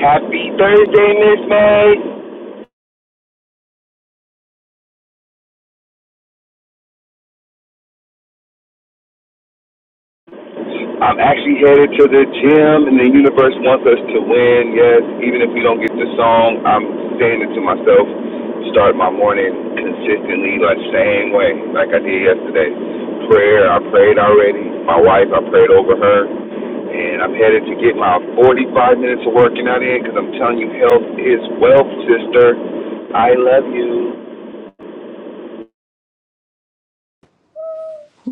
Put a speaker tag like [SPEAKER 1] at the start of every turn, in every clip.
[SPEAKER 1] Happy Thursday, Miss May. I'm actually headed to the gym, and the universe wants us to win. Yes, even if we don't get the song, I'm saying it to myself. Start my morning consistently, like same way, like I did yesterday. Prayer, I prayed already. My wife, I prayed over her, and I'm headed to get my 45 minutes of working out in because I'm telling you, health is wealth, sister. I love you.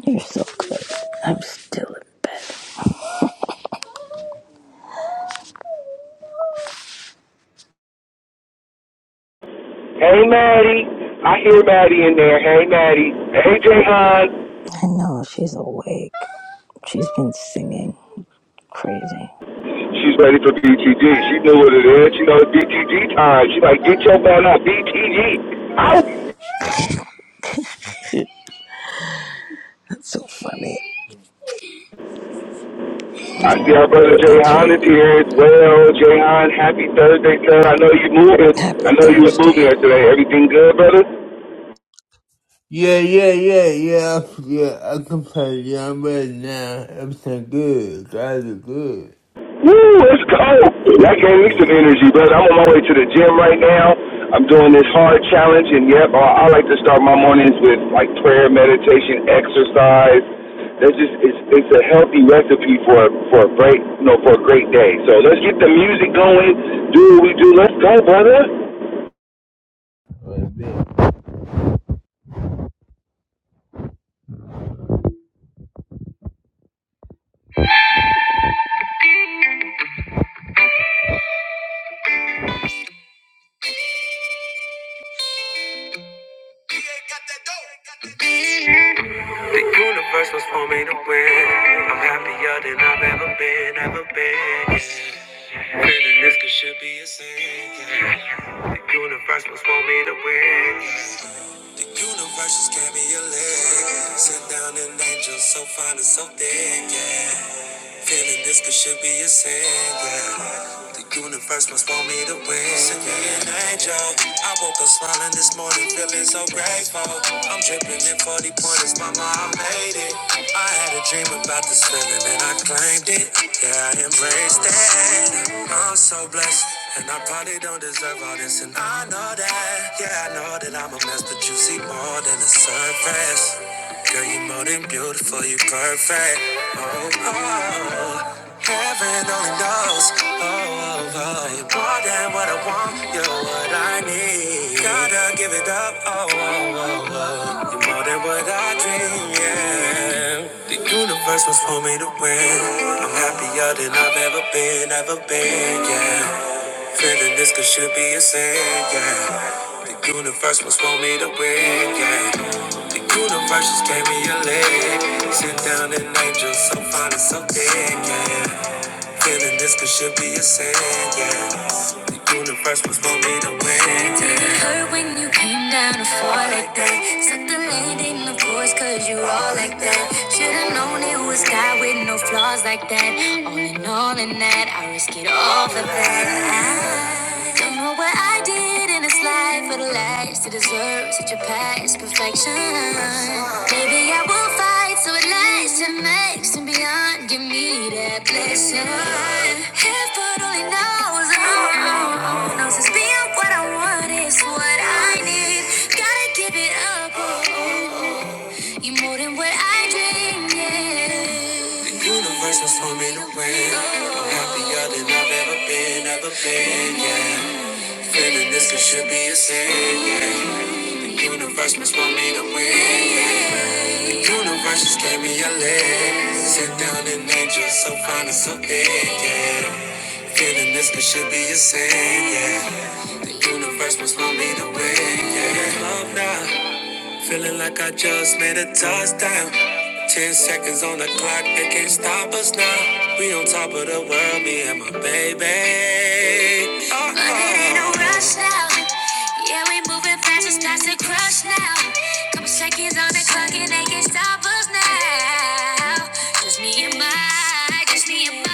[SPEAKER 2] You're so good. I'm still in bed.
[SPEAKER 1] Hey Maddie, I hear Maddie in there. Hey Maddie, hey Jayhan.
[SPEAKER 2] I know she's awake. She's been singing crazy.
[SPEAKER 1] She's ready for BTG. She knew what it is. She knows BTG time. She like get your man up, BTG. Out.
[SPEAKER 2] That's so funny.
[SPEAKER 1] I see our
[SPEAKER 2] Oh,
[SPEAKER 1] brother
[SPEAKER 2] thanks for
[SPEAKER 1] Jayhan
[SPEAKER 2] your
[SPEAKER 1] is here as well. Jayhan, happy Thursday, sir. I know you moving.
[SPEAKER 2] happy
[SPEAKER 1] I know you was moving
[SPEAKER 2] Thursday.
[SPEAKER 1] yesterday. Everything good, brother?
[SPEAKER 3] Yeah, yeah, yeah, yeah, I- yeah. I can play John right now. Everything good. Guys are good.
[SPEAKER 1] Woo, it's cold. That
[SPEAKER 3] Everything
[SPEAKER 1] gave me some
[SPEAKER 3] good.
[SPEAKER 1] energy, but I'm on my way to the gym right now. I'm doing this hard challenge, and yep, I, I like to start my mornings with like prayer, meditation, exercise. That's just it's it's a healthy recipe for for a great you know for a great day. So let's get the music going. Do what we do. Let's go, brother.
[SPEAKER 3] Right there. The universe was for me to win. I'm happier than I've ever been, ever been. Yes. Feeling this could should be a sin. yeah. The universe was for me to win. The universe just gave me a leg. Sit down an angel so fine and so thick, yeah. Feeling this could should be a sin, yeah. The universe must want me to win. Send me an angel. I woke up smiling this morning, feeling so grateful. I'm dripping in 40 pointers, mama, I made it. I had a dream about this feeling and I claimed it. Yeah, I embraced it. I'm so blessed. And I probably don't deserve all this, and I know that. Yeah, I know that I'm a mess, but you see more than the surface. Girl, you more than beautiful, you perfect. Oh, oh, heaven only knows. Oh, oh, oh, you're more than what I want, you're what I need. Gotta give it up. Oh, oh, oh, oh, you're more than what I dream. Yeah, the universe was for me to win. I'm happier than I've ever been, ever been. Yeah. Feeling this could should be a sin, yeah. The universe must want me to win, yeah. The universe just gave me a leg. Sit down an angel, so fine and so thick, yeah. Feeling this could should be a sin, yeah. The universe must want me to win, yeah. It hurt when you came down to fall like that. Set the land in the voice, cause you all like that. Should've known it was God with no flaws like that. All in all, in that, I risk it all for that. Don't know what I did in this life for the last to deserve such a past perfection. Maybe I will fight so it lasts and makes and beyond. Give me that blessing. Heaven only knows, oh, oh, oh, knows it's being what I want is what I need. Gotta give it up, oh, oh. you more than what I dreamed. Yeah. The universe was for me to win. I'm happier than I've ever been, ever been, yeah. Feeling this could should be a sin. yeah. Universe must want me to win. yeah. Universe just gave me a leg. Sit down and angel, so fine and so big. Yeah. Feeling this could should be a sin. yeah. Universe must want me to win. Yeah. Love now. Feeling like I just made a touchdown. Ten seconds on the clock, they can't stop us now. We on top of the world, me and my baby. Uh-oh. But it ain't no rush now. Yeah, we moving fast, it's time to crush now. Couple seconds on the clock, and they can't stop us now. Just me and my Universe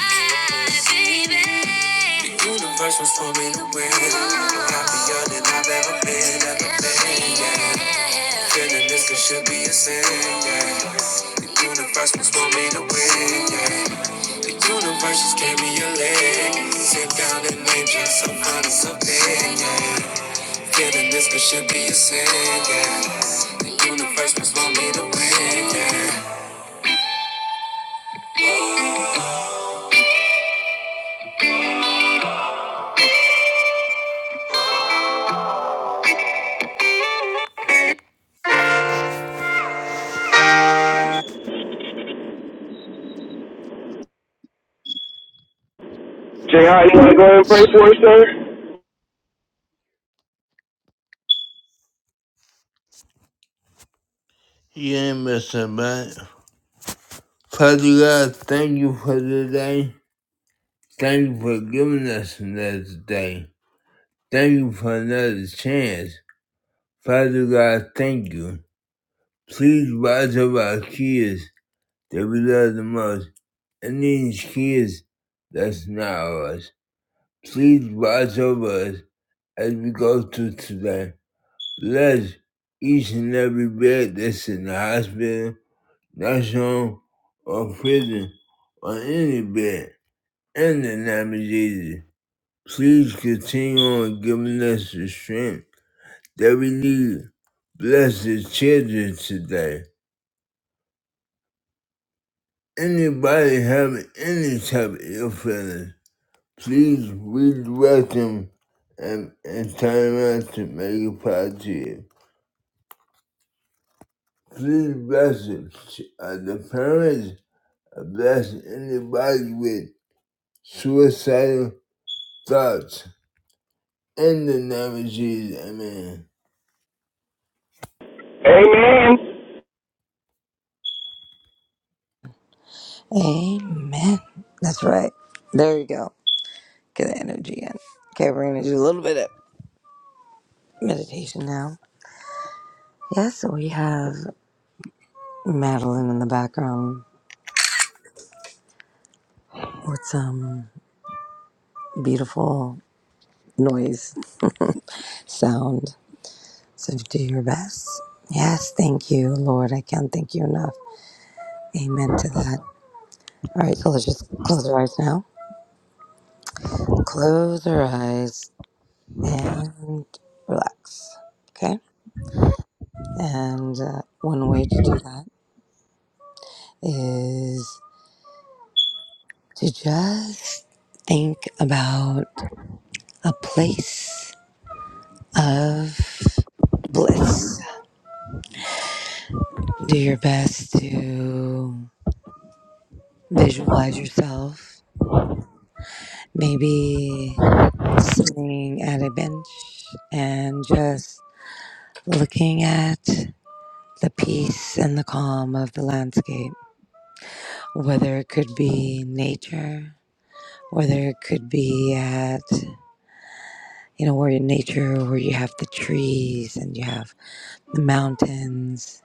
[SPEAKER 3] was for me to win. I'm Happier than I've ever been, ever been. Yeah. Feeling this could should be a sin. Yeah. The universe was for me to win. Yeah. The universe just gave me a leg. Sit down and name just some honest something. Yeah. Feeling this could should be a sin. Yeah. The universe was for me to win. Yeah.
[SPEAKER 1] Jai, you want to go and pray for us, sir?
[SPEAKER 3] You ain't missing, man. Father God, thank you for today. Thank you for giving us another day. Thank you for another chance. Father God, thank you. Please watch over our kids that we love the most and these kids that's not ours. Please watch over us as we go through today. Bless each and every bed that's in the hospital, nursing home, or prison, or any bed. In the name of Jesus. Please continue on giving us the strength that we need. Bless the children today. Anybody having any type of ill feeling, please redirect them and, and turn around to make it positive. Please bless the, ch- uh, the parents, uh, bless anybody with suicidal thoughts. In the name of Jesus, amen.
[SPEAKER 1] Amen.
[SPEAKER 2] Amen. That's right. There you go. Get the energy in. Okay, we're gonna do a little bit of meditation now. Yes, we have Madeline in the background with some beautiful noise sound. So do your best. Yes, thank you, Lord. I can't thank you enough. Amen to that. All right, so let's just close our eyes now. Close our eyes and relax. Okay? And uh, one way to do that is to just think about a place of bliss. Do your best to visualize yourself. Maybe sitting at a bench and just looking at the peace and the calm of the landscape, whether it could be nature, whether it could be at, you know, where in nature, where you have the trees and you have the mountains,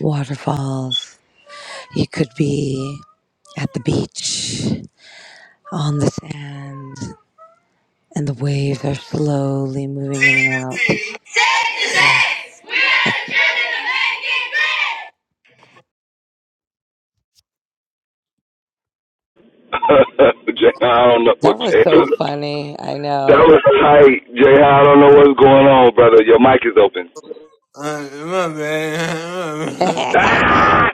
[SPEAKER 2] waterfalls. You could be at the beach, on the sand, and the waves are slowly moving in and out. Yes.
[SPEAKER 1] Jay, I don't know what
[SPEAKER 2] That was
[SPEAKER 1] Jay.
[SPEAKER 2] so funny. I
[SPEAKER 1] That
[SPEAKER 2] know.
[SPEAKER 1] was tight, Jay. I don't know what's going on, brother. Your mic is open.
[SPEAKER 3] Uh, my bad.
[SPEAKER 2] Did
[SPEAKER 1] Ah!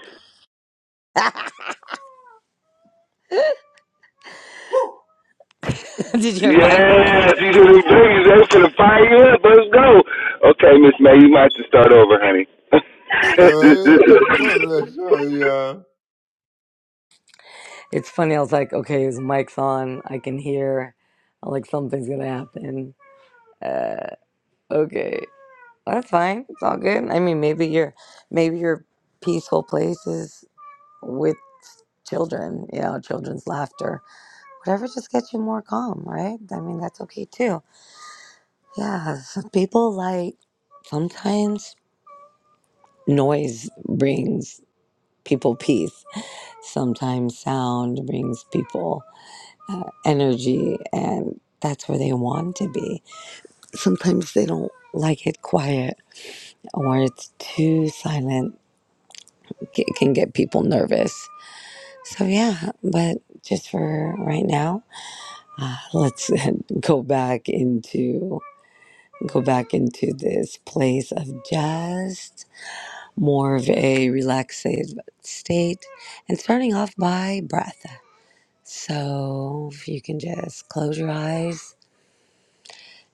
[SPEAKER 2] you hear Mike?
[SPEAKER 1] Yes, you should be doing this. They finna fire you up. Let's go. Okay, Miss May, you might have to start over, honey.
[SPEAKER 3] yeah. We are the children of
[SPEAKER 2] It's funny. I was like, okay, his mic's on. I can hear. I'm like, something's gonna happen. Uh, okay, well, that's fine. It's all good. I mean, maybe your maybe your peaceful place is with children. You know, children's laughter. Whatever just gets you more calm, right? I mean, that's okay too. Yeah, some people like sometimes noise brings people peace. Sometimes sound brings people uh, energy and that's where they want to be. Sometimes they don't like it quiet or it's too silent. It can get people nervous. So yeah, but just for right now, let's go back into go back into this place of just more of a relaxed state and starting off by breath. So if you can just close your eyes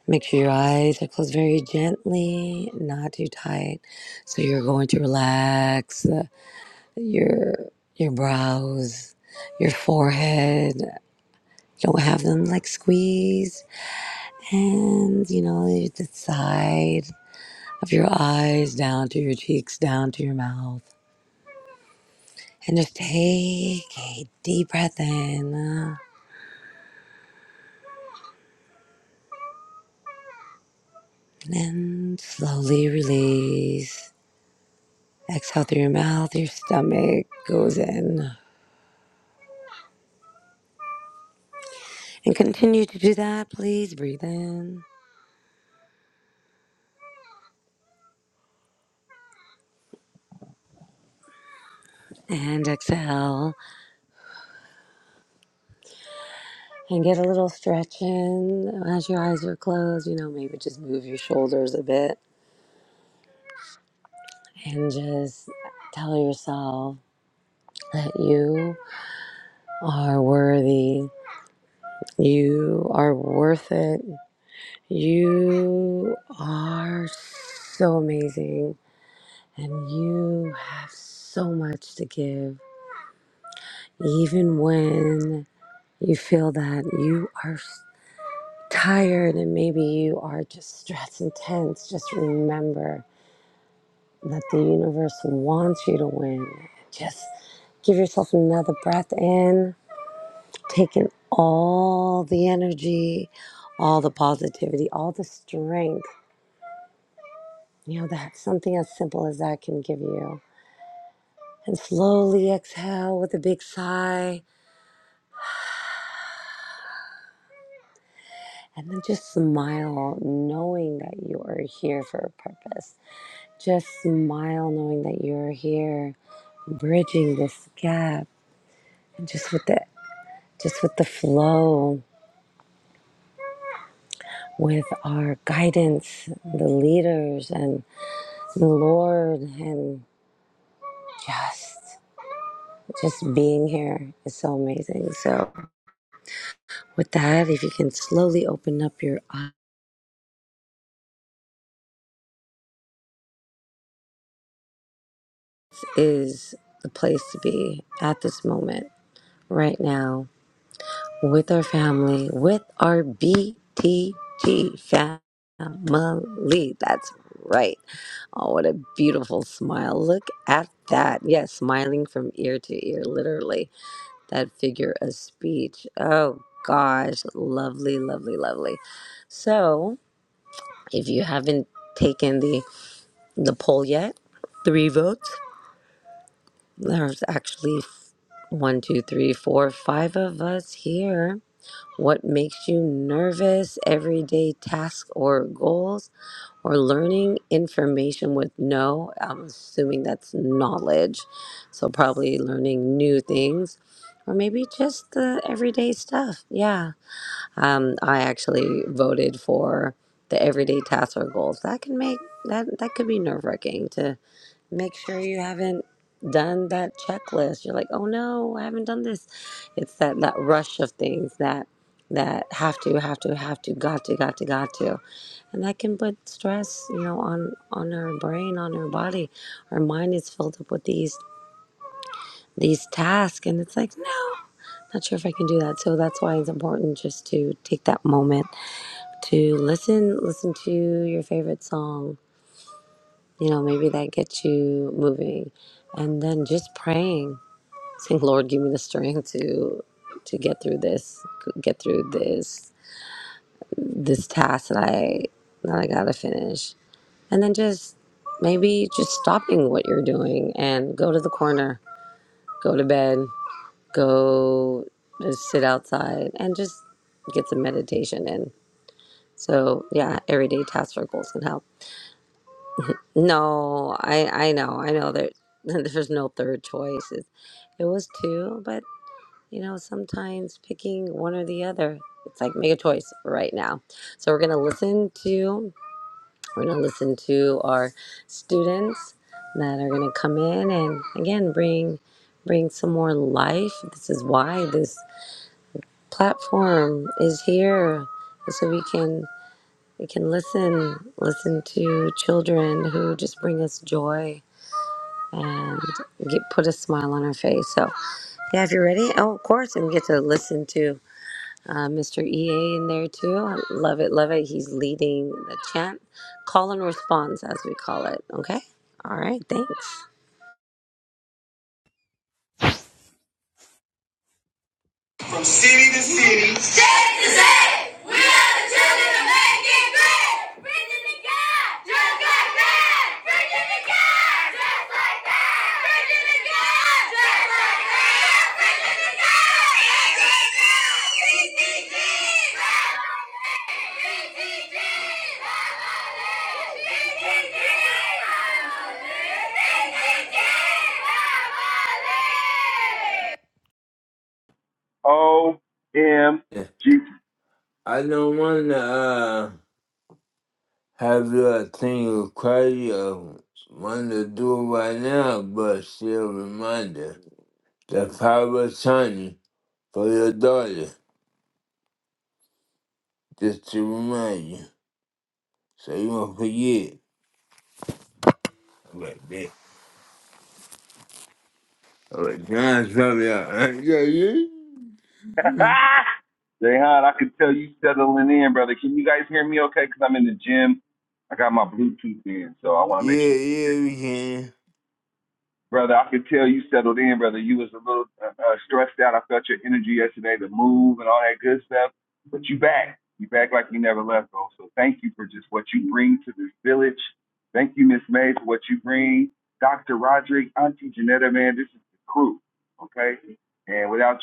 [SPEAKER 2] Make sure your eyes are closed very gently, not too tight. So you're going to relax uh, your your brows, your forehead. Don't have them like squeezed, and you know the side of your eyes down to your cheeks, down to your mouth, and just take a deep breath in, uh, and then slowly release. Exhale through your mouth. Your stomach goes in. And continue to do that. Please breathe in and exhale and get a little stretch in as your eyes are closed. You know, maybe just move your shoulders a bit and just tell yourself that you are worthy. You are worth it. You are so amazing and you have so much to give, even when you feel that you are tired and maybe you are just stressed and tense, just remember that the universe wants you to win. Just give yourself another breath in, take in all the energy, all the positivity, all the strength. You know, that something as simple as that can give you. And slowly exhale with a big sigh and then just smile, knowing that you are here for a purpose Just smile knowing that you're here, bridging this gap, and just with the just with the flow, with our guidance, the leaders and the Lord and just just being here is so amazing. So with that, if you can slowly open up your eyes is the place to be at this moment, right now with our family, with our BTG family. That's right. Oh, what a beautiful smile. Look at that. Yes, smiling from ear to ear, literally. That figure of speech. Oh, gosh. Lovely, lovely, lovely. So, if you haven't taken the, the poll yet, three votes. There's actually one, two, three, four, five of us here What makes you nervous? Everyday tasks or goals, or learning information with no, I'm assuming that's knowledge. So, probably learning new things, or maybe just the everyday stuff. Yeah. Um, I actually voted for the everyday tasks or goals. That can make that, that could be nerve wracking to make sure you haven't done that checklist you're like oh no i haven't done this it's that that rush of things that that have to have to have to got to got to got to and that can put stress you know on on our brain on our body our mind is filled up with these these tasks and it's like no not sure if i can do that so that's why it's important just to take that moment to listen listen to your favorite song you know, maybe that gets you moving. And then just praying, saying, Lord, give me the strength to to get through this, get through this this task that I that I gotta finish. And then just maybe just stopping what you're doing and go to the corner, go to bed, go just sit outside and just get some meditation in. So yeah, everyday task or goals can help. No, I I know, I know that there's no third choice. It, it was two, but you know, sometimes picking one or the other, it's like make a choice right now. So we're gonna listen to we're gonna listen to our students that are gonna come in and again bring bring some more life. This is why this platform is here, so we can we can listen listen to children who just bring us joy and get, put a smile on her face. So, yeah, if you're ready, oh, of course, and we get to listen to uh, Mr. EA in there too. I love it, love it. He's leading the chant, call and response, as we call it. Okay. All right. Thanks.
[SPEAKER 3] making great. Virginia God, just like that. Virginia God, just like that. Virginia God, just like that. Virginia God, VTG, VTG, VTG, VTG,
[SPEAKER 1] OMG.
[SPEAKER 3] VTG. I don't want to uh, have you a thing of crazy or want to do it right now, but still reminder. The power of attorney for your daughter, just to remind you, so you won't forget. Alright, bet. Alright, John's probably out. Alright, Yeah, yeah,
[SPEAKER 1] Jayhan, I can tell you settling in, brother. Can you guys hear me okay? Because I'm in the gym. I got my Bluetooth in, so I want to
[SPEAKER 3] yeah,
[SPEAKER 1] make sure. you
[SPEAKER 3] yeah, we can.
[SPEAKER 1] brother. I could tell you settled in, brother. You was a little uh, uh, stressed out. I felt your energy yesterday, the move and all that good stuff. But you back. You back like you never left, bro. So thank you for just what you bring to this village. Thank you, Miss May, for what you bring. Dr. Roderick, Auntie Janetta, man, this is the crew, okay? And without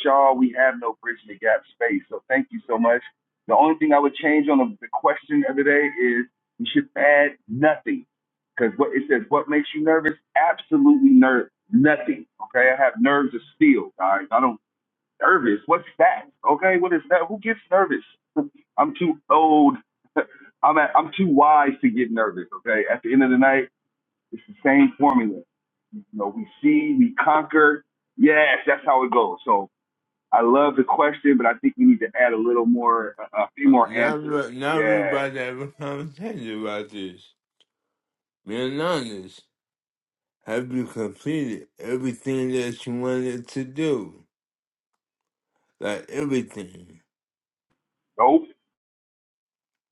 [SPEAKER 1] you, yes, that's how it goes. So I love the question, but I think we need to add a little more, a, a few
[SPEAKER 3] Uh,
[SPEAKER 1] more
[SPEAKER 3] Now,
[SPEAKER 1] answers.
[SPEAKER 3] we- now we're
[SPEAKER 1] Yes,
[SPEAKER 3] about to have a conversation about this. Being honest, have you completed everything that you wanted to do? like everything.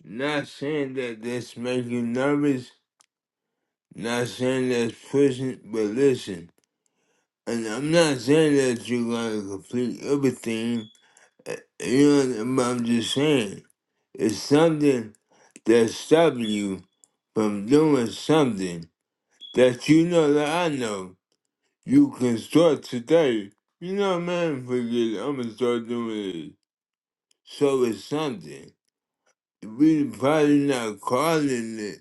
[SPEAKER 3] Not saying that this make you nervous, not saying that's pushing, but listen. And I'm not saying that you're gonna complete everything. uh, You know, but I'm just saying it's something that's stopping you from doing something that you know that I know you can start today. You know, man, forget it. I'm gonna start doing it. So it's something. We probably not calling it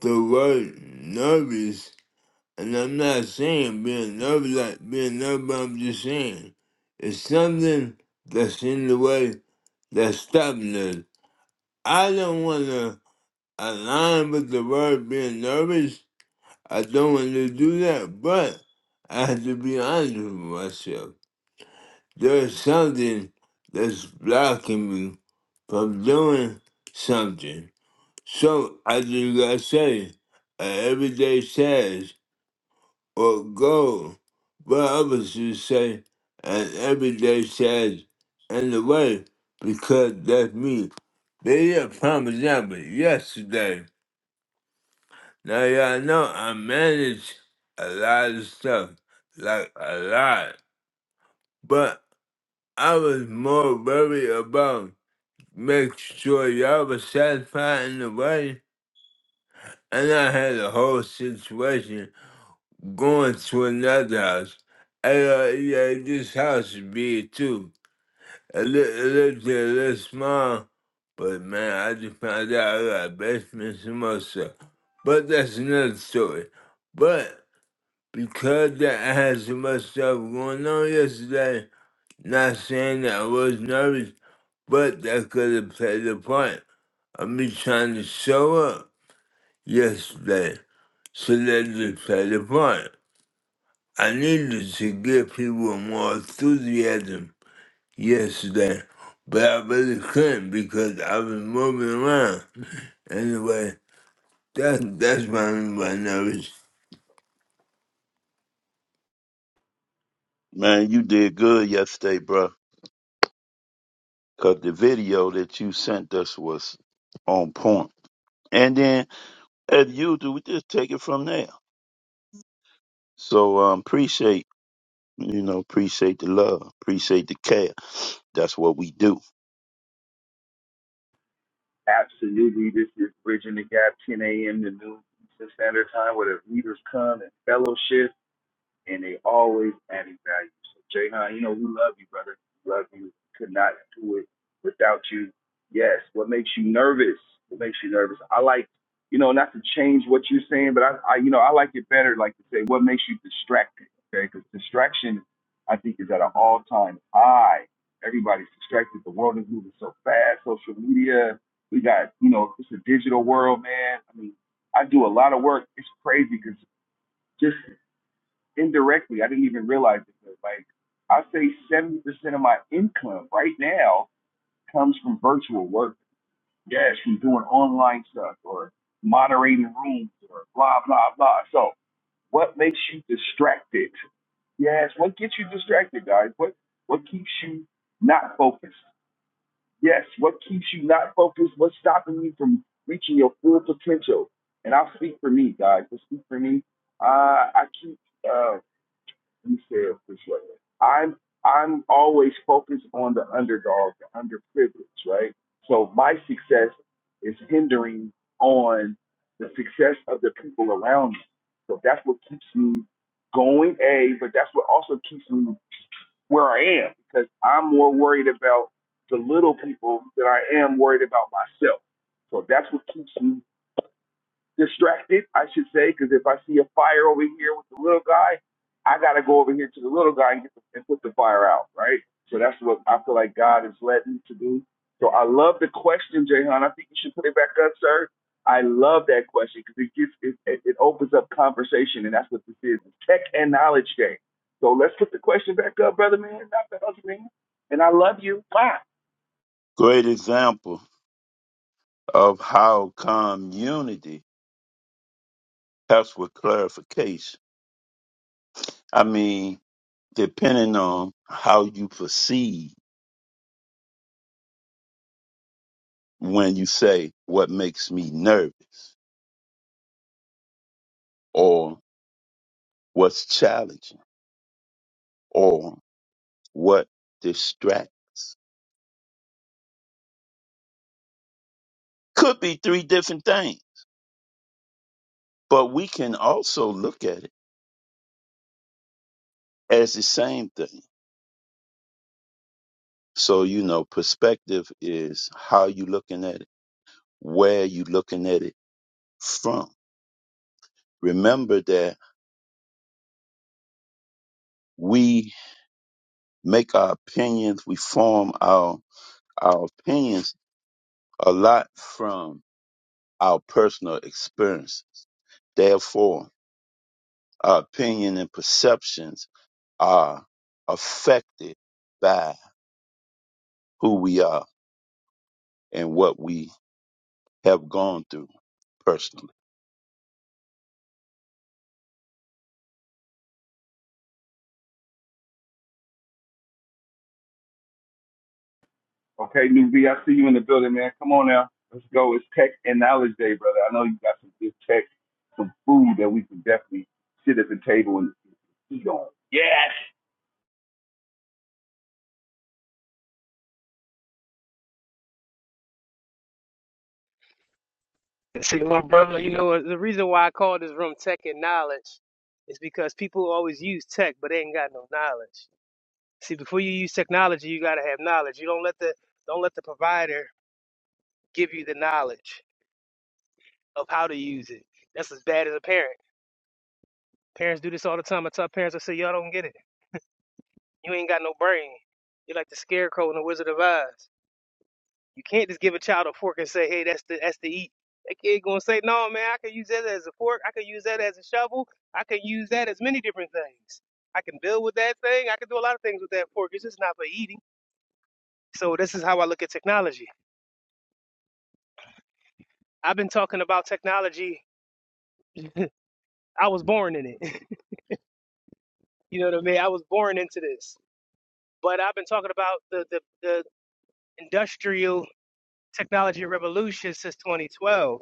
[SPEAKER 3] the word nervous, and I'm not saying being nervous like being nervous, but I'm just saying it's something that's in the way that's stopping us. I don't want to align with the word being nervous. I don't want to do that, but I have to be honest with myself. There's something that's blocking me from doing something. So I just gotta say, a everyday task. or goal, but others would say an everyday challenge in the way because that's me. They did Parmesan Java yesterday. Now y'all know I manage a lot of stuff, like a lot. But I was more worried about making sure y'all was satisfied in the way, and I had a whole situation going to another house. I thought, yeah, this house is big too. I looked, I looked at it, it looked small, but man, I just found out I got basements and more stuff. But that's another story. But because that I had so much stuff going on yesterday, not saying that I was nervous, but that could have played a part of me trying to show up yesterday. So that just played a part. I needed to give people more enthusiasm yesterday, but I really couldn't because I was moving around. Anyway, that, that's my, my nervous.
[SPEAKER 4] Man, you did good yesterday, bro. Cause the video that you sent us was on point. And then, as usual, we just take it from there. So um, appreciate, you know, appreciate the love, appreciate the care. That's what we do. Great example of how community helps with clarification. I mean, depending on how you proceed when you say what makes me nervous or what's challenging or what distracts. Could be three different things, but we can also look at it as the same thing. So, you know, perspective is how you looking at it, where you looking at it from. Remember that we make our opinions, we form our, our opinions a lot from our personal experiences. Therefore, our opinion and perceptions are affected by who we are and what we have gone through personally.
[SPEAKER 1] yes.
[SPEAKER 5] See, my brother, you know The reason why I call this room Tech and Knowledge is because people always use tech, but they ain't got no knowledge. See, before you use technology, you gotta have knowledge. You don't let the don't let the provider give you the knowledge of how to use it. That's as bad as a parent. Parents do this all the time. I tell parents, I say, y'all don't get it. You ain't got no brain. You're like the scarecrow in the Wizard of Oz. You can't just give a child a fork and say, "Hey, that's the that's the eat." That kid gonna say, "No, man, I can use that as a fork. I can use that as a shovel. I can use that as many different things. I can build with that thing. I can do a lot of things with that fork. It's just not for eating." So this is how I look at technology. I've been talking about technology. I was born in it. you know what I mean? I was born into this. But I've been talking about the the, the industrial technology revolution since 2012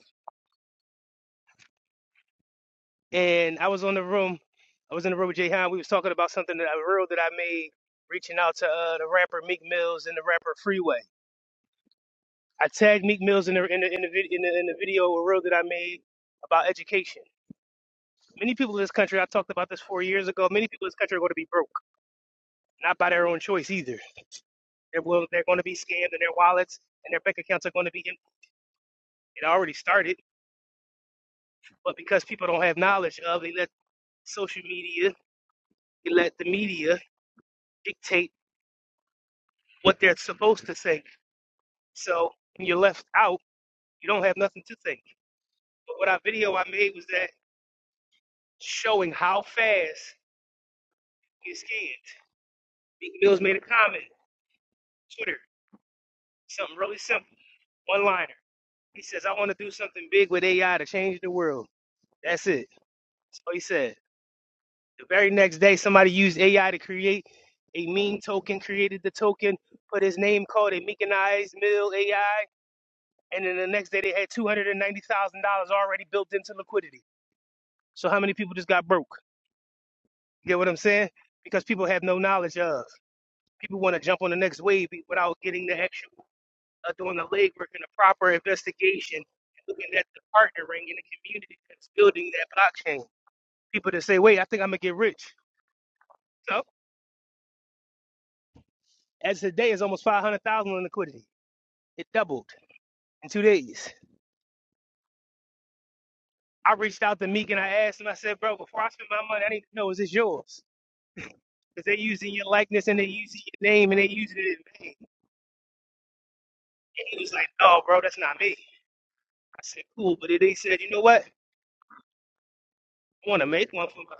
[SPEAKER 5] and I was on the room. I was in the room with Jay Han. We was talking about something that I a reel that I made, reaching out to uh, the rapper Meek Mills and the rapper Freeway. I tagged Meek Mills in the in the in the, vid- in the, in the video a reel that I made about education. Many people in this country, I talked about this four years ago. Many people in this country are going to be broke, not by their own choice either. They're will, they're going to be scammed, and their wallets and their bank accounts are going to be. em- It already started, but because people don't have knowledge of, they let social media, they let the media dictate what they're supposed to say So when you're left out, you don't have nothing to think. But what our video I made was that showing how fast you get scanned. Meek Mills made a comment, on Twitter, something really simple, one liner. He says, I want to do something big with AI to change the world. That's it. So he said, the very next day, somebody used AI to create a meme token, created the token, put his name, called it Meekanized Mill AI. And then the next day, they had $290,000 already built into liquidity. So how many people just got broke? Get what I'm saying? Because people have no knowledge of. People want to jump on the next wave without getting the actual, uh, doing the legwork and the proper investigation, and looking at the partnering in the community that's building that blockchain. People that say, wait, I think I'm going to get rich. So, as of today, it's almost 500,000 in liquidity. It doubled in two days. I reached out to Meek and I asked him, I said, bro, before I spend my money, I need to know, is this yours? Because they're using your likeness and they're using your name and they're using it in vain. And he was like, no, bro, that's not me. I said, cool. But then they said, you know what? I want to make one for my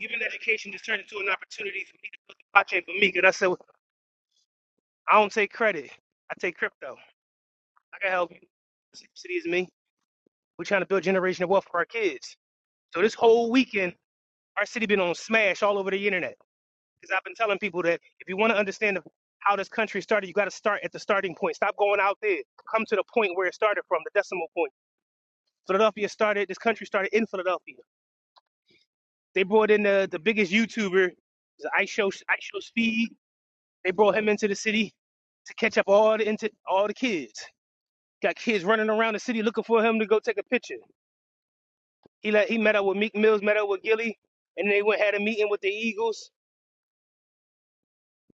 [SPEAKER 5] Even education just turned into an opportunity for me to build the blockchain for me. Because I said, well, I don't take credit. I take crypto. I can help you. The same city as me. We're trying to build generational wealth for our kids. So this whole weekend, our city been on smash all over the internet. Because I've been telling people that if you want to understand the, how this country started, you got to start at the starting point. Stop going out there. Come to the point where it started from, the decimal point. Philadelphia started, this country started in Philadelphia. They brought in the, the biggest YouTuber, the Ice Show Ice Show Speed. They brought him into the city to catch up all the into all the kids. Got kids running around the city looking for him to go take a picture. He let, he met up with Meek Mills, met up with Gilly, and they went had a meeting with the Eagles.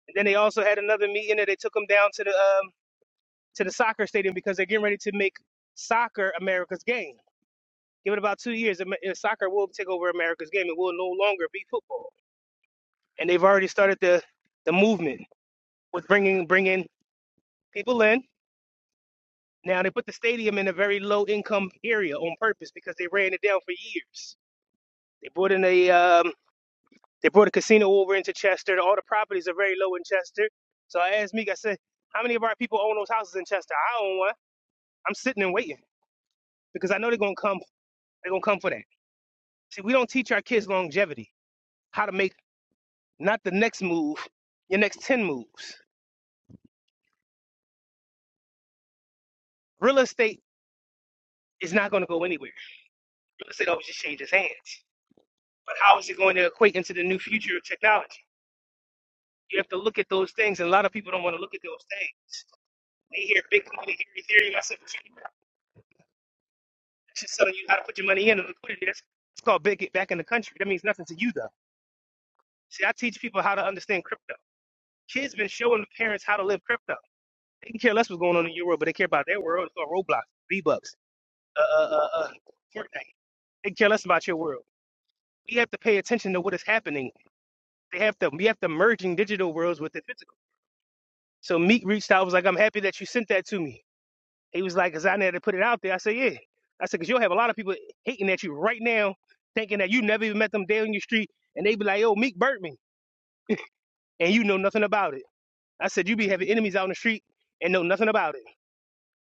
[SPEAKER 5] And then they also had another meeting that they took him down to the um to the soccer stadium because they're getting ready to make soccer America's game. Give it about two years, Amer- uh, soccer will take over America's game. It will no longer be football. And they've already started the the movement with bringing bringing people in. Now they put the stadium in a very low income area on purpose because they ran it down for years. They brought in a um, they brought a casino over into Chester. All the properties are very low in Chester. So I asked Meek, I said, how many of our people own those houses in Chester? I own one. I'm sitting and waiting because I know they're gonna come. They're gonna come for that. See, we don't teach our kids longevity, how to make not the next move, your next ten moves. Real estate is not gonna go anywhere. Real estate always just changes hands. But how is it going to equate into the new future of technology? You have to look at those things, and a lot of people don't want to look at those things. They hear big money, they hear Ethereum. I said, it's just telling you how to put your money in and liquidity. That's, it's called big get back in the country. That means nothing to you, though. See, I teach people how to understand crypto. Kids been showing parents how to live crypto. They can care less what's going on in your world, but they care about their world. It's called Roblox, V-Bucks, uh, uh, uh, uh, Fortnite. They care less about your world. We have to pay attention to what is happening. They have to. We have to merging digital worlds with the physical. So Meek reached out. I was like, "I'm happy that you sent that to me." He was like, "Cause I had to put it out there." I said, "Yeah." I said, "Cause you'll have a lot of people hating at you right now, thinking that you never even met them down in your street, and they be like, 'Yo, Meek burnt me,' and you know nothing about it." I said, "You be having enemies out in the street and know nothing about it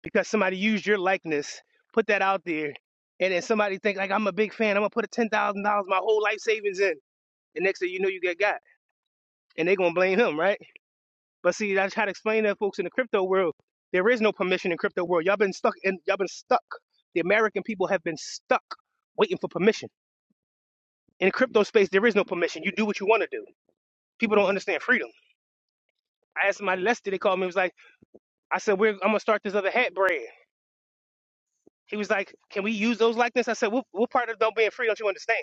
[SPEAKER 5] because somebody used your likeness, put that out there, and then somebody think like I'm a big fan. I'm gonna put a ten thousand dollars, my whole life savings in, and next thing you know, you get got, and they gonna blame him, right? But see, I try to explain to folks in the crypto world, there is no permission in crypto world. Y'all been stuck in y'all been stuck. The American people have been stuck waiting for permission. In the crypto space, there is no permission. You do what you want to do. People don't understand freedom. I asked somebody yesterday, they called me, it was like, I said, We're I'm gonna start this other hat brand. He was like, Can we use those like this? I said, What, what part of don't being free don't you understand?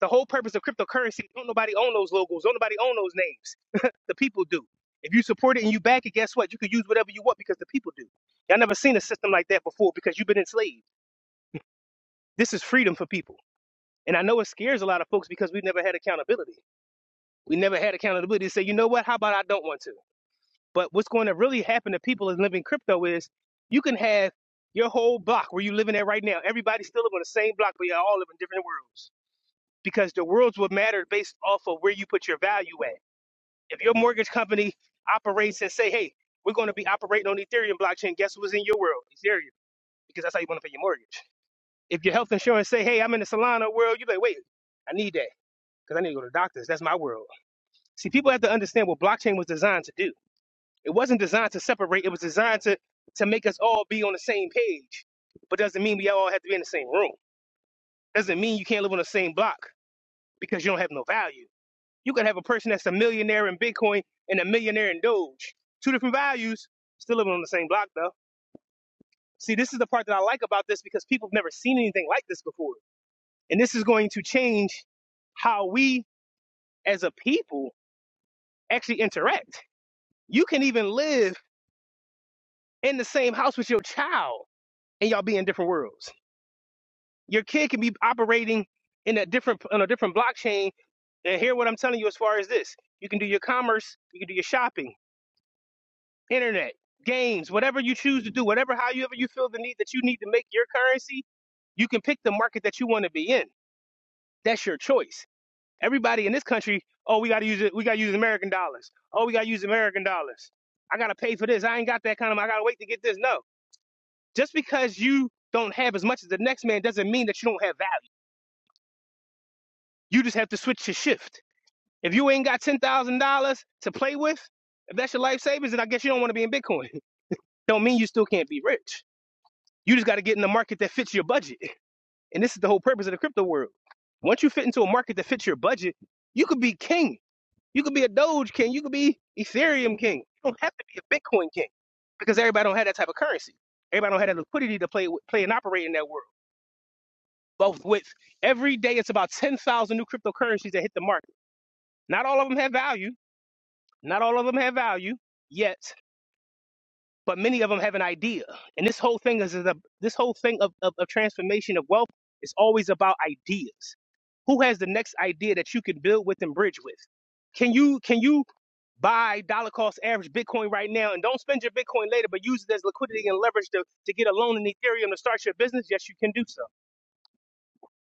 [SPEAKER 5] The whole purpose of cryptocurrency, don't nobody own those logos, don't nobody own those names. The people do. If you support it and you back it, guess what? You can use whatever you want because the people do. Y'all never seen a system like that before because you've been enslaved. This is freedom for people. And I know it scares a lot of folks because we've never had accountability. We never had accountability to say, you know what, how about I don't want to? But what's going to really happen to people in living crypto is you can have your whole block where you're living at right now. Everybody's still living on the same block, but y'all all live in different worlds because the worlds will matter based off of where you put your value at. If your mortgage company operates and say, hey, we're going to be operating on Ethereum blockchain, guess what's in your world? Ethereum, because that's how you want to pay your mortgage. If your health insurance say, hey, I'm in the Solana world, you're like, wait, I need that because I need to go to the doctors. That's my world. See, people have to understand what blockchain was designed to do. It wasn't designed to separate. It was designed to to make us all be on the same page. But doesn't mean we all have to be in the same room. Doesn't mean you can't live on the same block because you don't have no value. You could have a person that's a millionaire in Bitcoin and a millionaire in Doge. Two different values, still living on the same block though. See, this is the part that I like about this because people have never seen anything like this before. And this is going to change how we as a people actually interact. You can even live in the same house with your child and y'all be in different worlds. Your kid can be operating in a different on a different blockchain and hear what I'm telling you as far as this. You can do your commerce, you can do your shopping, internet, games, whatever you choose to do, whatever however you feel the need that you need to make your currency, you can pick the market that you want to be in. That's your choice. Everybody in this country, oh, we gotta use it, we gotta use American dollars. Oh, we gotta use American dollars. I gotta pay for this. I ain't got that kind of. I gotta wait to get this. No, just because you don't have as much as the next man doesn't mean that you don't have value. You just have to switch your shift. If you ain't got ten thousand dollars to play with, if that's your life savings, then I guess you don't want to be in Bitcoin. Don't mean you still can't be rich You just got to get in the market that fits your budget. And this is the whole purpose of the crypto world. Once you fit into a market that fits your budget, you could be king. You could be a Doge king. You could be Ethereum king. You don't have to be a Bitcoin king because everybody don't have that type of currency. Everybody don't have that liquidity to play with- play and operate in that world. Both with every day, it's about ten thousand new cryptocurrencies that hit the market. Not all of them have value. Not all of them have value yet, but many of them have an idea. And this whole thing is, is a, this whole thing of, of, of transformation of wealth is always about ideas. Who has the next idea that you can build with and bridge with? Can you can you buy dollar cost average Bitcoin right now and don't spend your Bitcoin later, but use it as liquidity and leverage to, to get a loan in Ethereum to start your business? Yes, you can do so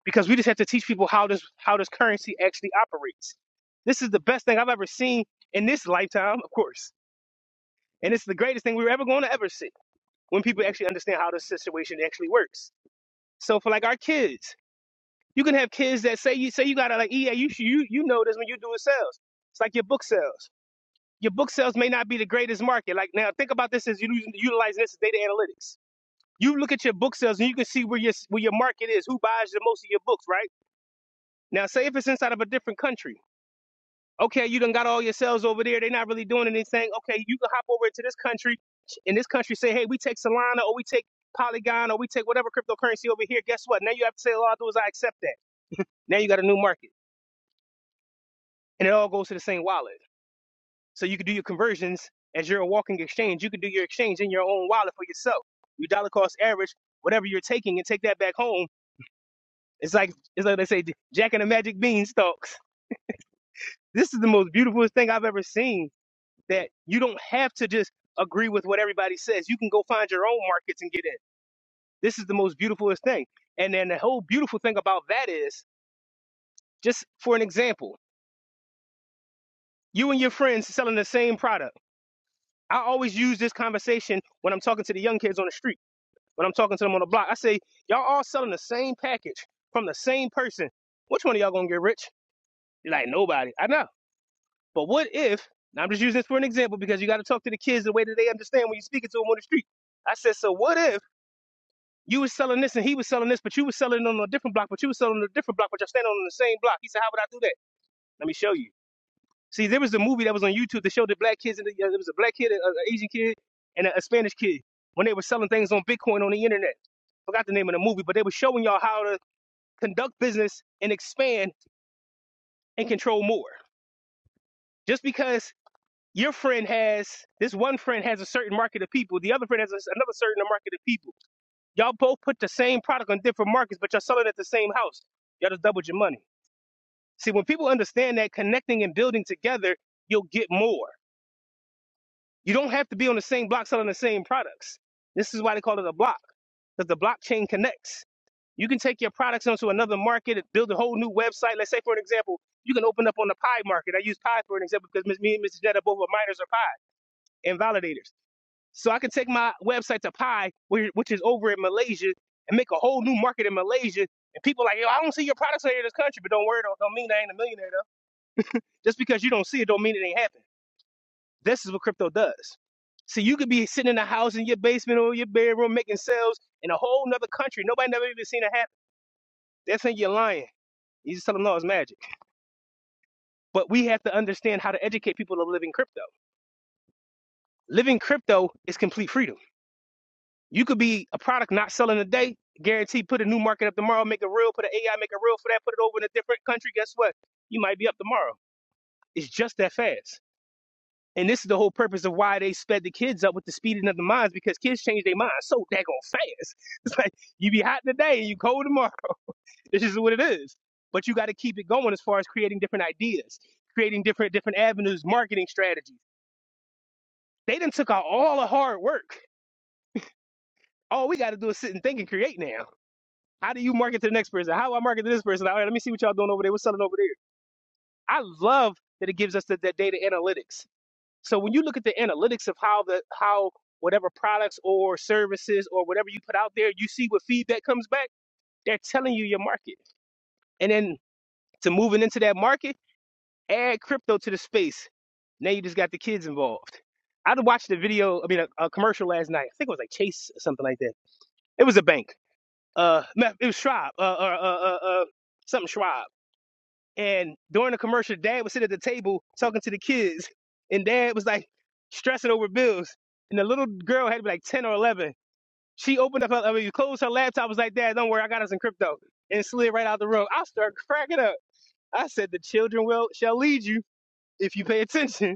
[SPEAKER 5] because we just have to teach people how this how this currency actually operates. This is the best thing I've ever seen in this lifetime, of course, and it's the greatest thing we're ever going to ever see when people actually understand how the situation actually works. So for like our kids, you can have kids that say you say you gotta like yeah you should- you you know this when you do sales. It's like your book sales. Your book sales may not be the greatest market. Like now, think about this as you using- utilizing this as data analytics. You look at your book sales and you can see where your where your market is, who buys the most of your books, right? Now, say if it's inside of a different country. okay, you done got all your cells over there. They're not really doing anything. Okay, you can hop over to this country. In this country, say, hey, we take Solana or we take Polygon or we take whatever cryptocurrency over here. Guess what? Now you have to say, all I do is I accept that. Now you got a new market. And it all goes to the same wallet. So you can do your conversions as you're a walking exchange. You can do your exchange in your own wallet for yourself. Your dollar cost average, whatever you're taking, and take that back home. It's like it's like they say, Jack and the Magic Beanstalks. This is the most beautiful thing I've ever seen that you don't have to just agree with what everybody says. You can go find your own markets and get in. This is the most beautifulest thing. And then the whole beautiful thing about that is, just for an example, you and your friends selling the same product. I always use this conversation when I'm talking to the young kids on the street, when I'm talking to them on the block. I say, y'all all selling the same package from the same person. Which one of y'all gonna get rich? You're like, nobody. I know. But what if, and I'm just using this for an example because you got to talk to the kids the way that they understand when you're speaking to them on the street. I said, so what if? You was selling this and he was selling this, but you was selling it on a different block, but you was selling on a different block, but y'all standing on the same block. He said, How would I do that? Let me show you. See, there was a movie that was on YouTube that showed the black kids, and the, uh, there was a black kid, an Asian kid, and a, a Spanish kid when they were selling things on Bitcoin on the internet. Forgot the name of the movie, but they were showing y'all how to conduct business and expand and control more. Just because your friend has this one friend has a certain market of people, the other friend has a, another certain market of people Y'all both put the same product on different markets, but y'all selling at the same house. Y'all just doubled your money. See, when people understand that connecting and building together, you'll get more. You don't have to be on the same block selling the same products. This is why they call it a block, because the blockchain connects. You can take your products onto another market and build a whole new website. Let's say, for an example, you can open up on the pie market. I use pie for an example because Ms- me and Mrs. Jetta both are miners or pie and validators. So I can take my website to Pi, whi- which is over in Malaysia, and make a whole new market in Malaysia. And people like, yo, I don't see your products out here in this country, but don't worry, don't, don't mean I ain't a millionaire though. Just because you don't see it, don't mean it ain't happening. This is what crypto does. So you could be sitting in a house in your basement or your bedroom making sales in a whole nother country. Nobody never even seen it happen. They think you're lying. You just tell them no, it's magic. But we have to understand how to educate people to live in crypto. Living crypto is complete freedom You could be a product not selling today, Guaranteed, put a new market up tomorrow, make a reel, put an AI, make a reel for that, put it over in a different country. Guess what? You might be up tomorrow. It's just that fast. And this is the whole purpose of why they sped the kids up with the speeding of the minds because kids change their minds so daggone fast. It's like you be hot today and you cold tomorrow. This is what it is. But you got to keep it going as far as creating different ideas, creating different different avenues, marketing strategies. They done took out all the hard work. All we got to do is sit and think and create now. How do you market to the next person? How do I market to this person? All right, let me see what y'all doing over there. What's selling over there? I love that it gives us the, that data analytics. So when you look at the analytics of how the how whatever products or services or whatever you put out there, you see what feedback comes back. They're telling you your market, and then to moving into that market, add crypto to the space. Now you just got the kids involved. I watched a video, I mean, a, a commercial last night. I think it was like Chase or something like that. It was a bank. Uh, no, it was Schwab. Uh, uh, uh, uh, uh something Schwab. And during the commercial, dad would sit at the table talking to the kids, and dad was like stressing over bills. And the little girl had to be like 10 or 11. She opened up her, I mean, closed her laptop, was like, Dad, don't worry, I got us in crypto, and slid right out the room. I started cracking up. I said, The children will shall lead you if you pay attention.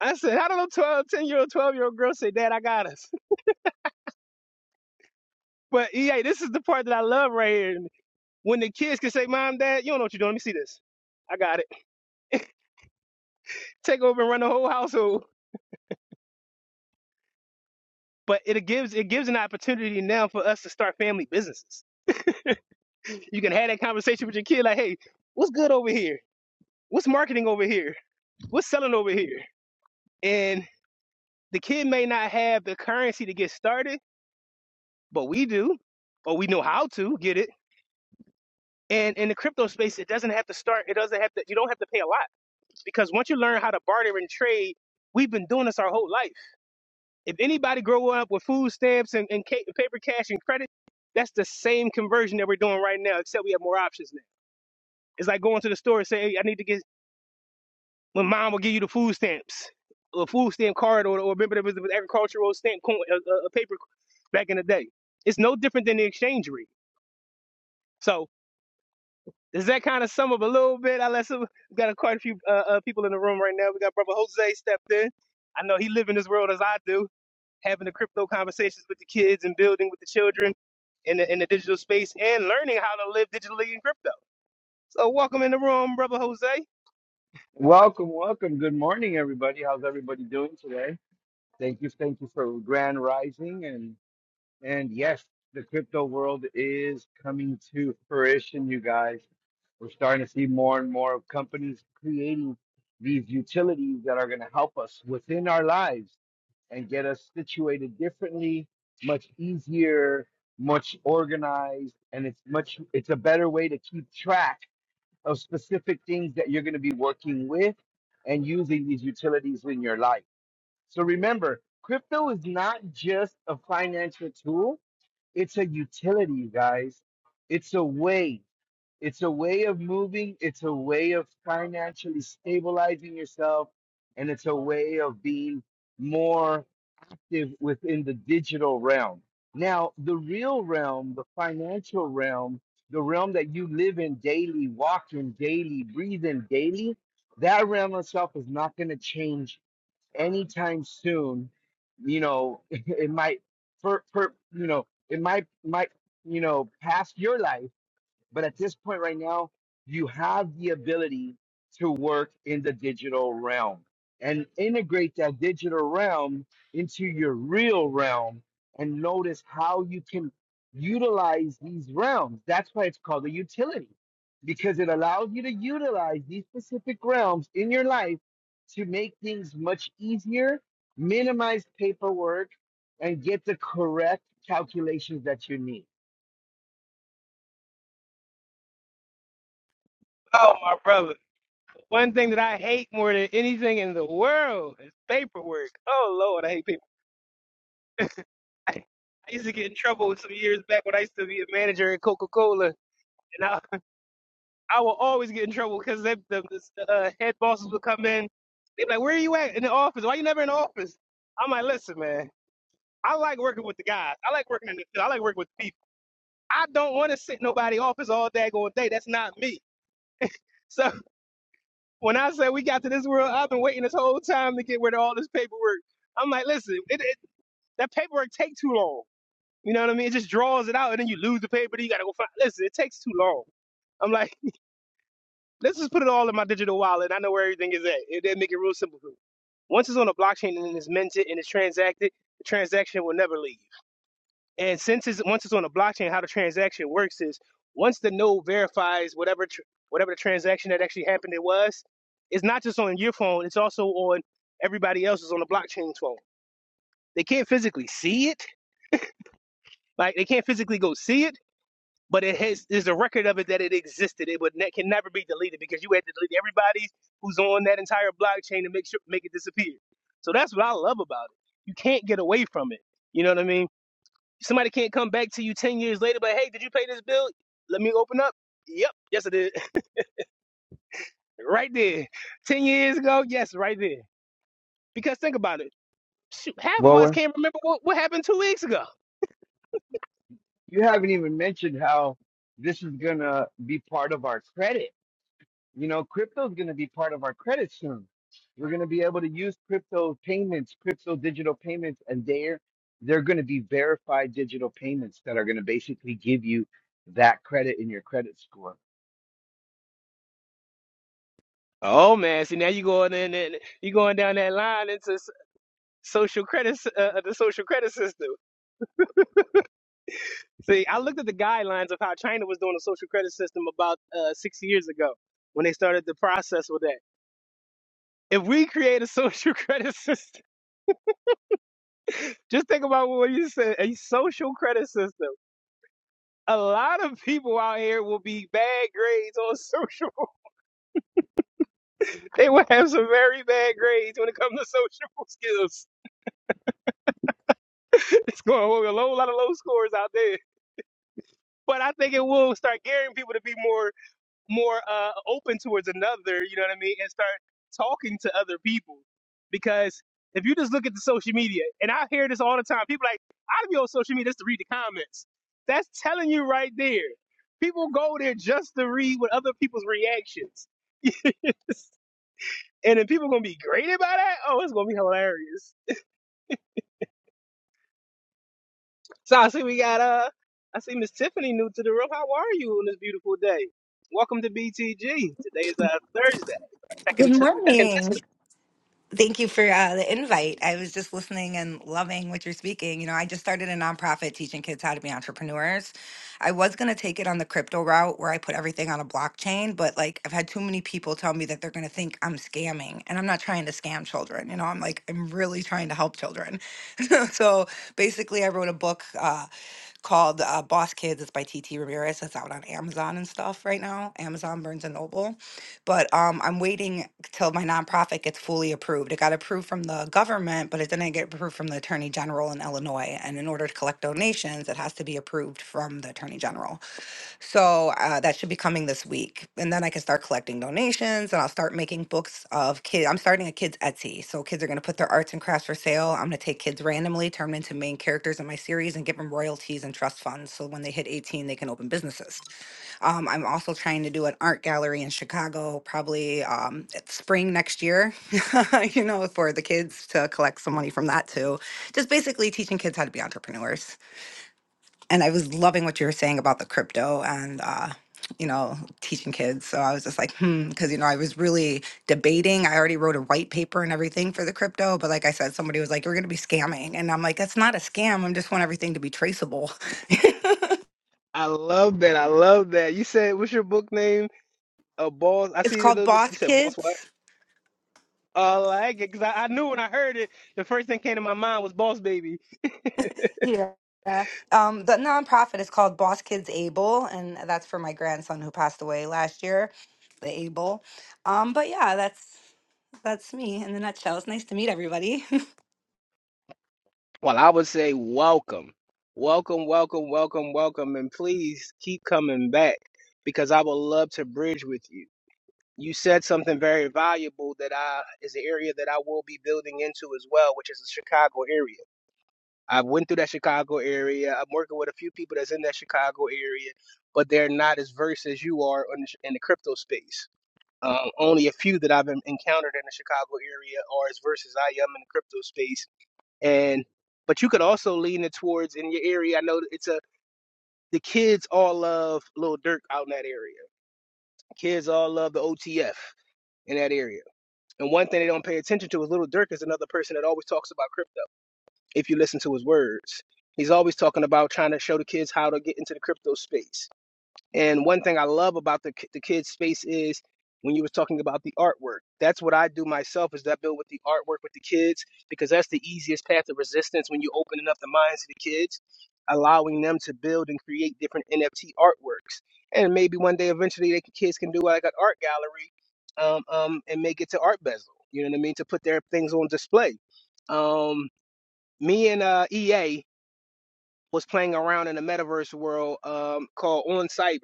[SPEAKER 5] I said, How do a 12, 10 year old, 12 year old girl say, 'Dad, I got us? But EA, this is the part that I love right here. When the kids can say, Mom, Dad, you don't know what you're doing. Let me see this. I got it. Take over and run the whole household. but it gives it gives an opportunity now for us to start family businesses. You can have that conversation with your kid, like, "Hey, what's good over here? What's marketing over here? What's selling over here?" And the kid may not have the currency to get started, but we do, or we know how to get it. And in the crypto space, it doesn't have to start. It doesn't have to. You don't have to pay a lot because once you learn how to barter and trade, we've been doing this our whole life If anybody grow up with food stamps and, and ca- paper cash and credit, that's the same conversion that we're doing right now, except we have more options now. It's like going to the store and saying, hey, I need to get, my mom will give you the food stamps, a food stamp card, or, or remember there was an agricultural stamp coin, a, a a paper back in the day. It's no different than the exchange rate. So Does that kind of sum up a little bit? I let some, we got a, quite a few uh, uh, people in the room right now. We got brother Jose stepped in. I know he live in this world as I do, having the crypto conversations with the kids and building with the children in the, in the digital space and learning how to live digitally in crypto. So welcome in the room, brother Jose.
[SPEAKER 6] Welcome, welcome. Good morning, everybody. How's everybody doing today? Thank you, thank you for Grand Rising and and yes, the crypto world is coming to fruition, you guys. We're starting to see more and more of companies creating these utilities that are going to help us within our lives and get us situated differently, much easier, much organized, and it's much it's a better way to keep track of specific things that you're going to be working with and using these utilities in your life. So remember, crypto is not just a financial tool, it's a utility, you guys. It's a way. It's a way of moving, it's a way of financially stabilizing yourself, and it's a way of being more active within the digital realm. Now, the real realm, the financial realm, the realm that you live in daily, walk in daily, breathe in daily, that realm itself is not going to change anytime soon. You know, it might, per, per, you know, it might, might, you know, pass your life but at this point right now, you have the ability to work in the digital realm and integrate that digital realm into your real realm and notice how you can utilize these realms. That's why it's called a utility because it allows you to utilize these specific realms in your life to make things much easier, minimize paperwork, and get the correct calculations that you need.
[SPEAKER 5] Oh my brother. One thing that I hate more than anything in the world is paperwork. Oh Lord, I hate paperwork. I, used to get in trouble some years back when I used to be a manager at Coca Cola. and I. I will always get in trouble because the, the, uh, head bosses would come in. They'd be like, "Where are you at in the office? Why you never in the office?" I'm like, "Listen, man, I like working with the guys. I like working in the field. I like working with the people. I don't want to sit in nobody's office all day going day. That's not me." So when I say we got to this world, I've been waiting this whole time to get rid of all this paperwork. I'm like, "Listen, it, it, that paperwork take too long. You know what I mean? It just draws it out, and then you lose the paper. Then you gotta go find. Listen, it takes too long." I'm like. Let's just put it all in my digital wallet. I know where everything is at. It, that make it real simple for me. Once it's on a blockchain and it's minted and it's transacted, the transaction will never leave. And since it's once it's on a blockchain, how the transaction works is once the node verifies whatever tr- whatever the transaction that actually happened it was, it's not just on your phone. It's also on everybody else's on the blockchain's phone. They can't physically see it. Like they can't physically go see it but it has is a record of it that it existed. It would ne- can never be deleted because you had to delete everybody who's on that entire blockchain to make sure make it disappear. So that's what I love about it. You can't get away from it. You know what I mean? Somebody can't come back to you ten years later, but hey, did you pay this bill? Let me open up. Yep, yes I did. right there. Ten years ago, yes, right there. Because think about it. Shoot, half of us
[SPEAKER 6] Well,
[SPEAKER 5] can't remember what, what happened two weeks ago.
[SPEAKER 6] you haven't even mentioned how this is gonna be part of our credit. You know, crypto is gonna be part of our credit soon. We're gonna be able to use crypto payments, crypto digital payments, and they're they're gonna be verified digital payments that are gonna basically give you that credit in your credit score.
[SPEAKER 5] Oh man, see now you going in and you going down that line into s- social credit, s- uh, the social credit system. See, I looked at the guidelines of how China was doing a social credit system about uh, six years ago when they started the process with that. If we create a social credit system, just think about what you said, a social credit system. A lot of people out here will be bad grades on social. They will have some very bad grades when it comes to social skills. It's going to be a whole lot of low scores out there. but I think it will start gearing people to be more more uh, open towards another. You know what I mean, and start talking to other people because if you just look at the social media, and I hear this all the time, people like I'd be on social media just to read the comments. That's telling you right there. People go there just to read what other people's reactions, and then people gonna be graded by that. Oh, it's gonna be hilarious. So I see we got uh I see Miss Tiffany new to the room. How are you on this beautiful day? Welcome to BTG. Today is uh Thursday. Our
[SPEAKER 7] Good
[SPEAKER 5] Second t- second
[SPEAKER 7] morning.
[SPEAKER 5] testimony.
[SPEAKER 7] Thank you for uh, the invite. I was just listening and loving what you're speaking. You know, I just started a nonprofit teaching kids how to be entrepreneurs. I was going to take it on the crypto route where I put everything on a blockchain, but like I've had too many people tell me that they're going to think I'm scamming, and I'm not trying to scam children. You know, I'm like, I'm really trying to help children. so basically, I wrote a book uh, called uh, Boss Kids. It's by TT Ramirez. It's out on Amazon and stuff right now, Amazon, Burns and Noble but um, I'm waiting till my nonprofit gets fully approved. It got approved from the government, but it didn't get approved from the attorney general in Illinois. And in order to collect donations, it has to be approved from the attorney general. So uh, that should be coming this week. And then I can start collecting donations and I'll start making books of kids. I'm starting a kids Etsy. So kids are going to put their arts and crafts for sale. I'm going to take kids randomly, turn them into main characters in my series, and give them royalties and trust funds. So when they hit 18, they can open businesses. Um, I'm also trying to do an art gallery in Chicago, probably um, at spring next year, you know, for the kids to collect some money from that too. Just basically teaching kids how to be entrepreneurs and I was loving what you were saying about the crypto and uh, you know teaching kids. So I was just like, hmm, because you know I was really debating. I already wrote a white paper and everything for the crypto, but like I said, somebody was like, "You're going to be scamming," and I'm like, "That's not a scam. I am just want everything to be traceable."
[SPEAKER 5] I love that. I love that. You said what's your book name? A uh, boss. I
[SPEAKER 7] it's
[SPEAKER 5] see the
[SPEAKER 7] called
[SPEAKER 5] little. You
[SPEAKER 7] Boss
[SPEAKER 5] said boss what?
[SPEAKER 7] Kids.
[SPEAKER 5] I like it because I, I knew when I heard it, the first thing came to my mind was boss baby.
[SPEAKER 7] Yeah. Um, the nonprofit is called Boss Kids Able, and that's for my grandson who passed away last year, the Able. Um, but yeah, that's that's me in the nutshell. It's nice to meet everybody.
[SPEAKER 5] Well, I would say welcome, welcome, welcome, welcome, welcome, and please keep coming back because I would love to bridge with you. you said something very valuable that I is an area that I will be building into as well, which is the Chicago area. I went through that Chicago area. I'm working with a few people that's in that Chicago area, but they're not as versed as you are in the, sh- in the crypto space. Um, only a few that I've en- encountered in the Chicago area are as versed as I am in the crypto space. And but you could also lean it towards in your area. I know that it's a the kids all love Lil Durk out in that area. Kids all love the OTF in that area And one thing they don't pay attention to is Little Dirk is another person that always talks about crypto. If you listen to his words, he's always talking about trying to show the kids how to get into the crypto space. And one thing I love about the the kids space is when you were talking about the artwork. That's what I do myself is that I build with the artwork with the kids because that's the easiest path of resistance when you're opening up the minds of the kids, allowing them to build and create different NFT artworks. And maybe one day eventually the kids can do like an art gallery um, um, and make it to Art Bezel. You know what I mean? To put their things on display. Um, me and uh, EA was playing around in a metaverse world um, called On Cyber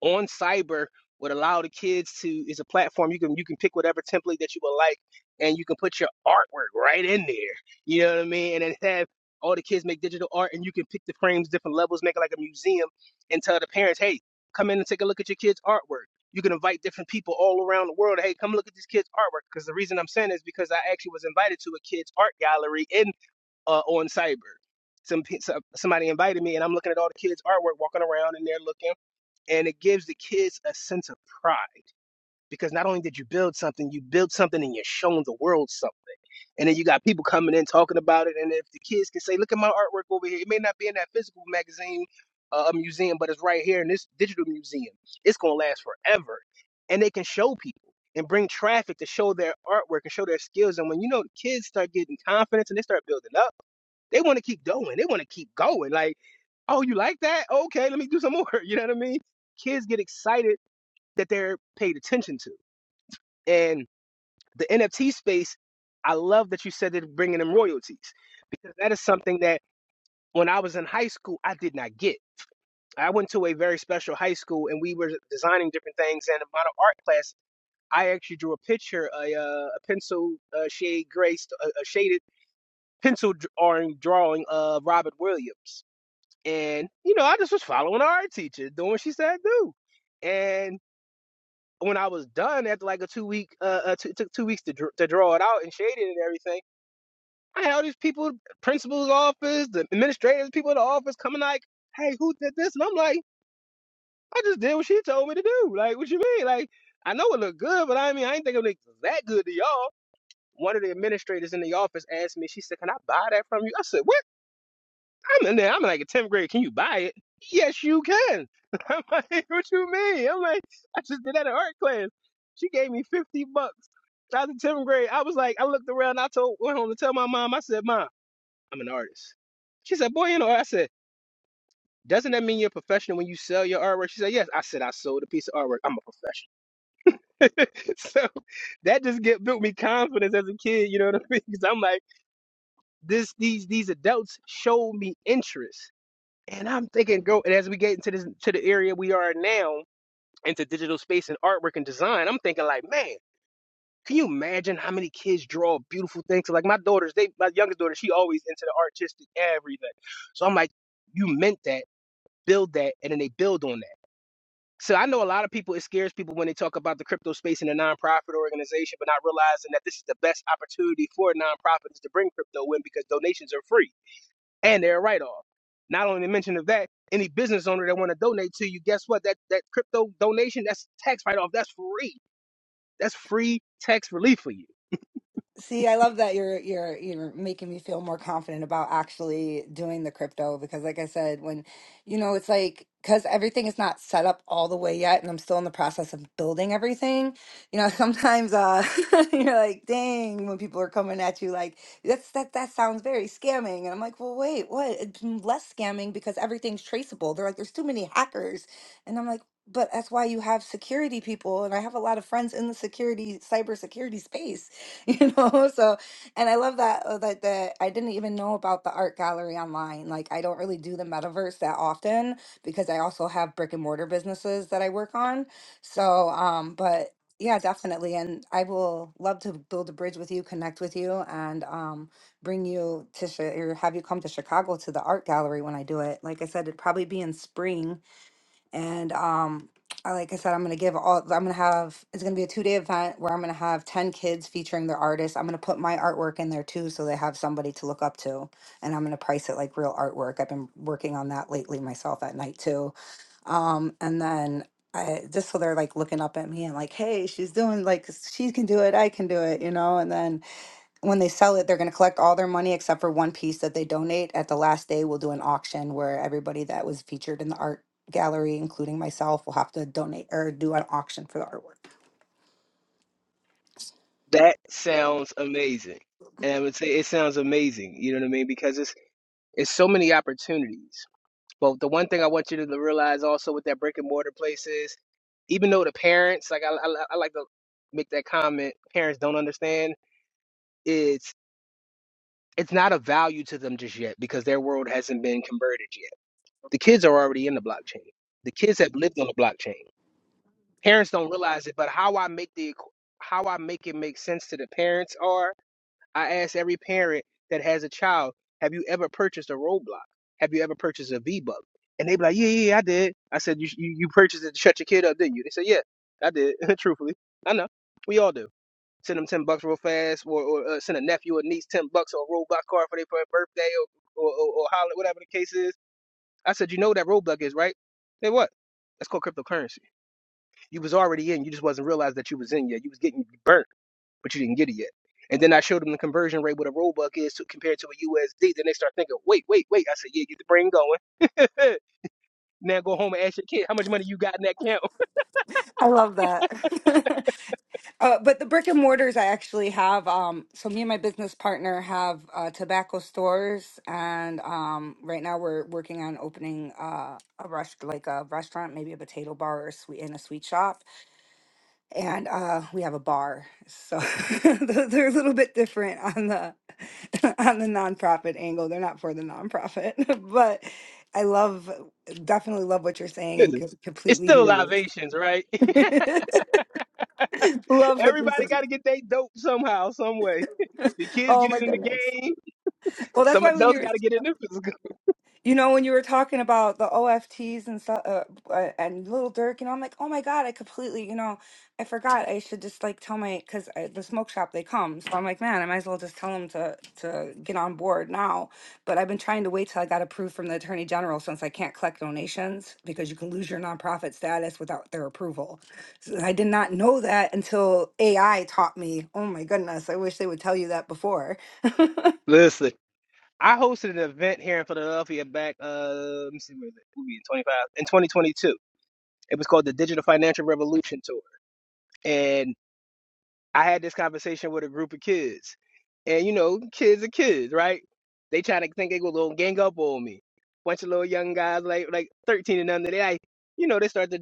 [SPEAKER 5] on cyber would allow the kids to is a platform you can you can pick whatever template that you would like and you can put your artwork right in there you know what i mean and then have all the kids make digital art and you can pick the frames different levels make it like a museum and tell the parents hey come in and take a look at your kids artwork you can invite different people all around the world hey come look at this kid's artwork because the reason i'm saying is because i actually was invited to a kids art gallery in uh, on cyber some, pe- some somebody invited me and i'm looking at all the kids artwork walking around and they're looking and it gives the kids a sense of pride because not only did you build something, you build something and you're showing the world something. And then you got people coming in talking about it, and if the kids can say, "Look at my artwork over here," it may not be in that physical magazine, uh, a museum, but it's right here in this digital museum. It's gonna last forever, and they can show people and bring traffic to show their artwork and show their skills. And when you know the kids start getting confidence and they start building up, they want to keep going. They want to keep going. Like oh, you like that? Okay, let me do some more. You know what I mean? Kids get excited that they're paid attention to. And the NFT space, I love that you said that bringing them royalties because that is something that when I was in high school, I did not get. I went to a very special high school and we were designing different things. And in my art class, I actually drew a picture, a, uh, a pencil uh, shade gray, a, a shaded pencil drawing, drawing of Robert Williams And, you know, I just was following our art teacher, doing what she said do. And when I was done after like a two week, uh, uh two, took two weeks to, dr- to draw it out and shade it and everything, I had all these people, principal's office, the administrators, people in the office coming like, hey, who did this? And I'm like, I just did what she told me to do. Like, what you mean? Like, I know it looked good, but I mean, I ain't think it looked that good to y'all. One of the administrators in the office asked me, she said, can I buy that from you? I said, what? I'm in there. I'm like a 10th grade. Can you buy it? Yes, you can. I'm like, what you mean? I'm like, I just did that in art class. She gave me 50 bucks. I was in 10th grade. I was like, I looked around. I told, went home to tell my mom. I said, Mom, I'm an artist. She said, Boy, you know, I said, doesn't that mean you're a professional when you sell your artwork? She said, Yes. I said, I sold a piece of artwork. I'm a professional. so that just get, built me confidence as a kid. You know what I mean? Because I'm like, this, these, these adults showed me interest And I'm thinking, girl, and as we get into this to the area we are now, into digital space and artwork and design, I'm thinking like, man, can you imagine how many kids draw beautiful things? Like my daughters, they my youngest daughter, she always into the artistic everything. So I'm like, you meant that, build that, and then they build on that. So I know a lot of people, it scares people when they talk about the crypto space in a nonprofit organization, but not realizing that this is the best opportunity for nonprofits to bring crypto in because donations are free and they're a write-off. Not only the mention of that, any business owner that want to donate to you, guess what? That that crypto donation, that's tax write-off. That's free. That's free tax relief for you.
[SPEAKER 7] See, I love that you're you're you're making me feel more confident about actually doing the crypto because like I said, when you know, it's like because everything is not set up all the way yet and I'm still in the process of building everything, you know, sometimes uh you're like, dang, when people are coming at you like that's that that sounds very scamming. And I'm like, well, wait, what? It's less scamming because everything's traceable. They're like, there's too many hackers. And I'm like, but that's why you have security people. And I have a lot of friends in the security, cybersecurity space you know so and i love that uh, that that i didn't even know about the art gallery online like i don't really do the metaverse that often because i also have brick and mortar businesses that i work on so um but yeah definitely and i will love to build a bridge with you connect with you and um bring you to Chi- or have you come to chicago to the art gallery when i do it like i said it'd probably be in spring and um, I, like I said, I'm gonna give all. I'm gonna have. It's gonna be a two day event where I'm gonna have ten kids featuring their artists. I'm gonna put my artwork in there too, so they have somebody to look up to. And I'm gonna price it like real artwork. I've been working on that lately myself at night too. Um, and then I just so they're like looking up at me and like, hey, she's doing like s- she can do it. I can do it, you know. And then when they sell it, they're going to collect all their money except for one piece that they donate. At the last day, we'll do an auction where everybody that was featured in the art gallery, including myself, will have to donate or do an auction for the artwork.
[SPEAKER 5] That sounds amazing, and I would say it sounds amazing. You know what I mean? Because it's it's so many opportunities. But the one thing I want you to realize also with that brick and mortar place is, even though the parents, like I, I, I like to make that comment, parents don't understand. It's it's not a value to them just yet because their world hasn't been converted yet The kids are already in the blockchain. The kids have lived on the blockchain. Parents don't realize it, but how I make the equ- how I make it make sense to the parents are I ask every parent that has a child, have you ever purchased a Roblox? Have you ever purchased a V Buck? And they be like, yeah, yeah, yeah, I did. I said, you, you you purchased it to shut your kid up, didn't you? They said, yeah, I did. Truthfully, I know. We all do. Send them ten bucks real fast, or, or uh, send a nephew or niece ten bucks on a roadblock card for their birthday, or or, or, or holler, whatever the case is I said, you know what that roadblock is, right? Say what? That's called cryptocurrency. You was already in, you just wasn't realized that you was in yet. You was getting burnt, but you didn't get it yet. And then I showed them the conversion rate what a roadblock is to, compared to a USD. Then they start thinking, wait, wait, wait. I said, yeah, get the brain going. now go home and ask your kid how much money you got in that account.
[SPEAKER 7] I love that. uh, but the brick and mortars, I actually have. Um, so me and my business partner have uh, tobacco stores, and um, right now we're working on opening uh, a rest like a restaurant, maybe a potato bar or a sweet in a sweet shop and uh we have a bar so they're they're a little bit different on the on the nonprofit angle they're not for the nonprofit but i love definitely love what you're saying and
[SPEAKER 5] Listen,
[SPEAKER 7] could
[SPEAKER 5] it's
[SPEAKER 7] completely
[SPEAKER 5] still
[SPEAKER 7] hear you
[SPEAKER 5] libations, right?
[SPEAKER 7] love what you're
[SPEAKER 5] Everybody
[SPEAKER 7] saying
[SPEAKER 5] got to get they dope somehow, some way. The kids
[SPEAKER 7] oh
[SPEAKER 5] get
[SPEAKER 7] my
[SPEAKER 5] it in the
[SPEAKER 7] goodness
[SPEAKER 5] game.
[SPEAKER 7] well that's
[SPEAKER 5] Some
[SPEAKER 7] why when
[SPEAKER 5] adults
[SPEAKER 7] you're
[SPEAKER 5] got to get it in the physical.
[SPEAKER 7] You know, when you were talking about the OFTs and stuff, uh, uh, and Little Dirk, you know, I'm like, oh my God, I completely, you know, I forgot. I should just like tell my, because the smoke shop, they come. So I'm like, man, I might as well just tell them to, to get on board now. But I've been trying to wait till I got approved from the Attorney General since I can't collect donations because you can lose your nonprofit status without their approval. So I did not know that until AI taught me. Oh my goodness, I wish they would tell you that before.
[SPEAKER 5] Listen. I hosted an event here in Philadelphia back, uh, let me see, where is it? We'll be in 25, in 2022. It was called the Digital Financial Revolution Tour. And I had this conversation with a group of kids. And, you know, kids are kids, right? They trying to think they going to gang up on me. Bunch of little young guys, like like 13 and under, they, like, you know, they start to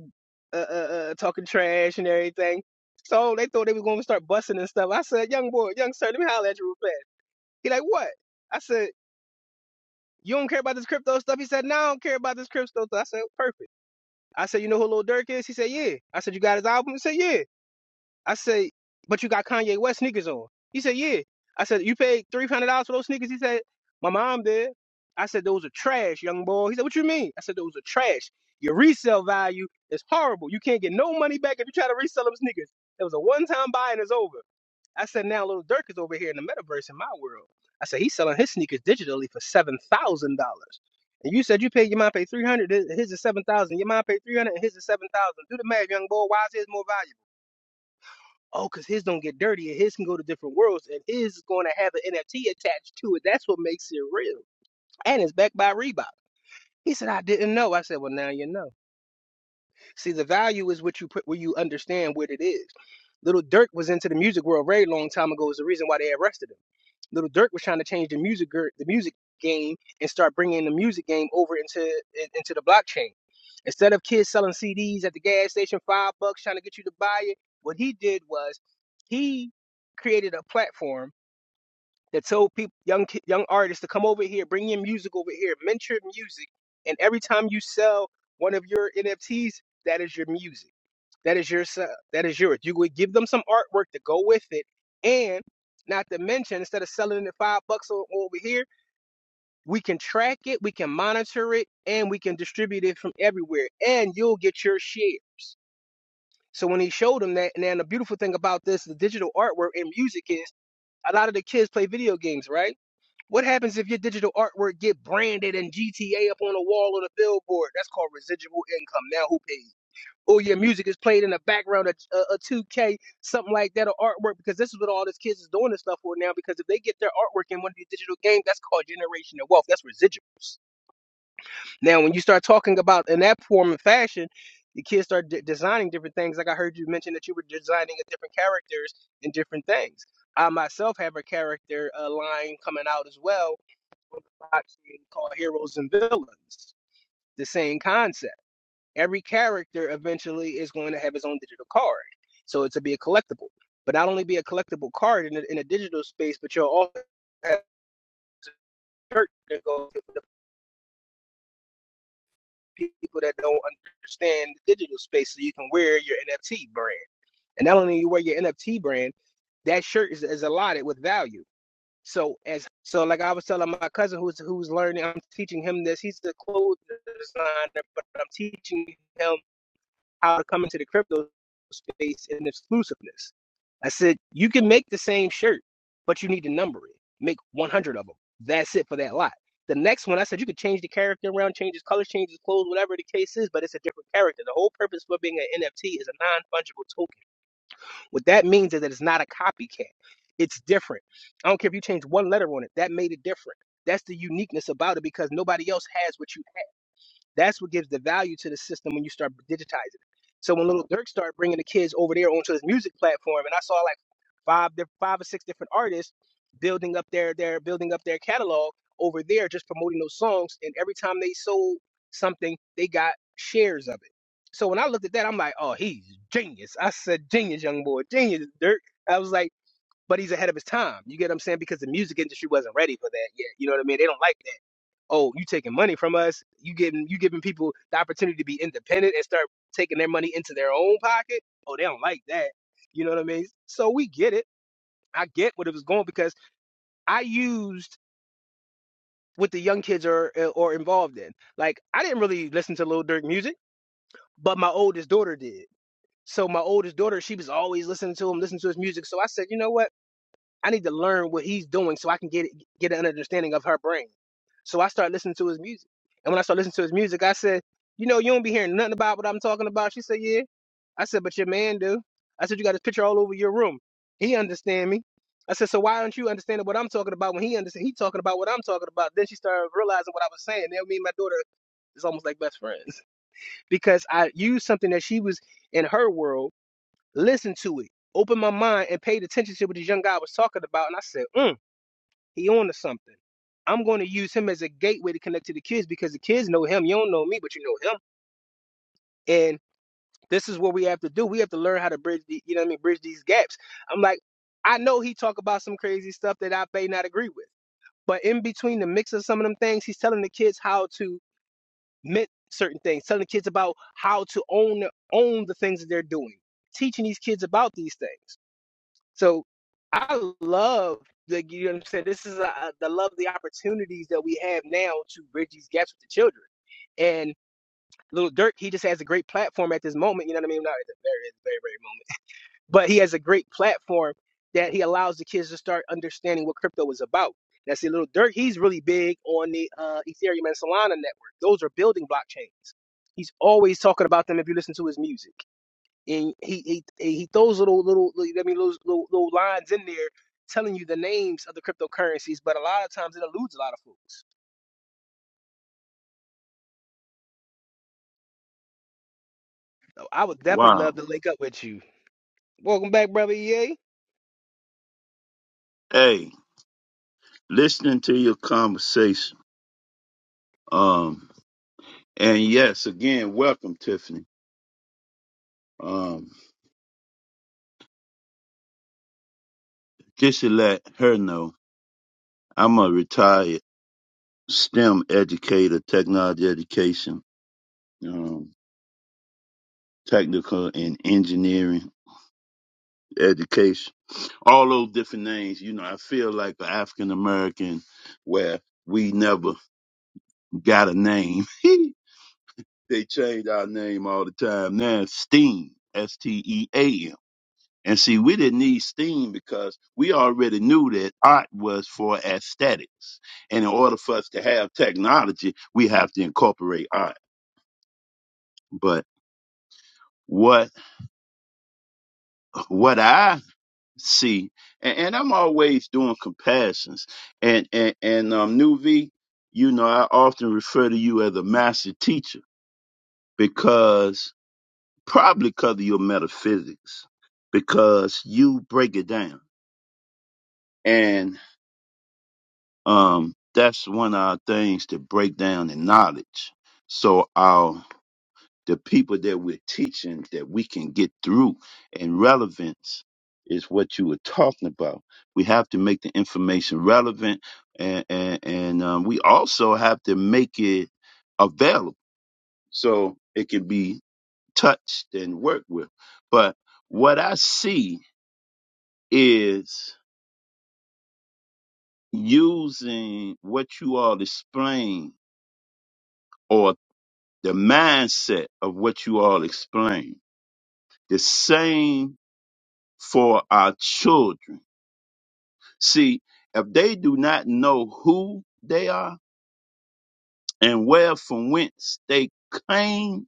[SPEAKER 5] uh, uh, uh, talking trash and everything. So they thought they was going to start busting and stuff. I said, young boy, young sir, let me holler at you real fast. He like, what? I said. You don't care about this crypto stuff? He said, No, I don't care about this crypto stuff. I said, Perfect. I said, You know who Lil Durk is? He said, Yeah. I said, You got his album? He said, Yeah. I said, But you got Kanye West sneakers on. He said, Yeah. I said, You paid $300 for those sneakers? He said, My mom did. I said, Those are trash, young boy. He said, What you mean? I said, Those are trash. Your resale value is horrible. You can't get no money back if you try to resell them sneakers. It was a one time buy and it's over. I said, now Lil Durk is over here in the metaverse in my world. I said, he's selling his sneakers digitally for seven thousand dollars. And you said you paid your mom paid three hundred. His is seven thousand. Your mom paid three hundred, and his is seven thousand. Do the math, young boy. Why is his more valuable? Oh, cause his don't get dirty, and his can go to different worlds, and his is going to have an NFT attached to it. That's what makes it real, and it's backed by Reebok. He said, I didn't know. I said, well, now you know. See, the value is what you put where you understand what it is. Little Dirk was into the music world a very long time ago. Is the reason why they arrested him. Little Dirk was trying to change the music the music game and start bringing the music game over into into the blockchain. Instead of kids selling CDs at the gas station five bucks trying to get you to buy it, what he did was he created a platform that told people young ki- young artists to come over here, bring your music over here, mentor music, and every time you sell one of your NFTs, that is your music. That is your se- that is yours. You would give them some artwork to go with it, and not to mention, instead of selling it five bucks o- over here, we can track it, we can monitor it, and we can distribute it from everywhere, and you'll get your shares. So when he showed them that, and then the beautiful thing about this, the digital artwork and music is a lot of the kids play video games, right? What happens if your digital artwork get branded and GTA up on a wall or the billboard? That's called residual income. Now who pays? Or your music is played in the background of uh, a 2K, something like that, or artwork, because this is what all these kids is doing this stuff for now. Because if they get their artwork in one of these digital games, that's called generational wealth. That's residuals. Now, when you start talking about in that form and fashion, the kids start de- designing different things. Like I heard you mention that you were designing a different characters and different things. I myself have a character uh, line coming out as well on the blockchain called Heroes and Villains. The same concept. Every character eventually is going to have his own digital card. So it's to be a collectible. But not only be a collectible card in a, in a digital space, but you'll also have a shirt that goes people that don't understand the digital space so you can wear your NFT brand. And not only you wear your NFT brand, that shirt is, is allotted with value. So as so like I was telling my cousin who's who's learning, I'm teaching him this. He's a clothes designer, but I'm teaching him how to come into the crypto space in exclusiveness. I said, you can make the same shirt, but you need to number it. Make 100 of them. That's it for that lot. The next one, I said, you could change the character around, change his colors, change his clothes, whatever the case is, but it's a different character. The whole purpose for being an NFT is a non fungible token. What that means is that it's not a copycat, it's different. I don't care if you change one letter on it, that made it different. That's the uniqueness about it because nobody else has what you that's what gives the value to the system when you start digitizing it. So when Little Dirk started bringing the kids over there onto his music platform, and I saw like five, diff- five or six different artists building up their, their building up their catalog over there, just promoting those songs. And every time they sold something, they got shares of it. So when I looked at that, I'm like, oh, he's genius. I said, genius, young boy, genius, Dirk. I was like, but he's ahead of his time. You get what I'm saying? Because the music industry wasn't ready for that yet. You know what I mean? They don't like oh, you taking money from us. You getting you giving people the opportunity to be independent and start taking their money into their own pocket. Oh, they don't like that. You know what I mean? So we get it. I get what it was going because I used what the young kids are or involved in. Like I didn't really listen to Lil Durk music, but my oldest daughter did. So my oldest daughter, she was always listening to him, listening to his music. So I said, you know what? I need to learn what he's doing so I can get get an understanding of her brain. So I started listening to his music. And when I started listening to his music, I said, You know, you don't be hearing nothing about what I'm talking about. She said, Yeah. I said, But your man do. I said, You got his picture all over your room. He understand me. I said, So why don't you understand what I'm talking about when he understand he talking about what I'm talking about? Then she started realizing what I was saying. Then me and my daughter is almost like best friends. Because I used something that she was in her world Listen to it. Opened my mind and paid attention to what this young guy was talking about. And I said, mm, he on to something. I'm going to use him as a gateway to connect to the kids because the kids know him. You don't know me, but you know him. And this is what we have to do. We have to learn how to bridge the, you know what I mean, bridge these gaps. I'm like, I know he talk about some crazy stuff that I may not agree with. But in between the mix of some of them things, he's telling the kids how to mint certain things, telling the kids about how to own own the things that they're doing, teaching these kids about these things. So I love the you know what I'm saying. This is uh the love the opportunities that we have now to bridge these gaps with the children. And little Dirk, he just has a great platform at this moment. You know what I mean? Not at the very, at the very, very moment, but he has a great platform that he allows the kids to start understanding what crypto is about. Now, see, little Dirk, he's really big on the uh, Ethereum and Solana network. Those are building blockchains. He's always talking about them if you listen to his music and he he, he throws little little little- I mean those little, little lines in there telling you the names of the cryptocurrencies, but a lot of times it eludes a lot of folks. So I would definitely love
[SPEAKER 4] Wow.
[SPEAKER 5] to link up with you. Welcome back, brother EA.
[SPEAKER 4] Hey, listening to your conversation. Um, and yes, again, welcome, Tiffany. Um, just to let her know, I'm a retired STEM educator, technology education, um, technical and engineering education. All those different names, you know, I feel like an African American where we never got a name. They change our name all the time now. Steam, S T E A M. And see, we didn't need steam because we already knew that art was for aesthetics. And in order for us to have technology, we have to incorporate art. But what what I see, and, and I'm always doing comparisons. And and and um, New V, you know, I often refer to you as a master teacher because probably because of your metaphysics, because you break it down. And um, that's one of our things to break down the knowledge. So our the people that we're teaching that we can get through and relevance is what you were talking about. We have to make the information relevant and and, and um, we also have to make it available so it can be touched and worked with. But what I see is using what you all explain or the mindset of what you all explain. The same for our children. See, if they do not know who they are and where from whence they came,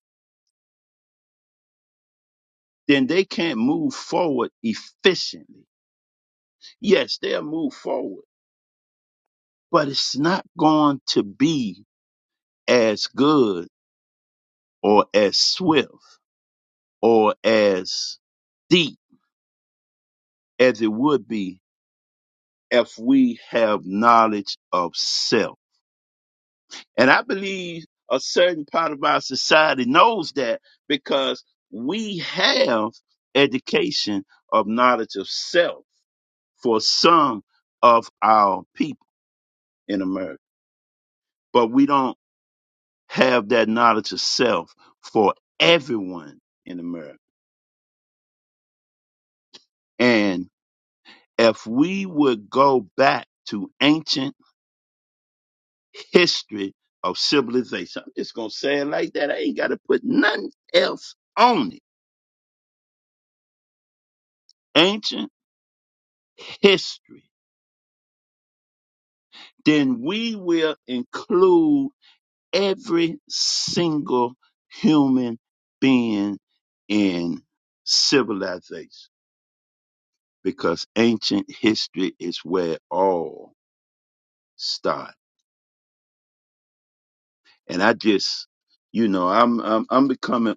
[SPEAKER 4] then they can't move forward efficiently. Yes, they'll move forward, but it's not going to be as good or as swift or as deep as it would be if we have knowledge of self. And I believe a certain part of our society knows that because we have education of knowledge of self for some of our people in America, but we don't have that knowledge of self for everyone in America. And if we would go back to ancient history of civilization. I'm just going to say it like that. I ain't got to put nothing else on it. Ancient history. Then we will include every single human being in civilization because ancient history is where it all starts. And I just, you know, I'm, I'm, I'm becoming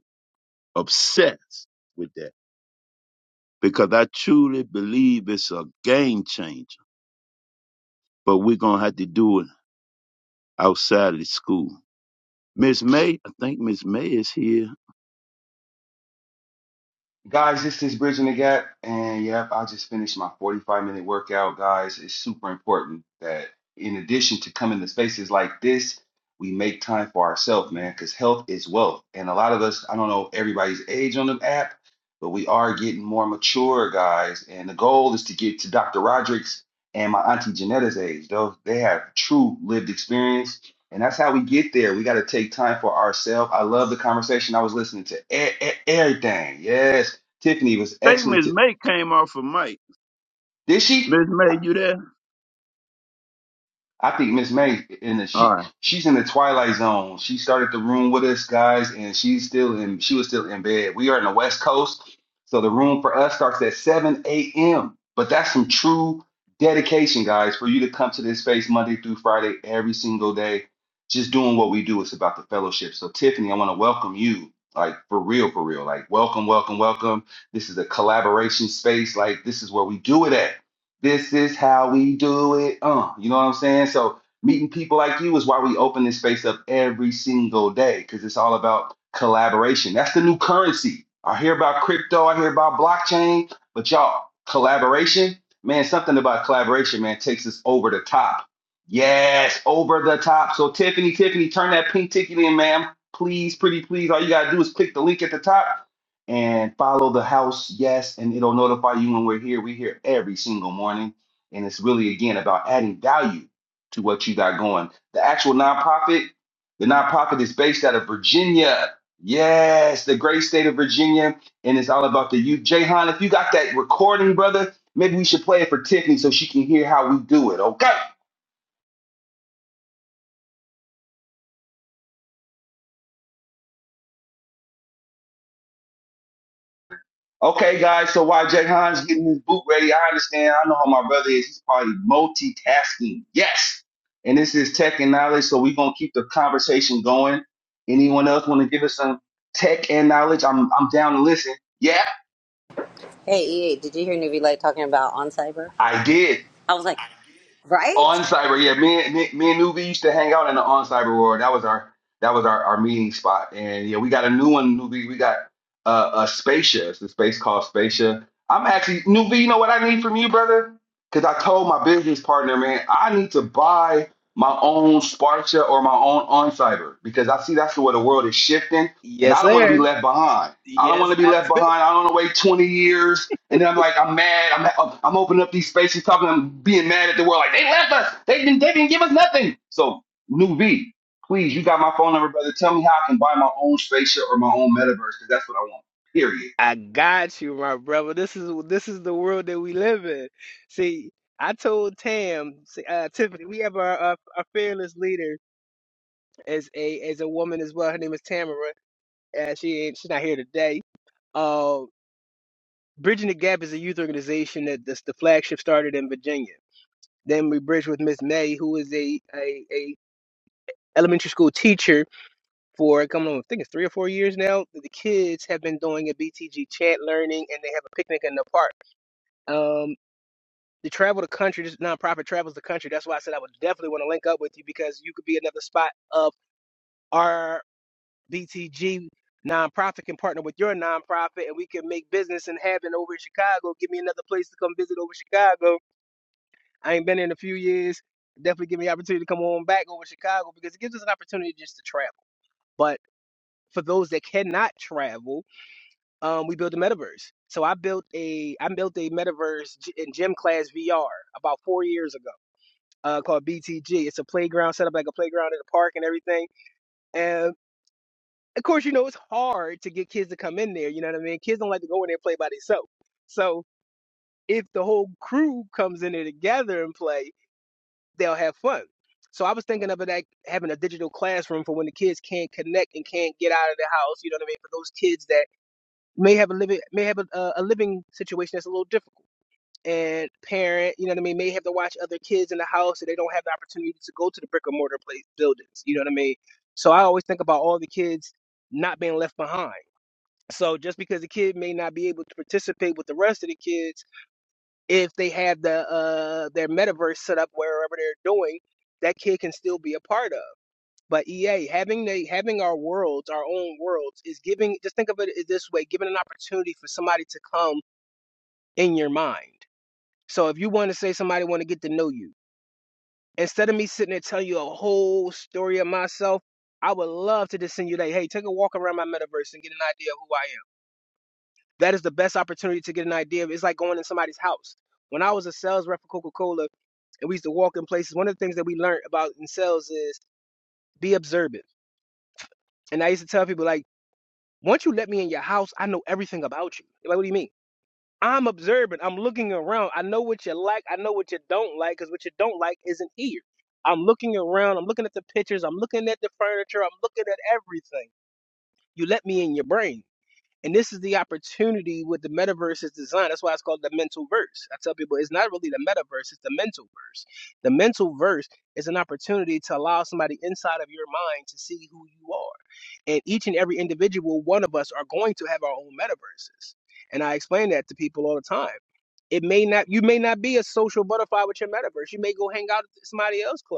[SPEAKER 4] obsessed with that because I truly believe it's a game changer. But we're gonna have to do it outside of the school. Miss May, I think Miss May is here.
[SPEAKER 1] they have true lived experience. And that's how we get there. We got to take time for ourselves. I love the conversation. I was listening to e- e- everything. Yes, Tiffany was
[SPEAKER 4] I think
[SPEAKER 1] excellent.
[SPEAKER 4] Miss
[SPEAKER 1] To-
[SPEAKER 4] May came off of Mike.
[SPEAKER 1] Did she?
[SPEAKER 4] Miss May, you there?
[SPEAKER 1] I think Miss May in the
[SPEAKER 4] All
[SPEAKER 1] she
[SPEAKER 4] right.
[SPEAKER 1] she's in the twilight zone. She started the room with us guys, and she's still in she was still in bed. We are in the West Coast, so the room for us starts at 7 a.m. But that's some true dedication, guys, for you to come to this space Monday through Friday every single day, just doing what we do. It's about the fellowship. So Tiffany, I want to welcome you. Like for real, for real. Like welcome, welcome, welcome. This is a collaboration space. Like this is where we do it at. This is how we do it. Uh, you know what I'm saying? So meeting people like you is why we open this space up every single day because it's all about collaboration. That's the new currency. I hear about crypto, I hear about blockchain, but y'all, collaboration, man, something about collaboration, man, takes us over the top. Yes, over the top. So Tiffany, Tiffany, turn that pink ticket in, ma'am. Please, pretty please. All you gotta do is click the link at the top and follow the house, yes, and it'll notify you when we're here. We're here every single morning. And it's really, again, about adding value to what you got going. The actual nonprofit, the nonprofit is based out of Virginia. Yes, the great state of Virginia. And it's all about the youth. Jayhan, if you got that recording, brother, maybe we should play it for Tiffany so she can hear how we do it, okay? Okay, guys, so while Jay Hines getting his boot ready, I understand. I know how my brother is. He's probably multitasking. Yes. And this is tech and knowledge, so we're gonna keep the conversation going. Anyone else want to give us some tech and knowledge? I'm I'm down to listen. Yeah,
[SPEAKER 2] Hey, EA, did you hear Newbie Light talking about on cyber?
[SPEAKER 1] I did.
[SPEAKER 2] I was like, right?
[SPEAKER 1] On cyber, yeah. Me, and- me, me and Nuvi used to hang out in the on cyber world. That was our that was our, our meeting spot. And yeah, we got a new one, Nuvi. We got uh, a Spacia. It's the space called Spacia. I'm actually Nuvi. You know what I need from you, brother? Because I told my business partner, man, I need to buy my own Spartia or my own on cyber because I see that's the way the world is shifting, and
[SPEAKER 5] Yes,
[SPEAKER 1] I don't want to be
[SPEAKER 5] sir.
[SPEAKER 1] left behind. I don't want
[SPEAKER 5] Yes,
[SPEAKER 1] to be
[SPEAKER 5] I
[SPEAKER 1] left
[SPEAKER 5] took.
[SPEAKER 1] behind. I don't want to wait 20 years. And then I'm like, I'm mad. I'm, I'm opening up these spaces, talking, I'm being mad at the world. Like, they left us. They didn't, they didn't give us nothing. So, New V, please, you got my phone number, brother. Tell me how I can buy my own spaceship or my own metaverse because that's what I want, period.
[SPEAKER 5] I got you, my brother. This is this is the world that we live in. See, I told Tam, see, uh, Tiffany, we have our, our our fearless leader as a as a woman as well. Her name is Tamara, and she ain't she's not here today. Um, Bridging the Gap is a youth organization that this, the flagship started in Virginia. Then we bridged with Miss May, who is a, a, a elementary school teacher for coming on, I think it's three or four years now. The kids have been doing a BTG chant learning, and they have a picnic in the park. Um, they travel the country. This nonprofit travels the country. That's why I said I would definitely want to link up with you because you could be another spot of our BTG nonprofit can partner with your nonprofit, and we can make business and happen over in Chicago. Give me another place to come visit over Chicago I ain't been in a few years. Definitely give me the opportunity to come on back over to Chicago because it gives us an opportunity just to travel. But for those that cannot travel, um, we built a metaverse. So I built a I built a metaverse in gym class VR about four years ago uh, called BTG. It's a playground set up like a playground in the park and everything. And of course, you know it's hard to get kids to come in there. You know what I mean? Kids don't like to go in there and play by themselves. So if the whole crew comes in there together and play, they'll have fun. So I was thinking of it like having a digital classroom for when the kids can't connect and can't get out of the house. You know what I mean? For those kids that may have a living may have a, a a living situation that's a little difficult, and parent, you know what I mean, may have to watch other kids in the house, and they don't have the opportunity to go to the brick and mortar place buildings. You know what I mean? So I always think about all the kids not being left behind. So just because the kid may not be able to participate with the rest of the kids if they have the uh their metaverse set up wherever they're doing, that kid can still be a part of. But EA having they having our worlds, our own worlds, is giving. Just think of it this way: giving an opportunity for somebody to come in your mind. So if you want to say somebody want to get to know you, instead of me sitting there telling you a whole story of myself, I would love to just send you like, hey, take a walk around my metaverse and get an idea of who I am. that is the best opportunity to get an idea it's like going in somebody's house. When I was a sales rep for Coca Cola and we used to walk in places, one of the things that we learned about in sales is be observant. And I used to tell people, like, once you let me in your house, I know everything about you. They're Like, what do you mean? I'm observant. I'm looking around. I know what you like. I know what you don't like because what you don't like isn't here. I'm looking around. I'm looking at the pictures. I'm looking at the furniture. I'm looking at everything. You let me in your brain. And this is the opportunity with the metaverse is designed. That's why it's called the mental verse. I tell people it's not really the metaverse, it's the mental verse. The mental verse is an opportunity to allow somebody inside of your mind to see who you are. And each and every individual one of us are going to have our own metaverses. And I explain that to people all the time. It may not you may not be a social butterfly with your metaverse. You may go hang out at somebody else's club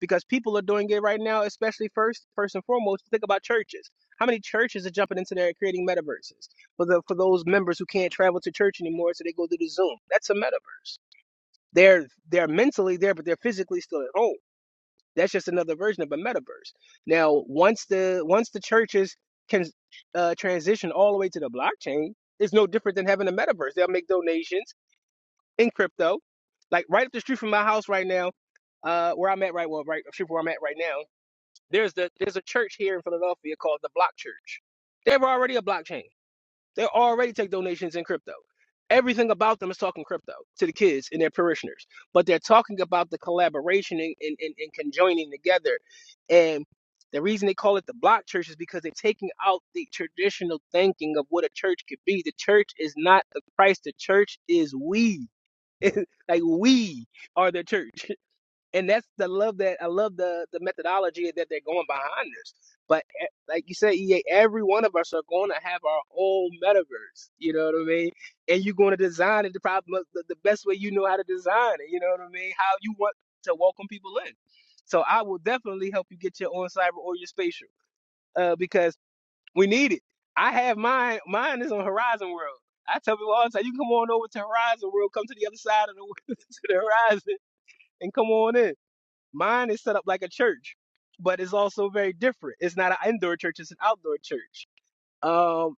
[SPEAKER 5] because people are doing it right now, especially first, first and foremost, think about churches. How many churches are jumping into there and creating metaverses for the for those members who can't travel to church anymore, so they go to the Zoom? That's a metaverse. They're they're mentally there, but they're physically still at home. That's just another version of a metaverse. Now, once the once the churches can uh, transition all the way to the blockchain, it's no different than having a metaverse. They'll make donations in crypto. Like right up the street from my house right now, uh, where I'm at right well, right up the street where I'm at right now there's the there's a church here in Philadelphia called the Block Church. They were already a blockchain. They already take donations in crypto. Everything about them is talking crypto to the kids and their parishioners. But they're talking about the collaboration and, and, and, and conjoining together. And the reason they call it the block church is because they're taking out the traditional thinking of what a church could be. The church is not the Christ, the church is we. like we are the church and that's the love that I love the the methodology that they're going behind this. But e- like you said, EA, every one of us are going to have our own metaverse. You know what I mean? And you're going to design it the problem the, the best way you know how to design it. You know what I mean? How you want to welcome people in. So I will definitely help you get your own cyber or your spatial uh, because we need it. I have mine. Mine is on Horizon World. I tell people all the time, you can come on over to Horizon World, come to the other side of the to the horizon, and come on in. Mine is set up like a church, but it's also very different. It's not an indoor church, it's an outdoor church. Um,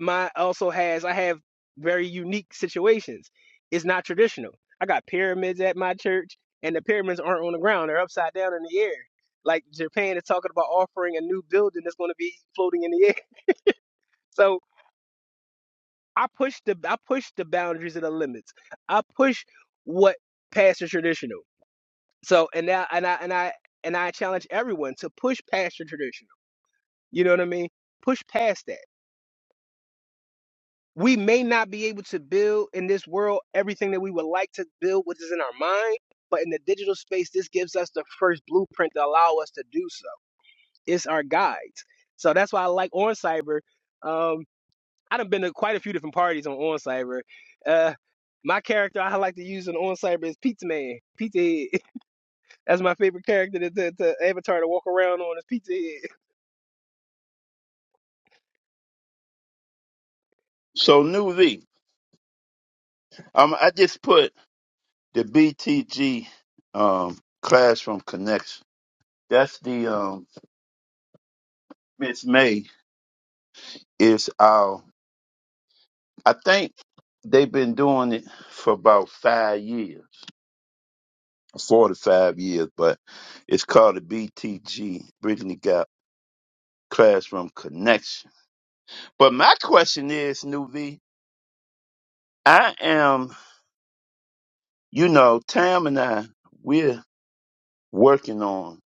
[SPEAKER 5] mine also has, I have very unique situations. It's not traditional. I got pyramids at my church, and the pyramids aren't on the ground, they're upside down in the air. Like Japan is talking about offering a new building that's going to be floating in the air. So I push the I push the boundaries of the limits. I push what past is traditional. So and now and I and I and I challenge everyone to push past your traditional. You know what I mean? Push past that. We may not be able to build in this world everything that we would like to build, which is in our mind, but in the digital space, this gives us the first blueprint to allow us to do so. It's our guides. So that's why I like On Cyber. Um, I've been to quite a few different parties on On Cyber. Uh, my character I like to use on On Cyber is Pizza Man. Pizza Head. That's my favorite character to, to, to avatar to walk around on is Pizza Head.
[SPEAKER 4] So new V. Um, I just put the BTG um class Connection. That's the um Miss May is our. I think they've been doing it for about five years four to five years, but it's called the BTG, Bridging the Gap Classroom Connection. But my question is, New V, I am, you know, Tam and I, we're working on,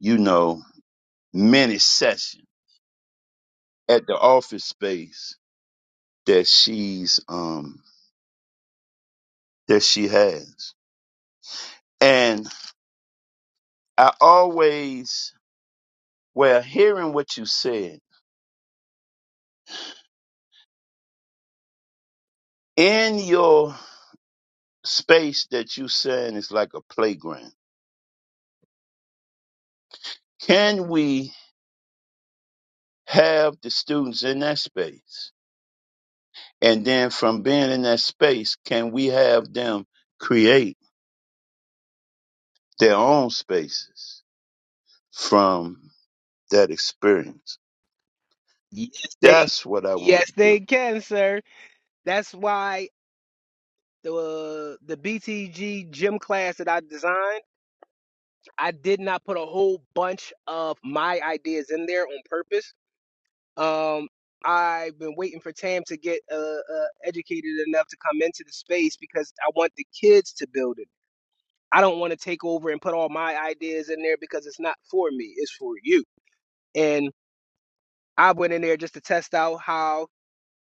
[SPEAKER 4] you know, many sessions at the office space that she's um that she has. And I always well hearing what you said in your space that you saying is like a playground. Can we have the students in that space? And then from being in that space, can we have them create their own spaces from that experience?
[SPEAKER 5] Yes, they
[SPEAKER 4] That's what I want to
[SPEAKER 5] yes
[SPEAKER 4] do.
[SPEAKER 5] they can, sir. That's why the the BTG gym class that I designed, I did not put a whole bunch of my ideas in there on purpose. Um, I've been waiting for Tam to get uh, uh, educated enough to come into the space because I want the kids to build it. I don't want to take over and put all my ideas in there because it's not for me. It's for you. And I went in there just to test out how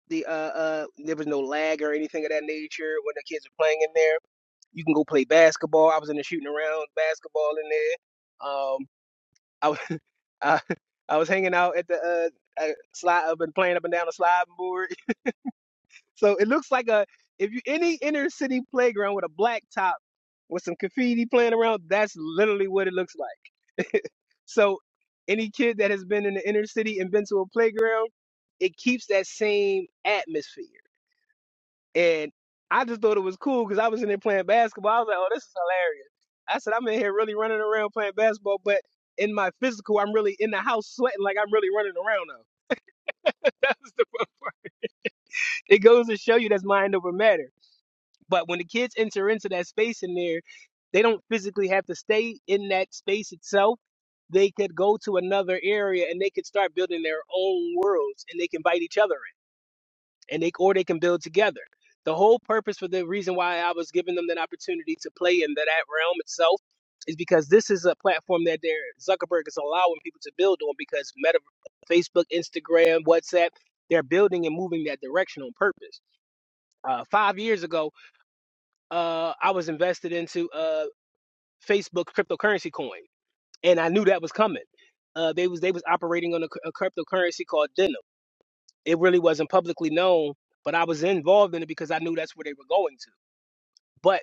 [SPEAKER 5] the uh, uh there was no lag or anything of that nature when the kids were playing in there. You can go play basketball. I was in the shooting around basketball in there. Um, I was I, I was hanging out at the uh, uh slide. I've been playing up and down the sliding board. So it looks like a if you any inner city playground with a black top with some graffiti playing around. That's literally what it looks like. so any kid that has been in the inner city and been to a playground, it keeps that same atmosphere And I just thought it was cool because I was in there playing basketball. I was like, oh, this is hilarious. I said, I'm in here really running around playing basketball, but in my physical, I'm really in the house sweating like I'm really running around now. That's the fun part. It goes to show you that's mind over matter. But when the kids enter into that space in there, they don't physically have to stay in that space itself. They could go to another area and they could start building their own worlds and they can bite each other. and they or they can build together. The whole purpose for the reason why I was giving them that opportunity to play in that, that realm itself is because this is a platform that they're, Zuckerberg is allowing people to build on because Meta, Facebook, Instagram, WhatsApp, they're building and moving that direction on purpose. Uh, five years ago, uh, I was invested into uh, Facebook cryptocurrency coin, and I knew that was coming. Uh, they was they was operating on a, a cryptocurrency called Denim it really wasn't publicly known, but I was involved in it because I knew that's where they were going to. But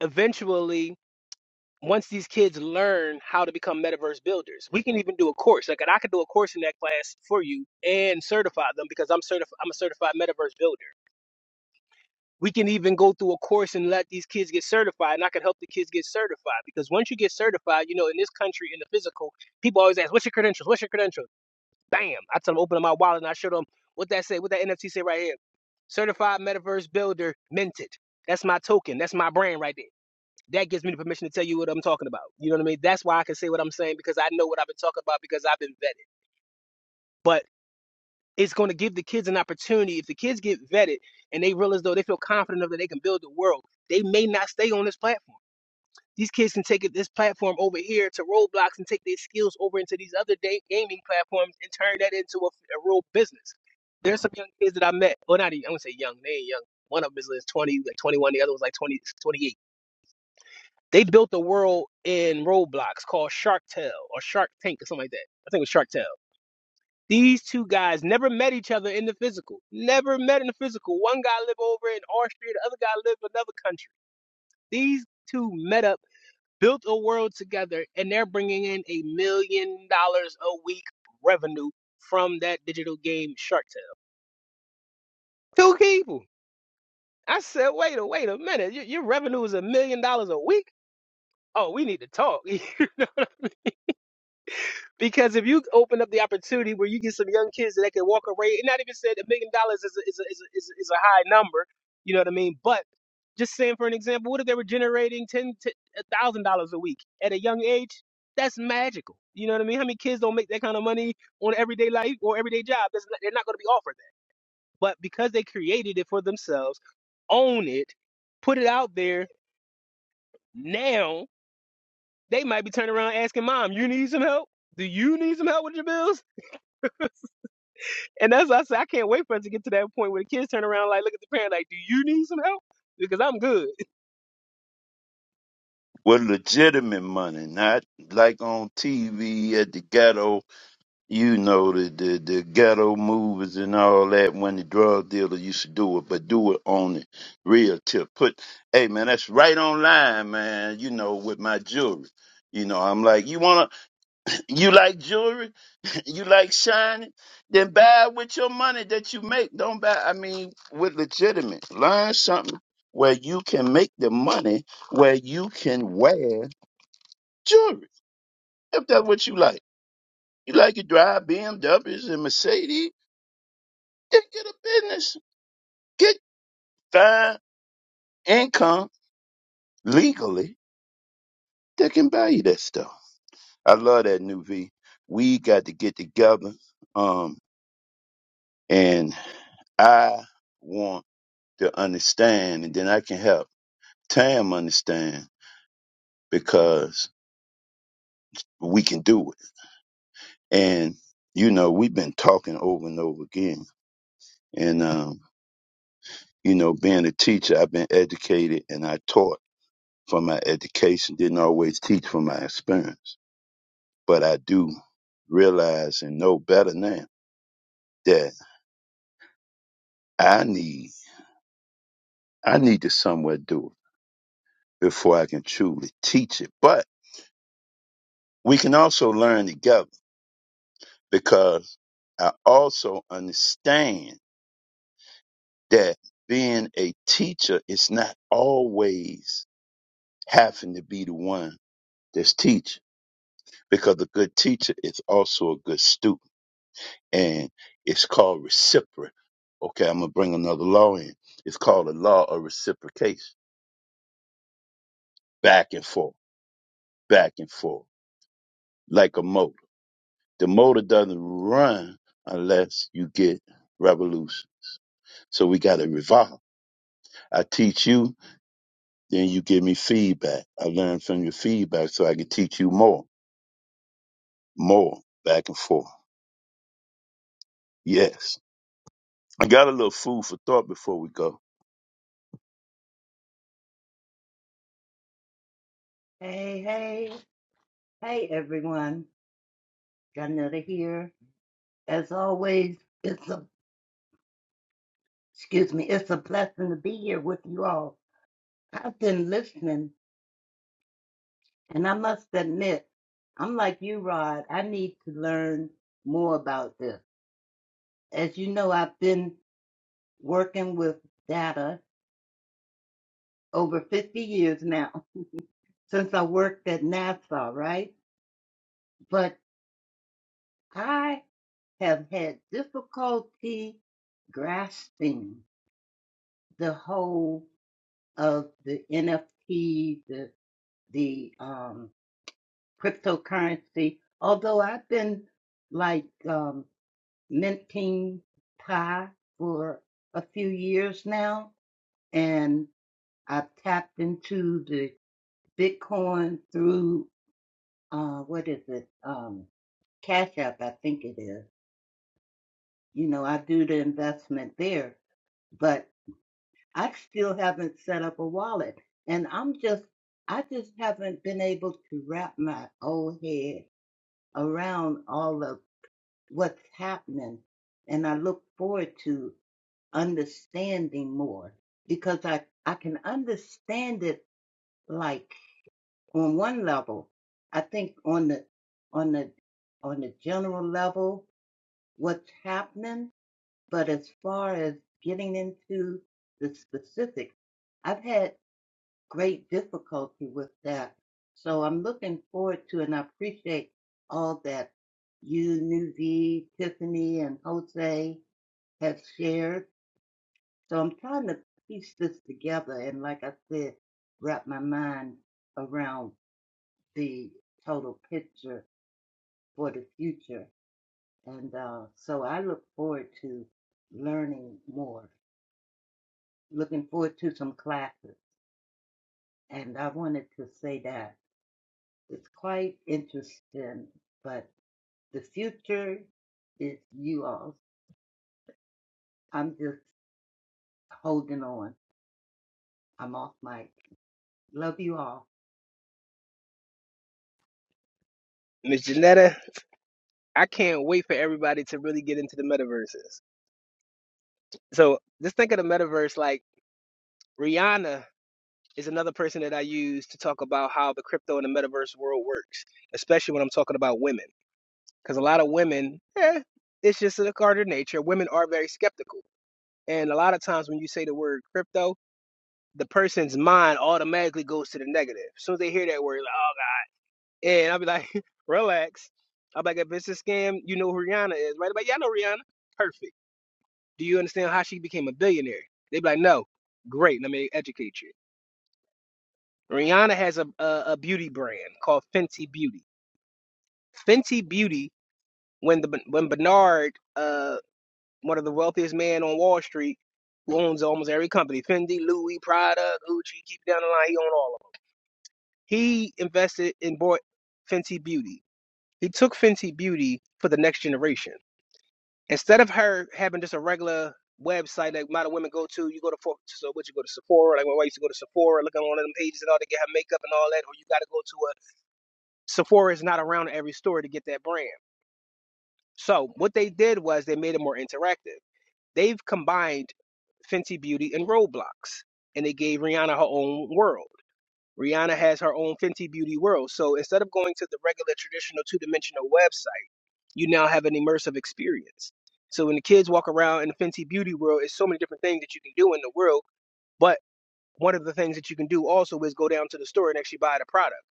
[SPEAKER 5] eventually, once these kids learn how to become metaverse builders, we can even do a course. Like, and I could do a course in that class for you and certify them because I'm certified. I'm a certified metaverse builder. We can even go through a course and let these kids get certified, and I can help the kids get certified because once you get certified, you know, in this country, in the physical, people always ask, "What's your credentials? What's your credentials?" Bam! I tell them open up my wallet and I show them what that say, what that NFT say right here. Certified Metaverse Builder Minted. That's my token. That's my brand right there. That gives me the permission to tell you what I'm talking about. You know what I mean? That's why I can say what I'm saying because I know what I've been talking about because I've been vetted. But it's going to give the kids an opportunity. If the kids get vetted and they realize though they feel confident enough that they can build the world, they may not stay on this platform. These kids can take it this platform over here to Roblox and take their skills over into these other day gaming platforms and turn that into a, a real business. There's some young kids that I met, or not, even- I'm gonna say young, they ain't young. One of them is like 20, like 21, the other was like 20, 28. They built a world in Roblox called Shark Tale or Shark Tank or something like that. I think it was Shark Tale. These two guys never met each other in the physical. Never met in the physical. One guy lived over in Austria, the other guy lived in another country. These two met up built a world together and they're bringing in a million dollars a week revenue from that digital game Shark Tale. Two people. I said, wait a wait a minute. Your, your revenue is a million dollars a week. Oh, we need to talk. You know what Because if you open up the opportunity where you get some young kids that can walk away, and not even said a million dollars is a, is, a, is, a, is a is a high number, you know what I mean? But just saying for an example, what if they were generating ten thousand dollars a week at a young age? That's magical. You know what I mean? How many kids don't make that kind of money on everyday life or everyday job? That's not, they're not going to be offered that. But because they created it for themselves, own it, put it out there. Now they might be turning around asking mom, "You need some help? Do you need some help with your bills?" And that's why I said I can't wait for us to get to that point where the kids turn around like look at the parent like, Do you need some help? Because I'm good.
[SPEAKER 4] With legitimate money, not like on TV at the ghetto you know the, the the ghetto movies and all that when the drug dealer used to do it, but do it on the real tip. Put hey man, that's right on line, man, you know, with my jewelry. You know, I'm like, you wanna you like jewelry? You like shining? Then buy it with your money that you make. Don't buy I mean with legitimate. Learn something where you can make the money where you can wear jewelry. If that's what you like. You like your drive BMWs and Mercedes They get a business, get fine income legally. They can buy you that stuff. I love that new V. We got to get together. Um, and I want to understand, and then I can help Tam understand because we can do it. And you know, we've been talking over and over again. And um, you know, being a teacher, I've been educated and I taught from my education, didn't always teach from my experience but I do realize and know better now that I need I need to somewhere do it before I can truly teach it. But we can also learn together because I also understand that being a teacher is not always having to be the one that's teaching because a good teacher is also a good student and it's called reciprocal. Okay, I'm gonna bring another law in. It's called the law of reciprocation back and forth, back and forth, like a motor. The motor doesn't run unless you get revolution. So we got to revolve. I teach you, then you give me feedback. I learn from your feedback so I can teach you more, more, back and forth. Yes. I got a little food for thought before we go.
[SPEAKER 8] Hey, hey, hey, everyone. Janetta here. As always, it's a, excuse me, it's a blessing to be here with you all. I've been listening, and I must admit, I'm like you, Rod. I need to learn more about this. As you know, I've been working with data over 50 years now, since I worked at NASA, right? But I have had difficulty grasping the whole of the NFT, the the um, cryptocurrency. Although I've been like um, minting Pi for a few years now, and I've tapped into the Bitcoin through uh, what is it? Um, Cash App, I think it is. You know, I do the investment there, but. I still haven't set up a wallet. And I'm just, I just haven't been able to wrap my old head around all of what's happening. And I look forward to understanding more because I, I can understand it like on one level. I think on the, on the, on the general level, what's happening. But as far as getting into the specifics, I've had great difficulty with that. So I'm looking forward to, and I appreciate all that you, Nuvi, Tiffany, and Jose have shared. So I'm trying to piece this together, and like I said, wrap my mind around the total picture for the future. And uh, so I look forward to learning more. Looking forward to some classes, and I wanted to say that. It's quite interesting, but the future is you all. I'm just holding on. I'm off mic. Love you all.
[SPEAKER 5] Miss Janetta, I can't wait for everybody to really get into the metaverses. So just think of the metaverse like Rihanna is another person that I use to talk about how the crypto and the metaverse world works, especially when I'm talking about women. Because a lot of women, eh, it's just a part of nature. Women are very skeptical. And a lot of times when you say the word crypto, the person's mind automatically goes to the negative. As soon as they hear that word, like, And I'll be like, relax. i will be like, if it's a scam, you know who Rihanna is, right? But yeah, I know Rihanna. Perfect. Do you understand how she became a billionaire? They'd be like, no. Great. Let me educate you. Rihanna has a, a, a beauty brand called Fenty Beauty. Fenty Beauty, when the when Bernard, uh, one of the wealthiest men on Wall Street, who owns almost every company, Fendi, Louis, Prada, Gucci, keep it down the line, he owned all of them. He invested and bought Fenty Beauty. He took Fenty Beauty for the next generation instead of her having just a regular website that model women go to, you go to for- so what you go to Sephora, like when I used to go to Sephora, look on one of them pages and all to get her makeup and all that, or you got to go to a Sephora is not around every store to get that brand. So what they did was they made it more interactive. They've combined Fenty Beauty and Roblox, and they gave Rihanna her own world. Rihanna has her own Fenty Beauty world. So instead of going to the regular traditional two dimensional website you now have an immersive experience. So when the kids walk around in the fancy beauty world, it's so many different things that you can do in the world. But one of the things that you can do also is go down to the store and actually buy the product.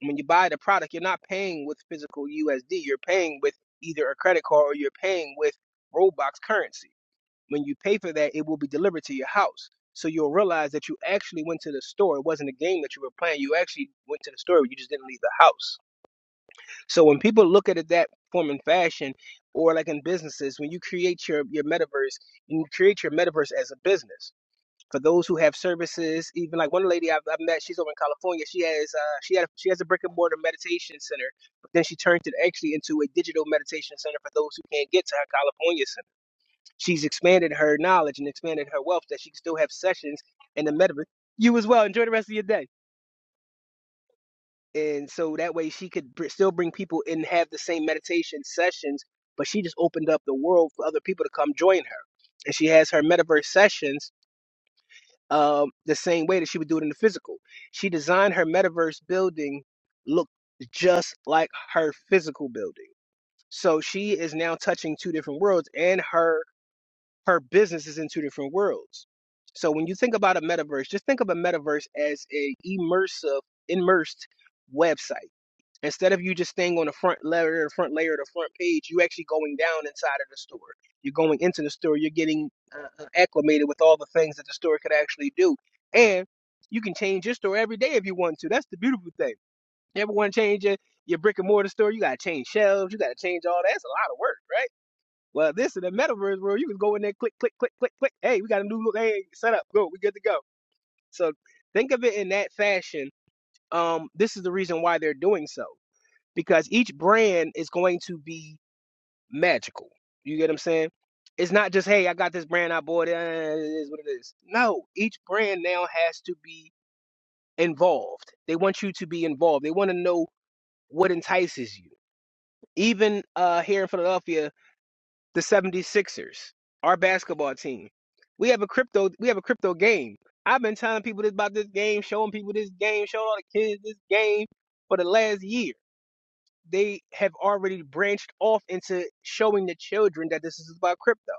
[SPEAKER 5] And when you buy the product, you're not paying with physical USD. You're paying with either a credit card or you're paying with Roblox currency. When you pay for that, it will be delivered to your house. So you'll realize that you actually went to the store. It wasn't a game that you were playing. You actually went to the store. You just didn't leave the house. So when people look at it that form and fashion, or like in businesses, when you create your your metaverse, and you create your metaverse as a business. For those who have services, even like one lady I've, I've met, she's over in California. She has uh, she had she has a brick and mortar meditation center, but then she turned it actually into a digital meditation center for those who can't get to her California center. She's expanded her knowledge and expanded her wealth that she can still have sessions in the metaverse. You as well. Enjoy the rest of your day and so that way she could br- still bring people in have the same meditation sessions but she just opened up the world for other people to come join her and she has her metaverse sessions um, the same way that she would do it in the physical she designed her metaverse building look just like her physical building so she is now touching two different worlds and her her business is in two different worlds so when you think about a metaverse just think of a metaverse as a immersive immersed website Instead of you just staying on the front layer, the front layer, the front page, you actually going down inside of the store. You're going into the store. You're getting uh, uh, acclimated with all the things that the store could actually do, and you can change your store every day if you want to. That's the beautiful thing. You ever want to change your, your brick and mortar store? You gotta change shelves. You gotta change all that. That's a lot of work, right? Well, this is the metaverse world, you can go in there, click, click, click, click, click. Hey, we got a new look. Hey, set up. Go. We good to go. So think of it in that fashion um, this is the reason why they're doing so because each brand is going to be magical. You get what I'm saying? It's not just hey, I got this brand, I bought it. eh, It is what it is. No, each brand now has to be involved. They want you to be involved. They want to know what entices you. Even uh, here in Philadelphia, the 76ers, our basketball team, we have a crypto. We have a crypto game. I've been telling people this about this game, showing people this game, showing all the kids this game for the last year they have already branched off into showing the children that this is about crypto.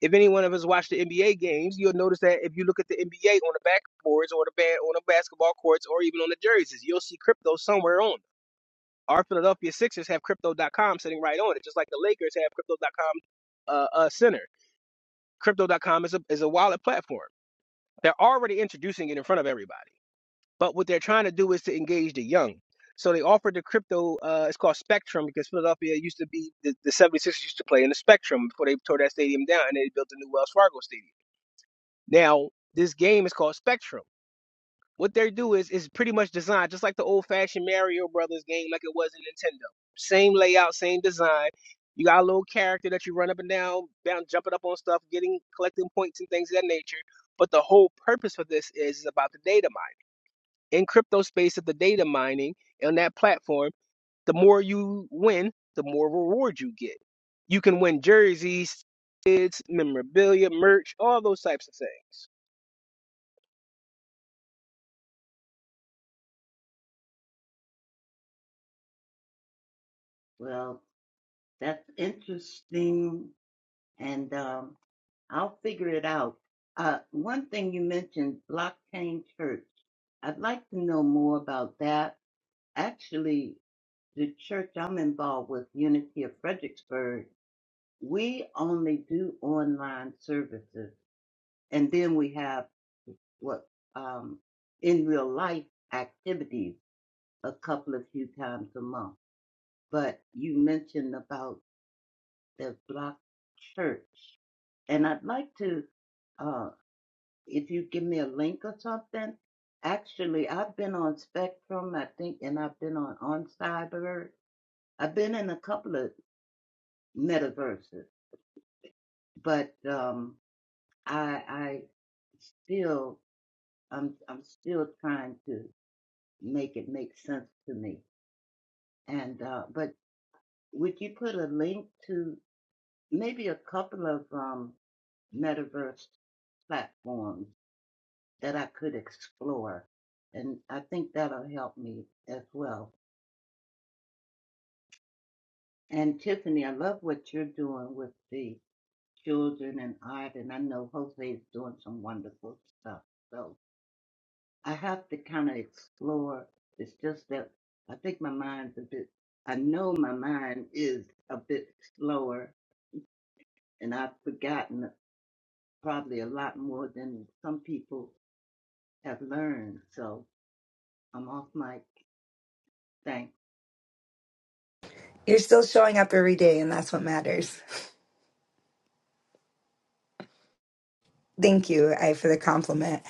[SPEAKER 5] If any one of us watch the NBA games, you'll notice that if you look at the NBA on the backboards or the ba- on the basketball courts or even on the jerseys, you'll see crypto somewhere on. them. Our Philadelphia Sixers have crypto.com sitting right on it, just like the Lakers have crypto.com uh, uh, center. Crypto.com is a is a wallet platform. They're already introducing it in front of everybody. But what they're trying to do is to engage the young. So they offered the crypto, uh, it's called Spectrum because Philadelphia used to be, the, the 76ers used to play in the Spectrum before they tore that stadium down and they built the new Wells Fargo Stadium. Now, this game is called Spectrum. What they do is is pretty much designed just like the old fashioned Mario Brothers game, like it was in Nintendo. Same layout, same design. You got a little character that you run up and down, down, jumping up on stuff, getting collecting points and things of that nature. But the the whole purpose for this is is about the data in crypto space at the data mining on that platform, the more you win, the more reward you get. You can win jerseys, kids, memorabilia, merch, all those types of things.
[SPEAKER 8] Well, that's interesting, and um, I'll figure it out. Uh, one thing you mentioned, blockchain church. I'd like to know more about that. Actually, the church I'm involved with, Unity of Fredericksburg, we only do online services, and then we have what um, in real life activities a couple of few times a month. But you mentioned about the block church, and I'd like to, uh, if you give me a link or something. Actually, I've been on Spectrum, I think, and I've been on on Cyber. I've been in a couple of metaverses, but um, I I still I'm I'm still trying to make it make sense to me. And uh, but would you put a link to maybe a couple of um, metaverse platforms that I could explore? And I think that'll help me as well. And Tiffany, I love what you're doing with the children and art, and I know Jose is doing some wonderful stuff. So I have to kind of explore. It's just that I think my mind's a bit. I know my mind is a bit slower, and I've forgotten probably a lot more than some people have learned. So I'm off mic. Thanks.
[SPEAKER 7] You're still showing up every day, and that's what matters. Thank you I, for the compliment.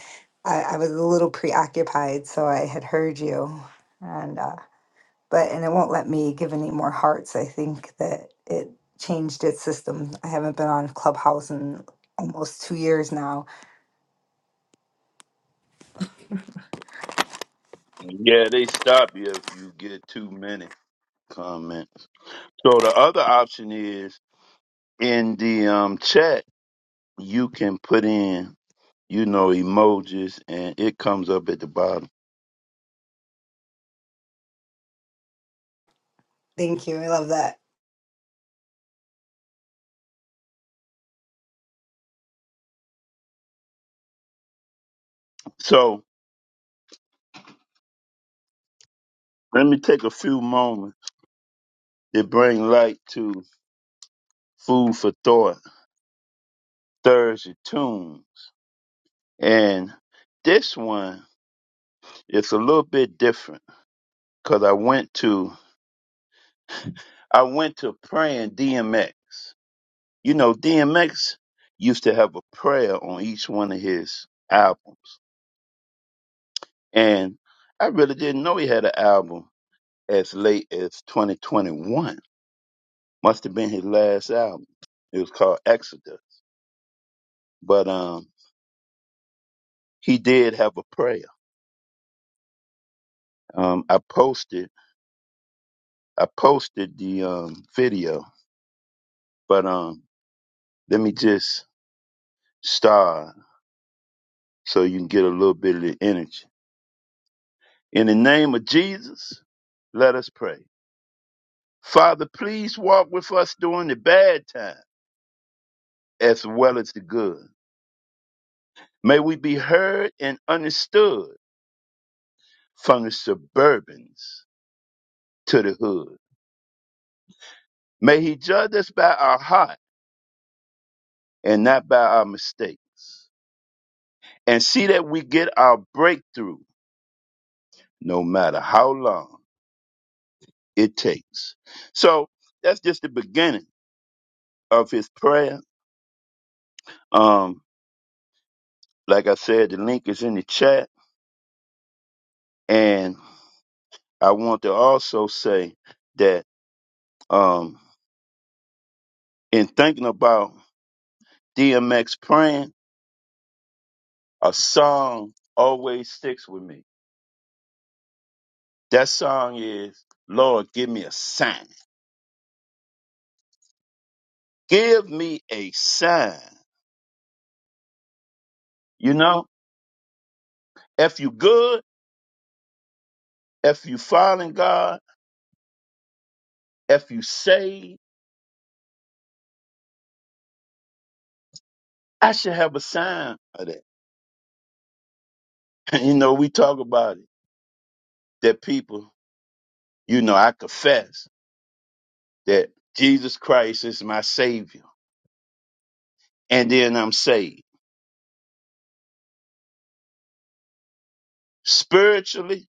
[SPEAKER 7] I, I was a little preoccupied, so I had heard you, and uh, but and it won't let me give any more hearts. I think that it changed its system. I haven't been on Clubhouse in almost two years now.
[SPEAKER 4] Yeah, they stop you if you get too many comments. So the other option is in the um, chat, you can put in you know, emojis, and it comes up at the bottom.
[SPEAKER 7] Thank you. I love that.
[SPEAKER 4] So let me take a few moments to bring light to Food for Thought Thursday Tunes. And this one is a little bit different because I went to I went to praying DMX. You know, DMX used to have a prayer on each one of his albums. And I really didn't know he had an album as late as 2021 Must have been his last album. It was called Exodus. But um, he did have a prayer. Um, I posted I posted the um, video, but um, let me just start so you can get a little bit of the energy. In the name of Jesus, let us pray. Father, please walk with us during the bad time as well as the good. May we be heard and understood from the suburbans to the hood. May he judge us by our heart and not by our mistakes. And see that we get our breakthrough no matter how long it takes. So that's just the beginning of his prayer. Um, like I said, the link is in the chat. And I want to also say that um, in thinking about DMX praying, a song always sticks with me. That song is, Lord, give me a sign. Give me a sign. You know? If you good, if you following God, if you saved, I should have a sign of that. you know, we talk about it. That people, you know, I confess that Jesus Christ is my savior. And then I'm saved. Spiritually,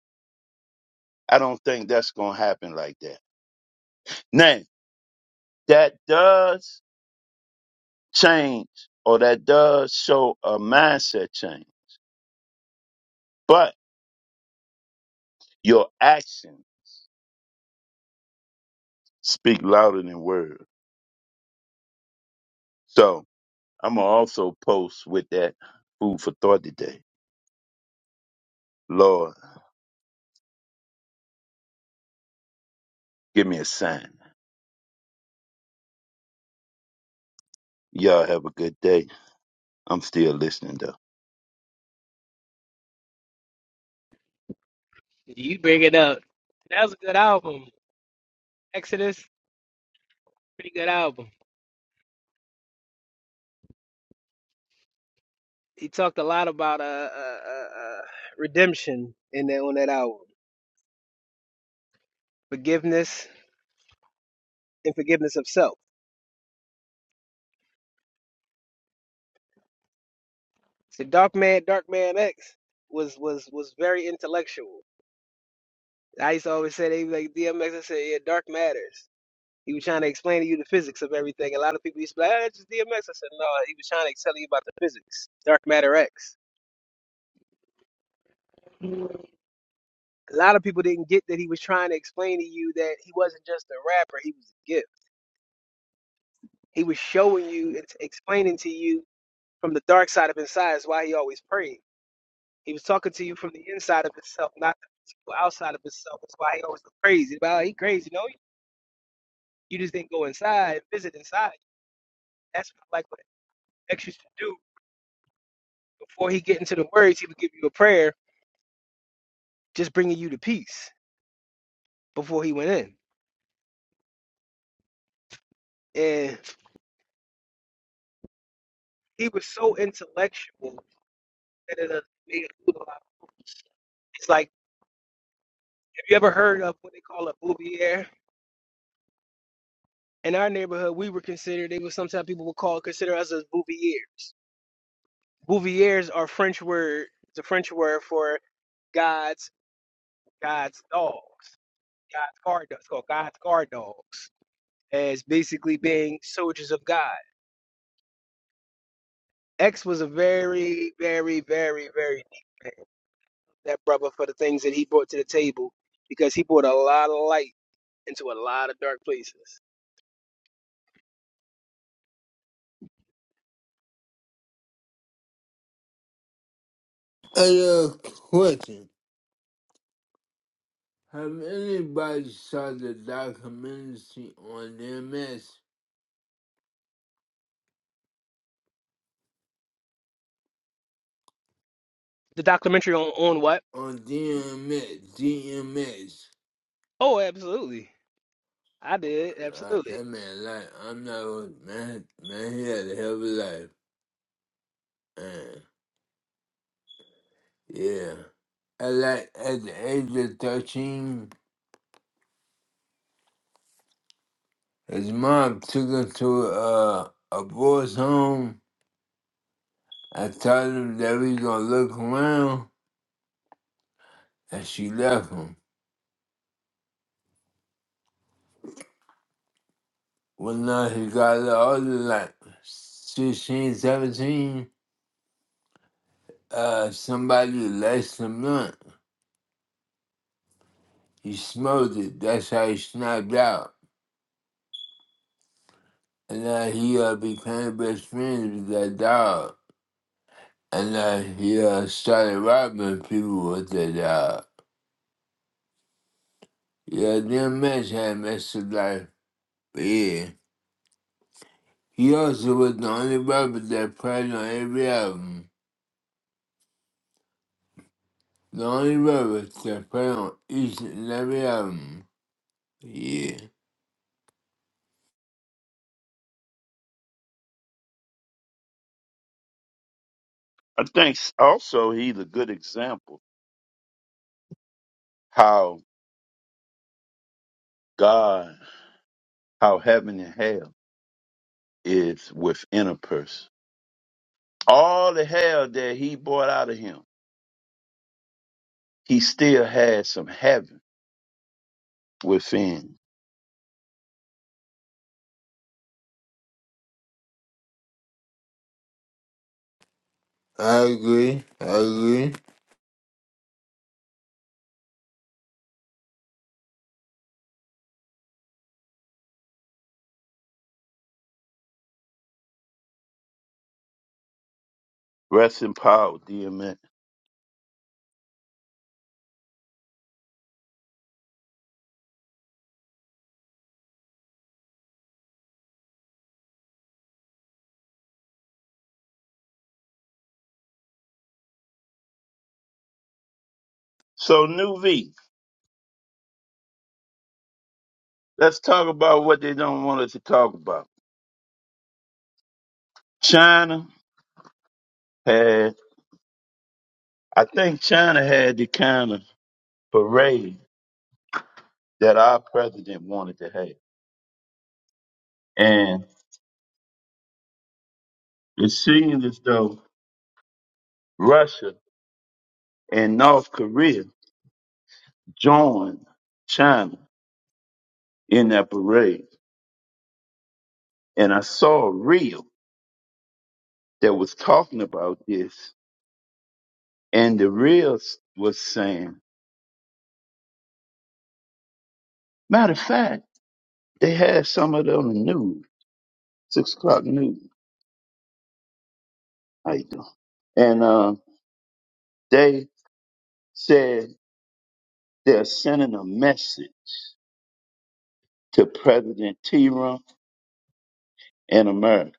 [SPEAKER 4] I don't think that's gonna happen like that. Now, that does change or that does show a mindset change. But your actions speak louder than words. So I'm gonna also post with that food for thought today. Lord, give me a sign. Y'all have a good day. I'm still listening though.
[SPEAKER 5] You bring it up. That was a good album. Exodus, pretty good album. He talked a lot about uh, uh, uh, uh, redemption in that on that album, forgiveness and forgiveness of self. So Dark Man, Dark Man X was was was very intellectual. I used to always say they be like DMX. I said, yeah, dark matters. He was trying to explain to you the physics of everything. A lot of people used to be like, ah, it's just DMX. I said, no, he was trying to tell you about the physics, dark matter X. A lot of people didn't get that he was trying to explain to you that he wasn't just a rapper, he was a gift. He was showing you, ex- explaining to you from the dark side of inside is why he always prayed. He was talking to you from the inside of himself, not the physical outside of himself. That's why he always looked crazy. Well, he crazy, no, you just didn't go inside and visit inside. That's like extras to do before he get into the words. He would give you a prayer, just bringing you to peace before he went in. And he was so intellectual that it uh, made a fool of our boobies. It's like have you ever heard of what they call a bouvier? In our neighborhood, we were considered. They were sometimes people would call consider us as bouviers. Bouviers are French word. It's a French word for God's God's dogs. God's guard dogs. It's called God's guard dogs as basically being soldiers of God. X was a very, very, very, very deep man. That brother for the things that he brought to the table because he brought a lot of light into a lot of dark places.
[SPEAKER 3] Another question. Have anybody saw the documentary on DMS?
[SPEAKER 5] The documentary on, on what?
[SPEAKER 3] On DMS, DMS.
[SPEAKER 5] Oh, absolutely. I did,
[SPEAKER 3] Like,
[SPEAKER 5] absolutely.
[SPEAKER 3] that man, like, I'm not, man, man, he had a hell of a life. Yeah. At, like, at the age of 13, his mom took him to a, a boy's home. I told him that we gonna look around, and she left him. Well, now he got a little older, like 16, 17. Uh, somebody laced him up. He smoked it. That's how he snapped out. And uh, he uh, became best friends with that dog. And uh, he uh, started robbing people with that dog. Yeah, damn match had Master Life. But yeah, he also was the only rapper that played on every album. The only rapper that played on each and every album. Yeah.
[SPEAKER 4] I think s- also he's a good example how God, how heaven and hell is within a person. All the hell that he brought out of him, he still had some heaven within.
[SPEAKER 3] I agree. I agree.
[SPEAKER 4] Rest in power, dear man. So, New V, let's talk about what they don't want us to talk about. China, had. I think China had the kind of parade that our president wanted to have. And it seemed as though Russia and North Korea joined China in that parade. And I saw a reel that was talking about this. And the reel s- was saying, matter of fact, they had some of it on the news, six o'clock news. How you doing? And uh, they said they're sending a message to President T-Rum and America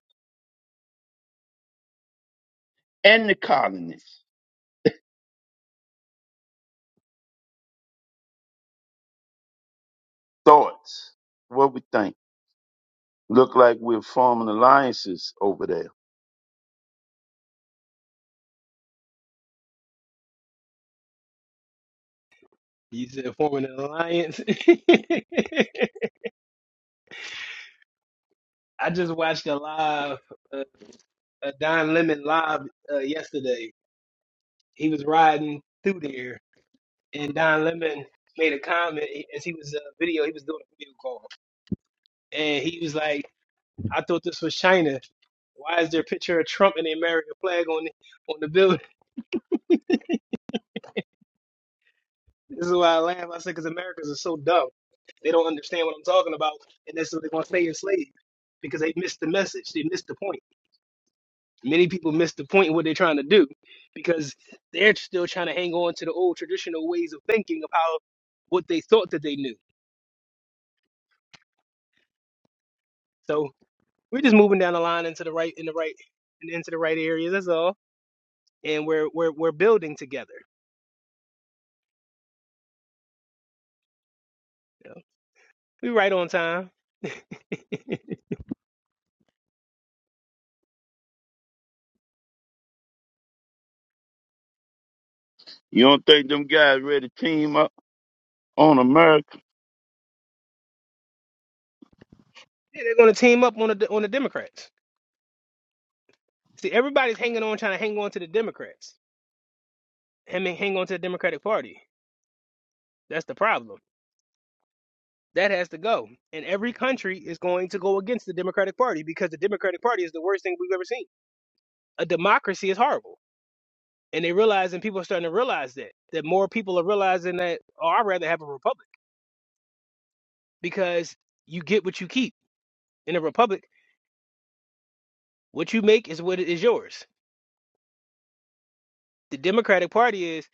[SPEAKER 4] and the colonists. Thoughts? What we think? Look like we're forming alliances over there.
[SPEAKER 5] He's uh, forming an alliance. I just watched a live, uh, a Don Lemon live uh, yesterday. He was riding through there, and Don Lemon made a comment as he was uh, video. He was doing a video call, and he was like, I thought this was China. Why is there a picture of Trump and the American flag on the, on the building? This is why I laugh. I said, because Americans are so dumb. They don't understand what I'm talking about, and that's what they're going to stay enslaved because they missed the message. They missed the point. Many people missed the point of what they're trying to do because they're still trying to hang on to the old traditional ways of thinking of how what they thought that they knew. So we're just moving down the line into the right, in the right, and into the right areas. That's all. And we're we're we're building together. you know. We're right on time
[SPEAKER 4] You don't think them guys ready to team up on America?
[SPEAKER 5] Yeah, they're going to team up on the on the Democrats. See, everybody's hanging on, trying to hang on to the Democrats. I mean, hang on to the Democratic Party. That's the problem. That has to go. And every country is going to go against the Democratic Party because the Democratic Party is the worst thing we've ever seen. A democracy is horrible. And they realize, and people are starting to realize that, that more people are realizing that, oh, I'd rather have a republic because you get what you keep. In a republic, what you make is what is yours. The Democratic Party is,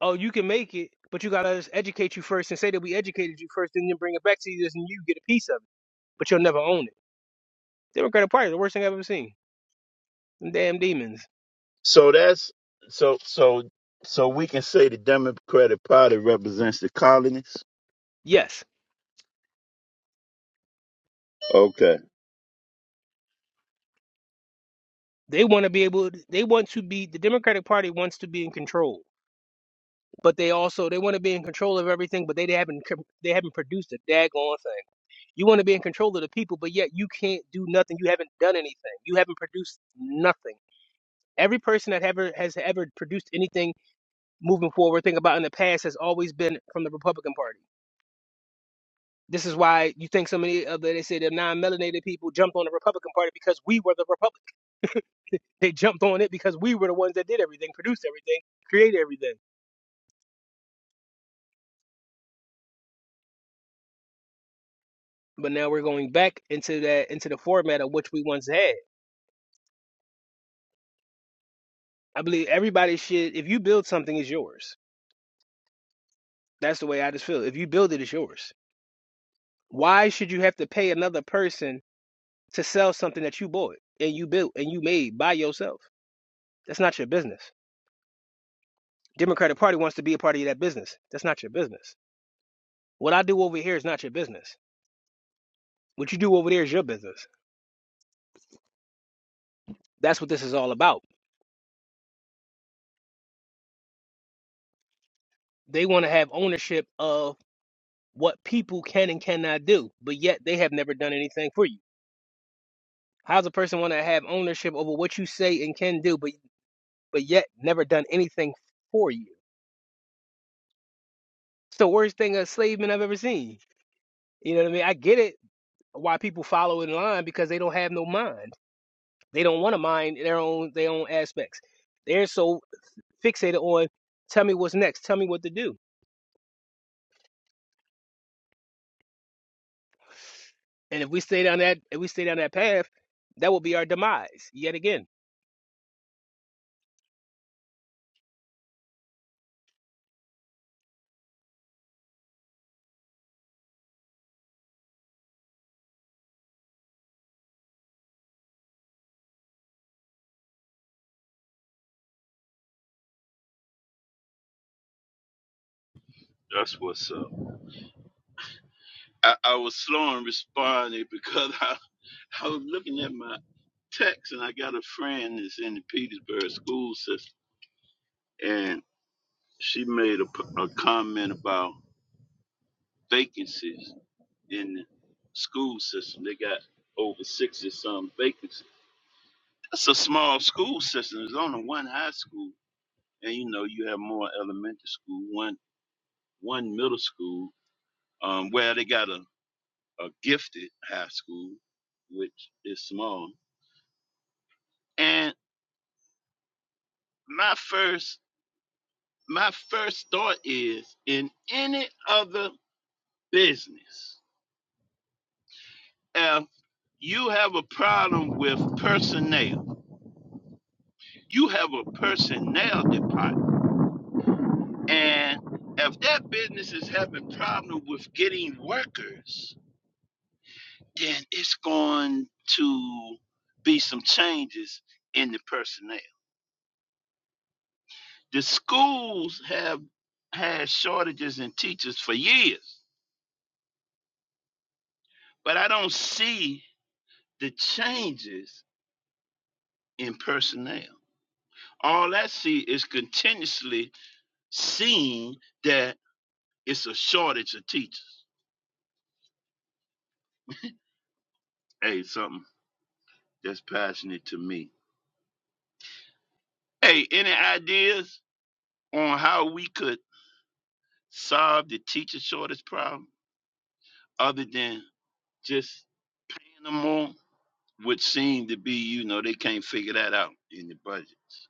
[SPEAKER 5] oh, you can make it, but you gotta let us educate you first and say that we educated you first, and then bring it back to you, and you get a piece of it, but you'll never own it. Democratic Party, the worst thing I've ever seen. Them damn demons.
[SPEAKER 4] So that's so so so we can say the Democratic Party represents the colonists.
[SPEAKER 5] Yes,
[SPEAKER 4] Okay,
[SPEAKER 5] they want to be able. They want to be. The Democratic Party wants to be in control, but they also they want to be in control of everything. But they haven't. com- They haven't produced a daggone thing. You want to be in control of the people, but yet you can't do nothing. You haven't done anything. You haven't produced nothing. Every person that ever has ever produced anything moving forward think about in the past has always been from the Republican Party. This is why you think so many of the they say the non-melanated people jumped on the Republican Party because we were the Republic. They jumped on it because we were the ones that did everything, produced everything, created everything. But now we're going back into that into the format of which we once had. I believe everybody should. If you build something, it's yours. That's the way I just feel. If you build it, it's yours. Why should you have to pay another person to sell something that you bought and you built and you made by yourself? That's not your business. Democratic Party wants to be a part of that business. That's not your business. What I do over here is not your business. What you do over there is your business. That's what this is all about. They want to have ownership of what people can and cannot do, but yet they have never done anything for you. How does a person want to have ownership over what you say and can do, but but yet never done anything for you? It's the worst thing a slave man I've ever seen. You know what I mean? I get it why people follow in line because they don't have no mind. They don't want to mind their own their own aspects. They're so. fixated on tell me what's next, tell me what to do. And if we stay down that if we stay down that path, that will be our demise yet again.
[SPEAKER 4] that's what's up. I, I was slow in responding because I I was looking at my text and I got a friend that's in the Petersburg school system and. she made a, p- a comment about vacancies in the school system. They got over 60 some vacancies. That's a small school system. There's only one high school, and you know you have more elementary school, one one middle school. Um, where they got a, a gifted high school, which is small. And my first my first thought is in any other business If you have a problem with personnel, you have a personnel department. And if that business is having problem with getting workers, then it's going to be some changes in the personnel. The schools have had shortages in teachers for years, but I don't see the changes in personnel. All I see is continuously seeing that It's a shortage of teachers. Hey, something that's passionate to me. Hey, any ideas on how we could solve the teacher shortage problem other than just paying them more, which seem to be, you know, they can't figure that out in the budgets.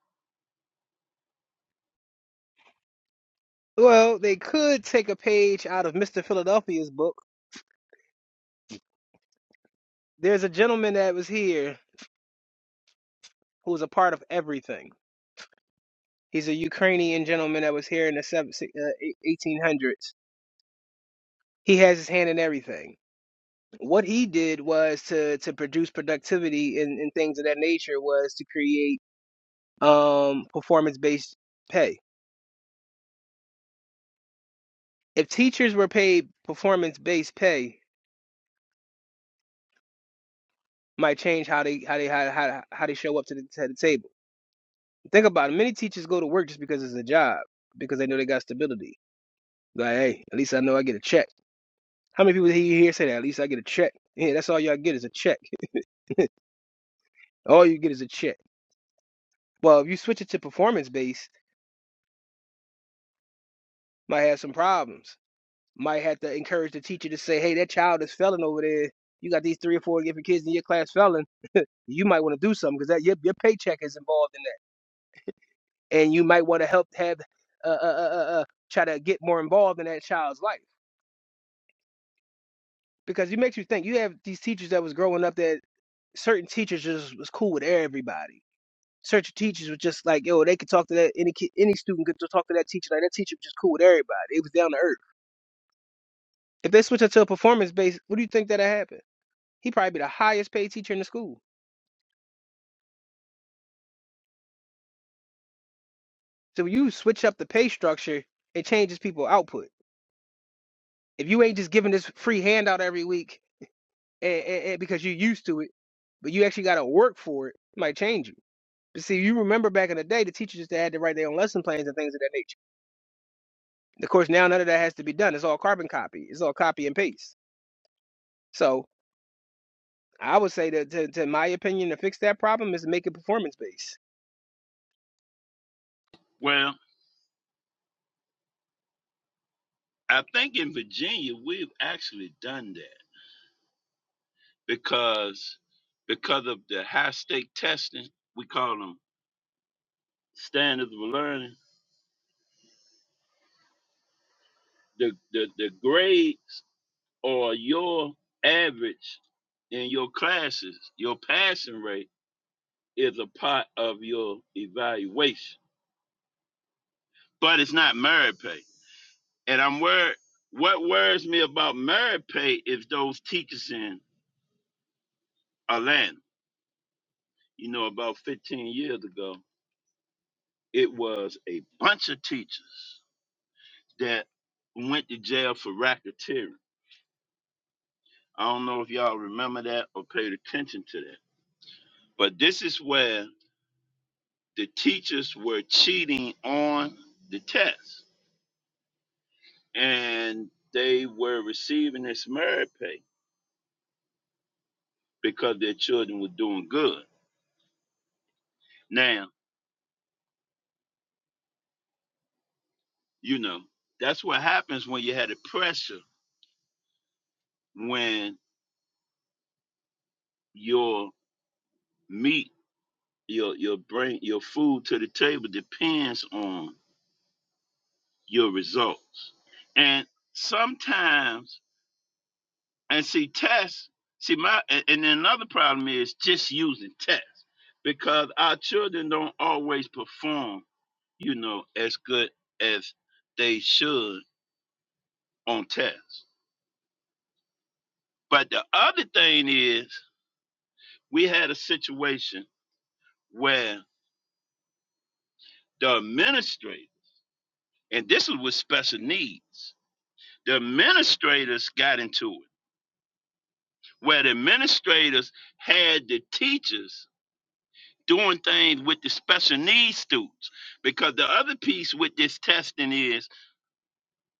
[SPEAKER 5] Well, they could take a page out of Mr. Philadelphia's book. There's a gentleman that was here who was a part of everything. He's a Ukrainian gentleman that was here in the seven- si- uh, 1800s. He has his hand in everything. What he did was to to produce productivity and, and things of that nature was to create um, performance based pay if teachers were paid performance based pay, might change how they how they how how, how they show up to the, to the table. Think about it. Many teachers go to work just because it's a job, because they know they got stability. Like, hey, at least I know I get a check. How many people here you hear say that? At least I get a check. Yeah, that's all y'all get is a check. all you get is a check. Well, if you switch it to performance based, might have some problems. Might have to encourage the teacher to say, hey, that child is failing over there. You got these three or four different kids in your class failing. You might want to do something because that your, your paycheck is involved in and you might want to help have uh, uh, uh, uh, uh, try to get more involved in that child's life because it makes you think. You have these teachers that was growing up that certain teachers just was cool with everybody. Certain teachers was just like, yo, they could talk to that any kid, any student could talk to that teacher. Like that teacher was just cool with everybody. It was down to earth. If they switch it to a performance based, what do you think that'll happen? He probably be the highest paid teacher in the school. So when you switch up the pay structure, it changes people output. If you ain't just giving this free handout every week, and, and, and because you're used to it, but you actually got to work for it. It might change you. But see, you remember back in the day, the teachers just had to write their own lesson plans and things of that nature. Of course, now none of that has to be done. It's all carbon copy. It's all copy and paste. So I would say that, to, to my opinion, to fix that problem is to make it performance based.
[SPEAKER 4] Well, I think in Virginia we've actually done that because because of the high stake testing, we call them standards of learning. The the, the grades or your average in your classes, your passing rate is a part of your evaluation, but it's not merit pay. And I'm worried. What worries me about merit pay is those teachers in Atlanta. You know, about 15 years ago, it was a bunch of teachers that went to jail for racketeering. I don't know if y'all remember that or paid attention to that, but this is where the teachers were cheating on the test and they were receiving this merit pay because their children were doing good. Now, you know, that's what happens when you had the pressure when your meat, your your brain, your food to the table depends on your results. And sometimes And see, tests, see, my, and and then another problem is just using tests because our children don't always perform, you know, as good as they should on tests. But the other thing is, we had a situation where the administrator, and this was with special needs, the administrators got into it, where the administrators had the teachers doing things with the special needs students because the other piece with this testing is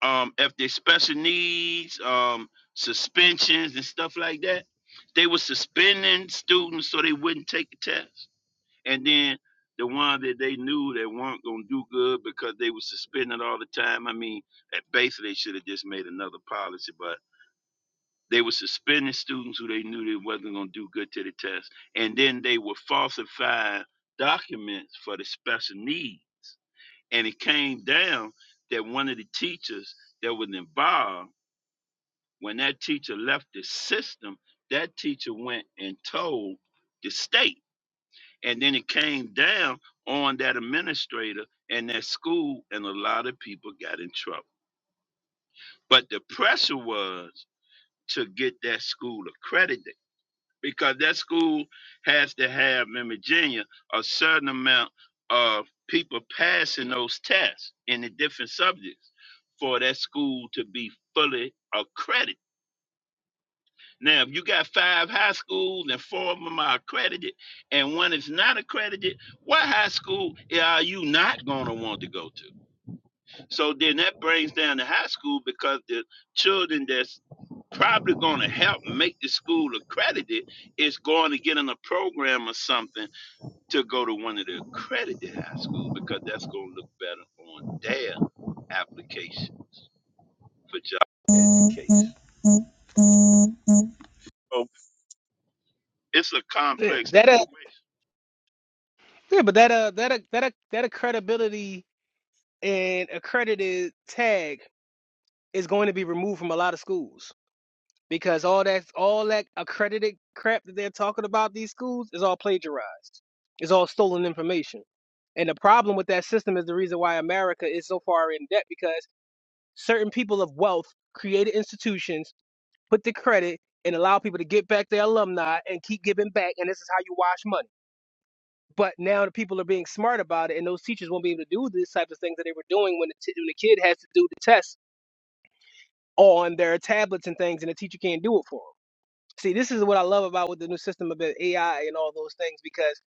[SPEAKER 4] um, if there's special needs um, suspensions and stuff like that they were suspending students so they wouldn't take the test and then the ones that they knew that weren't going to do good because they were suspended all the time i mean that basically they should have just made another policy but. They were suspending students who they knew they wasn't going to do good to the test, and then they were falsifying documents for the special needs. And it came down that one of the teachers that was involved, when that teacher left the system, that teacher went and told the state. And then it came down on that administrator and that school, and a lot of people got in trouble. But the pressure was to get that school accredited because that school has to have in Virginia a certain amount of people passing those tests in the different subjects for that school to be fully accredited. Now, if you got five high schools and four of them are accredited and one is not accredited, what high school are you not going to want to go to? So then that brings down the high school because the children that's probably going to help make the school accredited is going to get in a program or something to go to one of the accredited high schools because that's going to look better on their applications for job education. So it's a
[SPEAKER 5] Yeah,
[SPEAKER 4] complex
[SPEAKER 5] That uh,
[SPEAKER 4] situation.
[SPEAKER 5] yeah, but that uh, that uh, that uh, that uh, credibility and accredited tag is going to be removed from a lot of schools because all that all that accredited crap that they're talking about these schools is all plagiarized. It's all stolen information. And the problem with that system is the reason why America is so far in debt because certain people of wealth created institutions, put the credit, and allow people to get back their alumni and keep giving back. And this is how you wash money. But now the people are being smart about it, and those teachers won't be able to do these types of things that they were doing when the, t- when the kid has to do the test on their tablets and things, and the teacher can't do it for them. See, this is what I love about with the new system of the AI and all those things because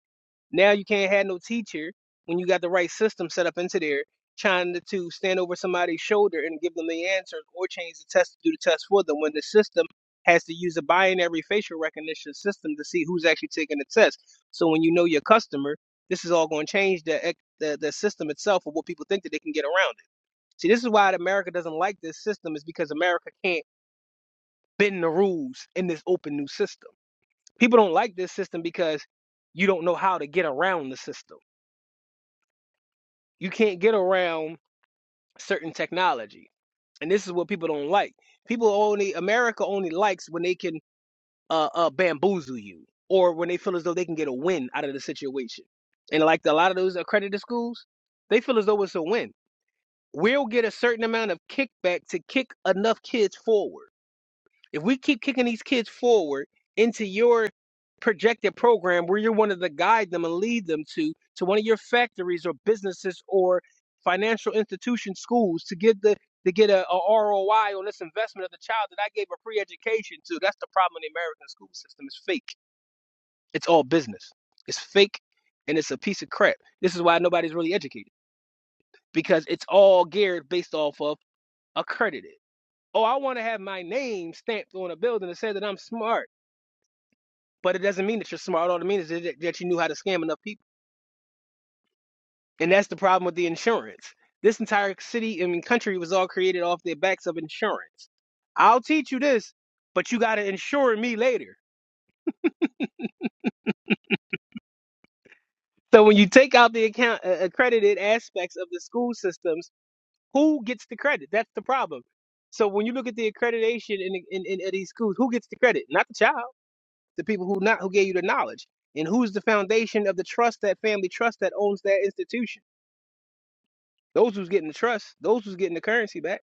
[SPEAKER 5] now you can't have no teacher when you got the right system set up into there trying to, to stand over somebody's shoulder and give them the answers or change the test to do the test for them when the system has to use a binary facial recognition system to see who's actually taking the test. So when you know your customer, this is all going to change the, ec- the the system itself of what people think that they can get around it. See, this is why America doesn't like this system is because America can't bend the rules in this open new system. People don't like this system because you don't know how to get around the system. You can't get around certain technology. And this is what people don't like. People only America only likes when they can uh, uh bamboozle you or when they feel as though they can get a win out of the situation. And like a lot of those accredited schools, they feel as though it's a win. We'll get a certain amount of kickback to kick enough kids forward If we keep kicking these kids forward into your projected program where you're wanting to guide them and lead them to to one of your factories or businesses or financial institution schools to get the to get a, ROI on this investment of the child that I gave a free education to. That's the problem in the American school system. It's fake. It's all business. It's fake and it's a piece of crap. This is why nobody's really educated because it's all geared based off of accredited. Oh, I want to have my name stamped on a building that says that I'm smart. but it doesn't mean that you're smart. All it means is that you knew how to scam enough people. And that's the problem with the insurance. This entire city, I mean, country was all created off the backs of insurance. I'll teach you this, but you got to insure me later. So when you take out the account uh, accredited aspects of the school systems, who gets the credit? That's the problem. So when you look at the accreditation in, in, in, in these schools, who gets the credit? Not the child, the people who not who gave you the knowledge. And who's the foundation of the trust that family trust that owns that institution? Those who's getting the trust, those who's getting the currency back.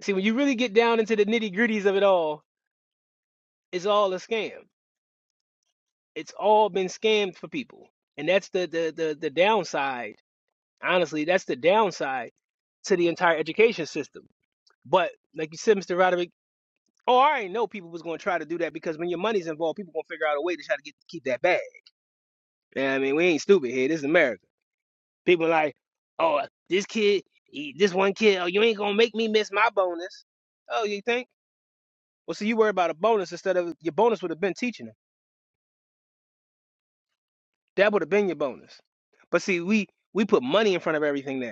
[SPEAKER 5] See, when you really get down into the nitty gritties of it all, it's all a scam. It's all been scammed for people, and that's the the the, the downside. Honestly, that's the downside to the entire education system. But like you said, Mr. Roderick, oh, I already know people was going to try to do that because when your money's involved, people gonna figure out a way to try to get keep that bag. You know what I mean, we ain't stupid here. This is America. People are like, oh, this kid, he, this one kid, oh, you ain't gonna make me miss my bonus. Oh, you think? Well, see, you worry about a bonus instead of your bonus would have been teaching them. That would have been your bonus. But see, we we put money in front of everything now.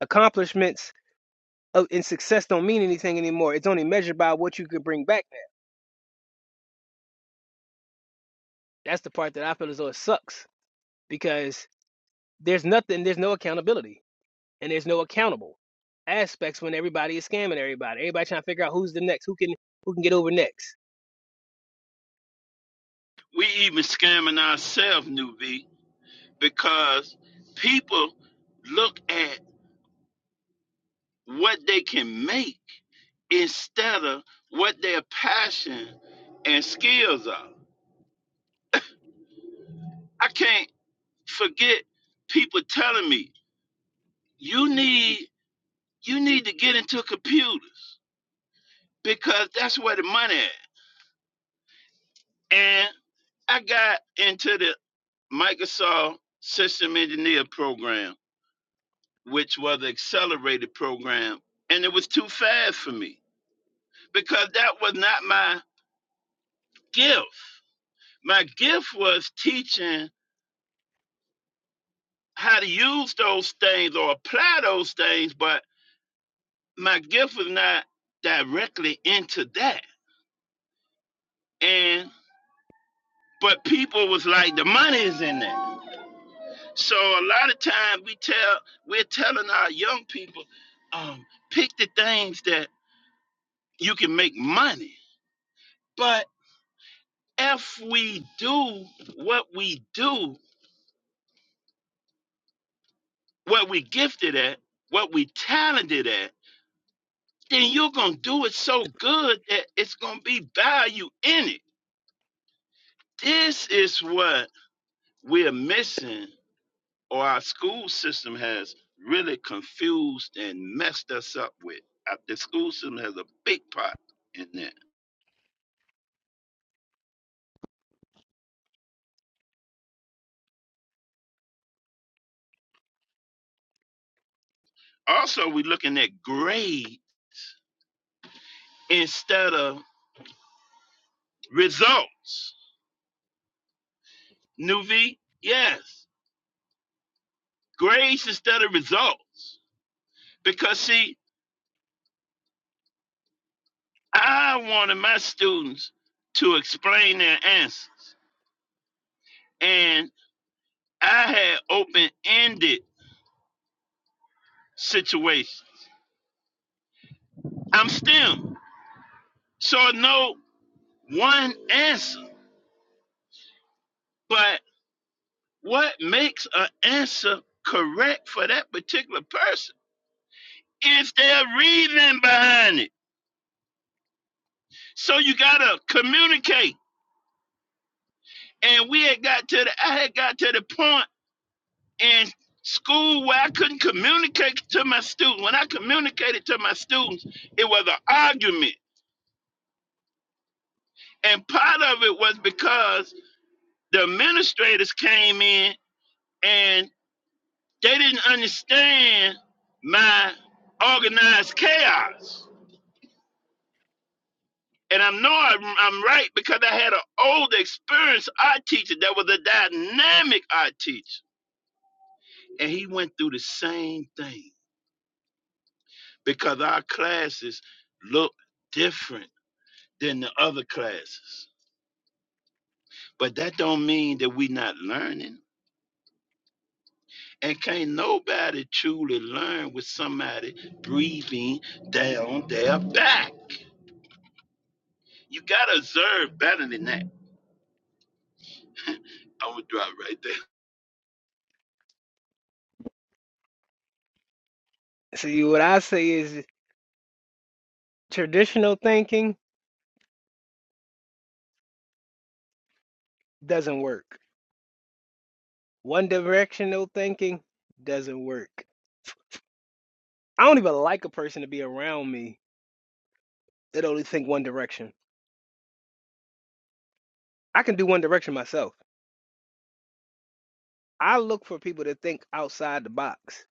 [SPEAKER 5] Accomplishments of, and success don't mean anything anymore. It's only measured by what you could bring back now. That's the part that I feel as though it sucks because there's nothing, there's no accountability, and there's no accountable aspects when everybody is scamming everybody. Everybody trying to figure out who's the next, who can who can get over next.
[SPEAKER 4] We even scamming ourselves, New V, because people look at what they can make instead of what their passion and skills are. I can't forget people telling me you need you need to get into computers because that's where the money is. And I got into the Microsoft System Engineer program, which was an accelerated program, and it was too fast for me because that was not my gift. My gift was teaching how to use those things or apply those things, but my gift was not directly into that. And but people was like, the money is in that. So a lot of times we tell we're telling our young people, um, pick the things that you can make money. But if we do what we do, what we gifted at, what we talented at, then you're gonna do it so good that it's gonna be value in it This is what we're missing, or our school system has really confused and messed us up with. Uh, The school system has a big part in that. Also, we're looking at grade instead of results. New yes, grades instead of results. Because, see, I wanted my students to explain their answers, and I had open ended situations. I'm STEM. So no one answer, but what makes an answer correct for that particular person is their reason behind it. So you gotta communicate. And we had got to the I had got to the point in school where I couldn't communicate to my students. When I communicated to my students, it was an argument. And part of it was because the administrators came in and. They didn't understand my organized chaos. And I know I'm, I'm right because I had an old experienced art teacher that was a dynamic art teacher. And he went through the same thing because our classes look different than the other classes. But that don't mean that we not learning. And can't nobody truly learn with somebody breathing down their back. You gotta observe better than that. i would drop right there.
[SPEAKER 5] See, what I say is traditional thinking doesn't work. One directional thinking doesn't work. I don't even like a person to be around me that only think one direction. I can do one direction myself. I look for people to think outside the box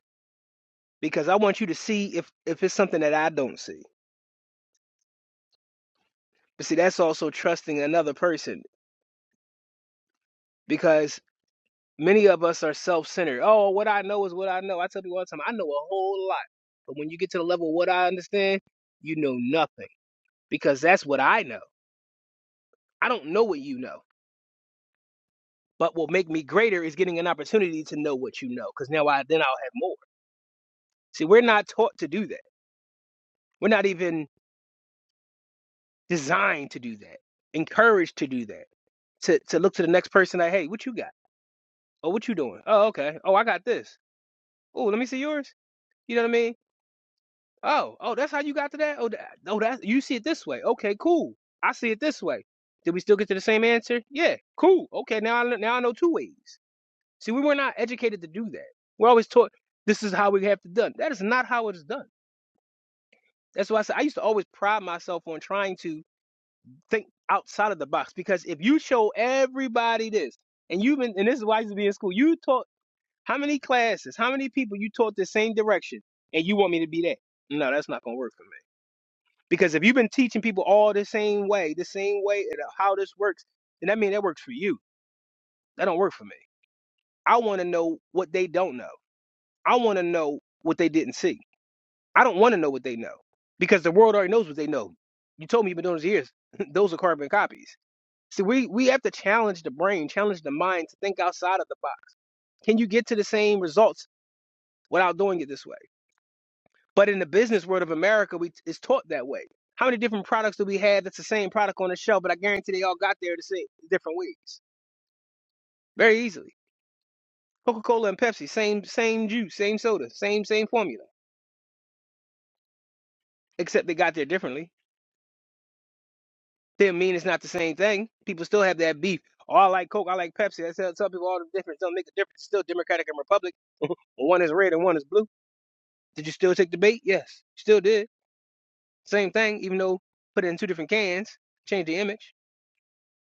[SPEAKER 5] because I want you to see if if it's something that I don't see. But see, that's also trusting another person because many of us are self-centered. Oh, what I know is what I know. I tell people all the time, I know a whole lot. But when you get to the level of what I understand, you know nothing because that's what I know. I don't know what you know. But what make me greater is getting an opportunity to know what you know, because now I then I'll have more. See, we're not taught to do that. We're not even designed to do that. Encouraged to do that. To to look to the next person like, hey, what you got? Oh, what you doing? Oh, okay. Oh, I got this. Oh, let me see yours. You know what I mean? Oh, oh, that's how you got to that. Oh, that, oh, that you see it this way. Okay, cool. I see it this way. Did we still get to the same answer? Yeah, cool. Okay, now I now I know two ways. See, we were not educated to do that. We're always taught this is how we have to done. That is not how it is done. That's why I said I used to always pride myself on trying to think outside of the box because if you show everybody this and you've been and this is why I used to be in school, you taught how many classes, how many people you taught the same direction and you want me to be that? No, that's not gonna work for me. Because if you've been teaching people all the same way, the same way and uh, how this works, then that means that works for you. That don't work for me. I wanna know what they don't know. I wanna know what they didn't see. I don't want to know what they know because the world already knows what they know. You told me you've been doing this years. Those are carbon copies. See, we, we have to challenge the brain, challenge the mind to think outside of the box. Can you get to the same results without doing it this way? But in the business world of America, we it's taught that way. How many different products do we have that's the same product on the shelf, but I guarantee they all got there the same different ways. Very easily. Coca-Cola and Pepsi, same same juice, same soda, same same formula, except they got there differently Still mean it's not the same thing. People still have that beef. Oh, I like Coke, I like Pepsi. I tell, tell people all the difference. Don't make a difference. It's still Democratic and Republic. one is red and one is blue. Did you still take the bait? Yes. Still did. Same thing, even though put it in two different cans, change the image.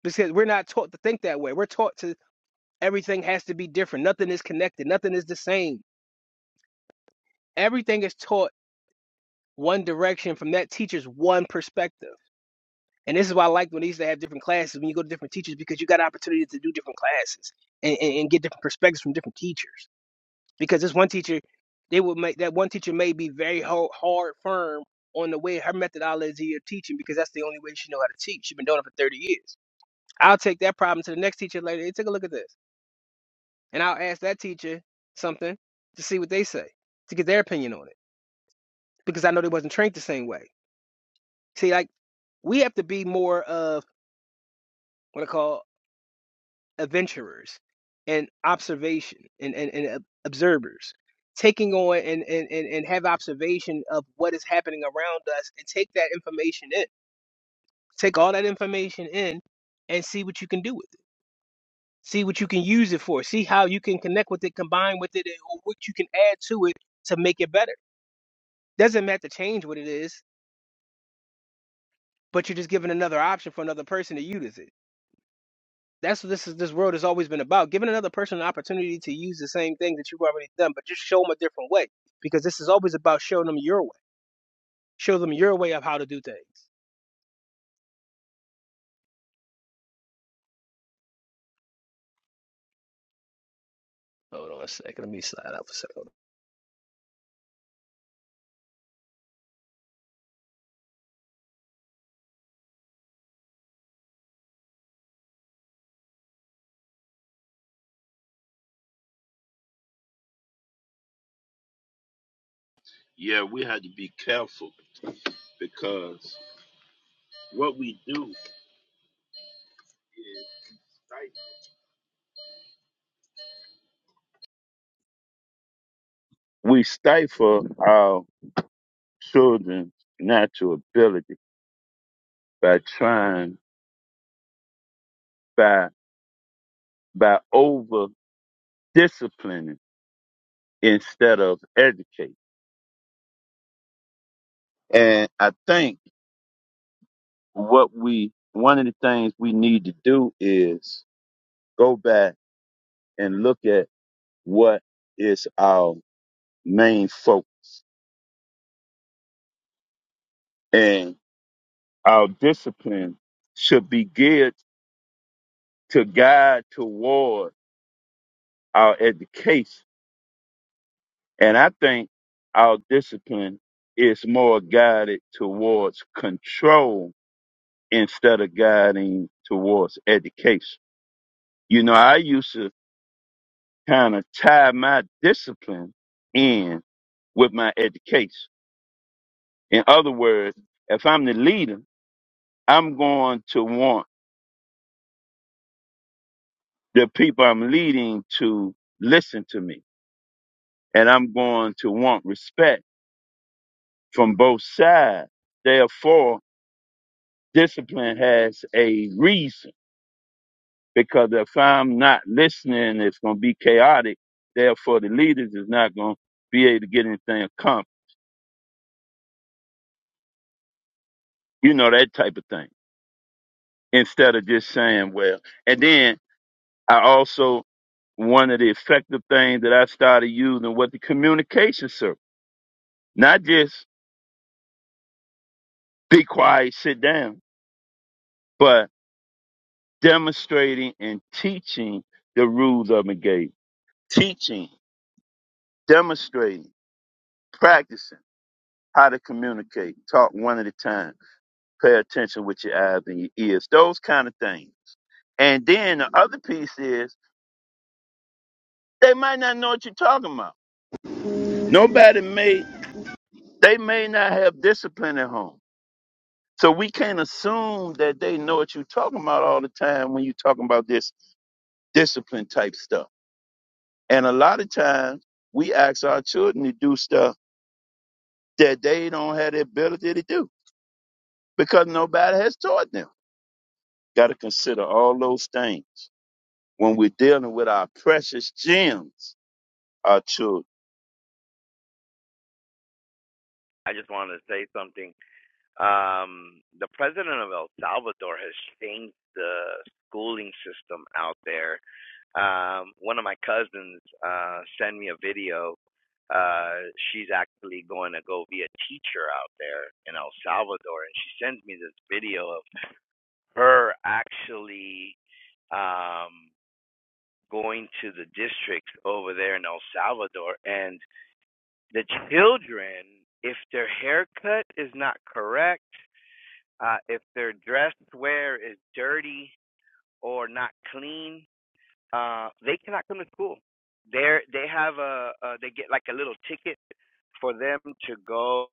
[SPEAKER 5] Because we're not taught to think that way. We're taught to everything has to be different. Nothing is connected. Nothing is the same. Everything is taught one direction from that teacher's one perspective. And this is why I liked when they used to have different classes when you go to different teachers because you got opportunities to do different classes and, and, and get different perspectives from different teachers. Because this one teacher, they would make that one teacher may be very ho- hard, firm on the way her methodology of teaching because that's the only way she know how to teach. She's been doing it for 30 years. I'll take that problem to the next teacher later. Hey, take a look at this, and I'll ask that teacher something to see what they say to get their opinion on it because I know they wasn't trained the same way. See, like we have to be more of what I call. adventurers and observation and, and, and uh, observers taking on and, and, and, and have observation of what is happening around us and take that information in take all that information in and see what you can do with it see what you can use it for see how you can connect with it combine with it and- or what you can add to it to make it better doesn't matter to change what it is but you're just giving another option for another person to use it That's what this is. This world has always been about giving another person an opportunity to use the same things that you've already done, but just show them a different way. Because this is always about showing them your way. Show them your way of how to do things. Hold on a second. Let me slide out for a second.
[SPEAKER 4] Yeah, we had to be careful because what we do is stifle. we stifle our children's natural ability by trying by by over disciplining instead of educating. And I think what we one of the things we need to do is go back and look at what is our main focus. and. our discipline should be geared to guide toward our education. And I think our discipline is more guided towards control instead of guiding towards education. You know, I used to kind of tie my discipline in with my education. In other words, if I'm the leader, I'm going to want the people I'm leading to listen to me. and I'm going to want respect from both sides. Therefore, discipline has a reason because if I'm not listening, it's going to be chaotic. Therefore, the leaders is not going to be able to get anything accomplished. You know, that type of thing instead of just saying, well, and then I also, one of the effective things that I started using was the communication circle, not just be quiet, sit down, but demonstrating and teaching the rules of engagement. Teaching, demonstrating, practicing how to communicate, talk one at a time, pay attention with your eyes and your ears, those kind of things. And then the other piece is they might not know what you're talking about. Nobody may, they may not have discipline at home. So we can't assume that they know what you're talking about all the time when you're talking about this discipline type stuff. And a lot of times we ask our children to do stuff that they don't have the ability to do because nobody has taught them. Got to consider all those things when we're dealing with our precious gems, our children.
[SPEAKER 6] I just wanted to say something. Um, the president of El Salvador has changed the schooling system out there Um, one of my cousins uh, sent me a video. Uh, she's actually going to go be a teacher out there in El Salvador, and she sends me this video of her actually um, going to the districts over there in El Salvador, and the children, if their haircut is not correct, uh, if their dress wear is dirty or not clean, uh, they cannot come to school. They're they have a uh, they get like a little ticket for them to go.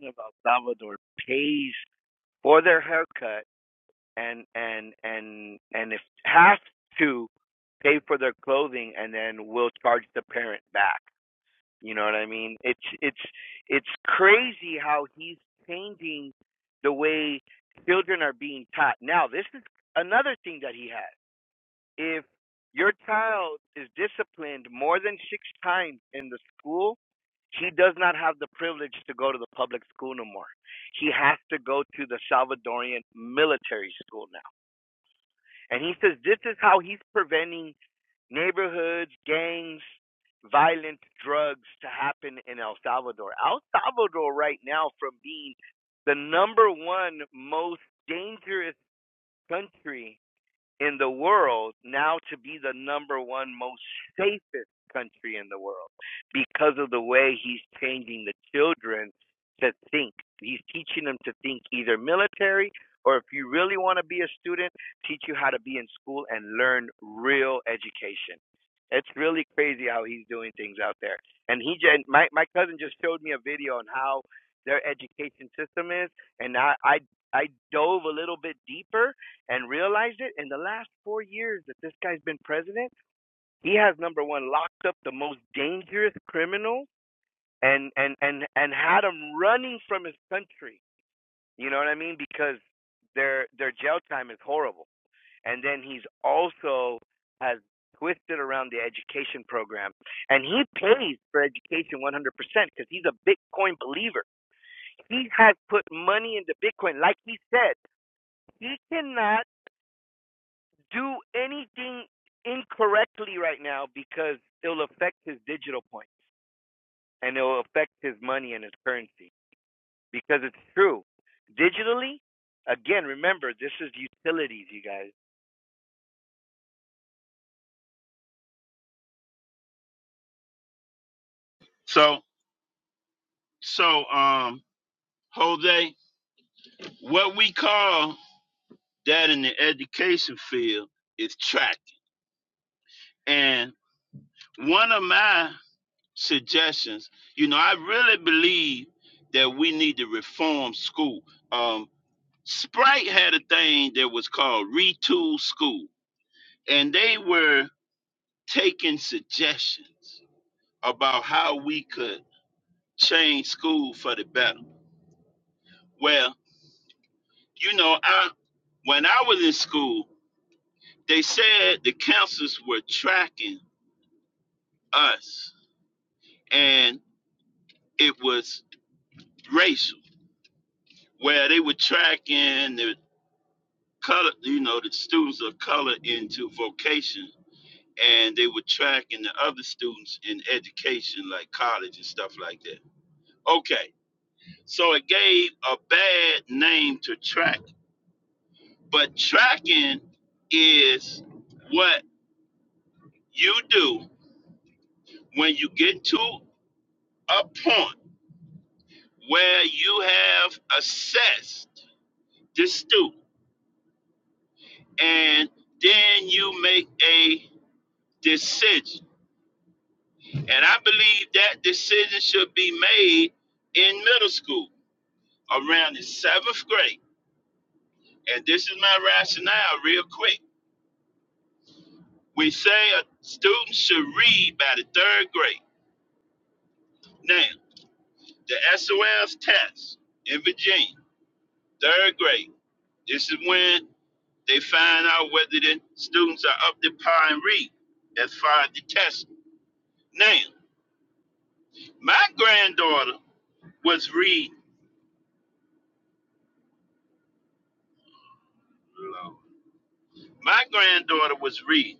[SPEAKER 6] About Salvador pays for their haircut and and and and if have to pay for their clothing and then we'll charge the parent back. You know what I mean? It's it's it's crazy how he's changing the way children are being taught. Now this is another thing that he has. if your child is disciplined more than six times in the school, he does not have the privilege to go to the public school no more. He has to go to the Salvadorian military school now. And he says this is how he's preventing neighborhoods, gangs, violent drugs to happen in El Salvador. El Salvador right now from being the number one most dangerous country in the world now to be the number one most safest country in the world because of the way he's changing the children to think. He's teaching them to think either military or if you really want to be a student, teach you how to be in school and learn real education. It's really crazy how he's doing things out there. And he my my cousin just showed me a video on how their education system is and I I I dove a little bit deeper and realized it in the last four years that this guy's been president. He has number one locked up the most dangerous criminals and and and and had him running from his country. You know what I mean? Because their their jail time is horrible. And then he's also has twisted around the education program, and he pays for education 100% because he's a Bitcoin believer. He has put money into Bitcoin, like he said. He cannot do anything incorrectly right now because it'll affect his digital point and it'll affect his money and his currency because it's true. Digitally, again, remember, this is utilities, you guys.
[SPEAKER 4] So, so, um, Jose, what we call that in the education field is track. And one of my suggestions, you know, I really believe that we need to reform school. Um, Sprite had a thing that was called Retool School and they were taking suggestions about how we could change school for the better. Well, you know, I when I was in school, they said the counselors were tracking us, and it was racial, where they were tracking the color, you know, the students of color into vocation, and they were tracking the other students in education, like college and stuff like that. Okay So it gave a bad name to track. But tracking is what you do when you get to a point where you have assessed the student and then you make a decision. And I believe that decision should be made in middle school around the seventh grade. And this is my rationale, real quick. We say a student should read by the third grade Now, the SOS test in Virginia, third grade, this is when they find out whether the students are up to par and read as far as the test. Now, my granddaughter was reading. Lord. My granddaughter was reading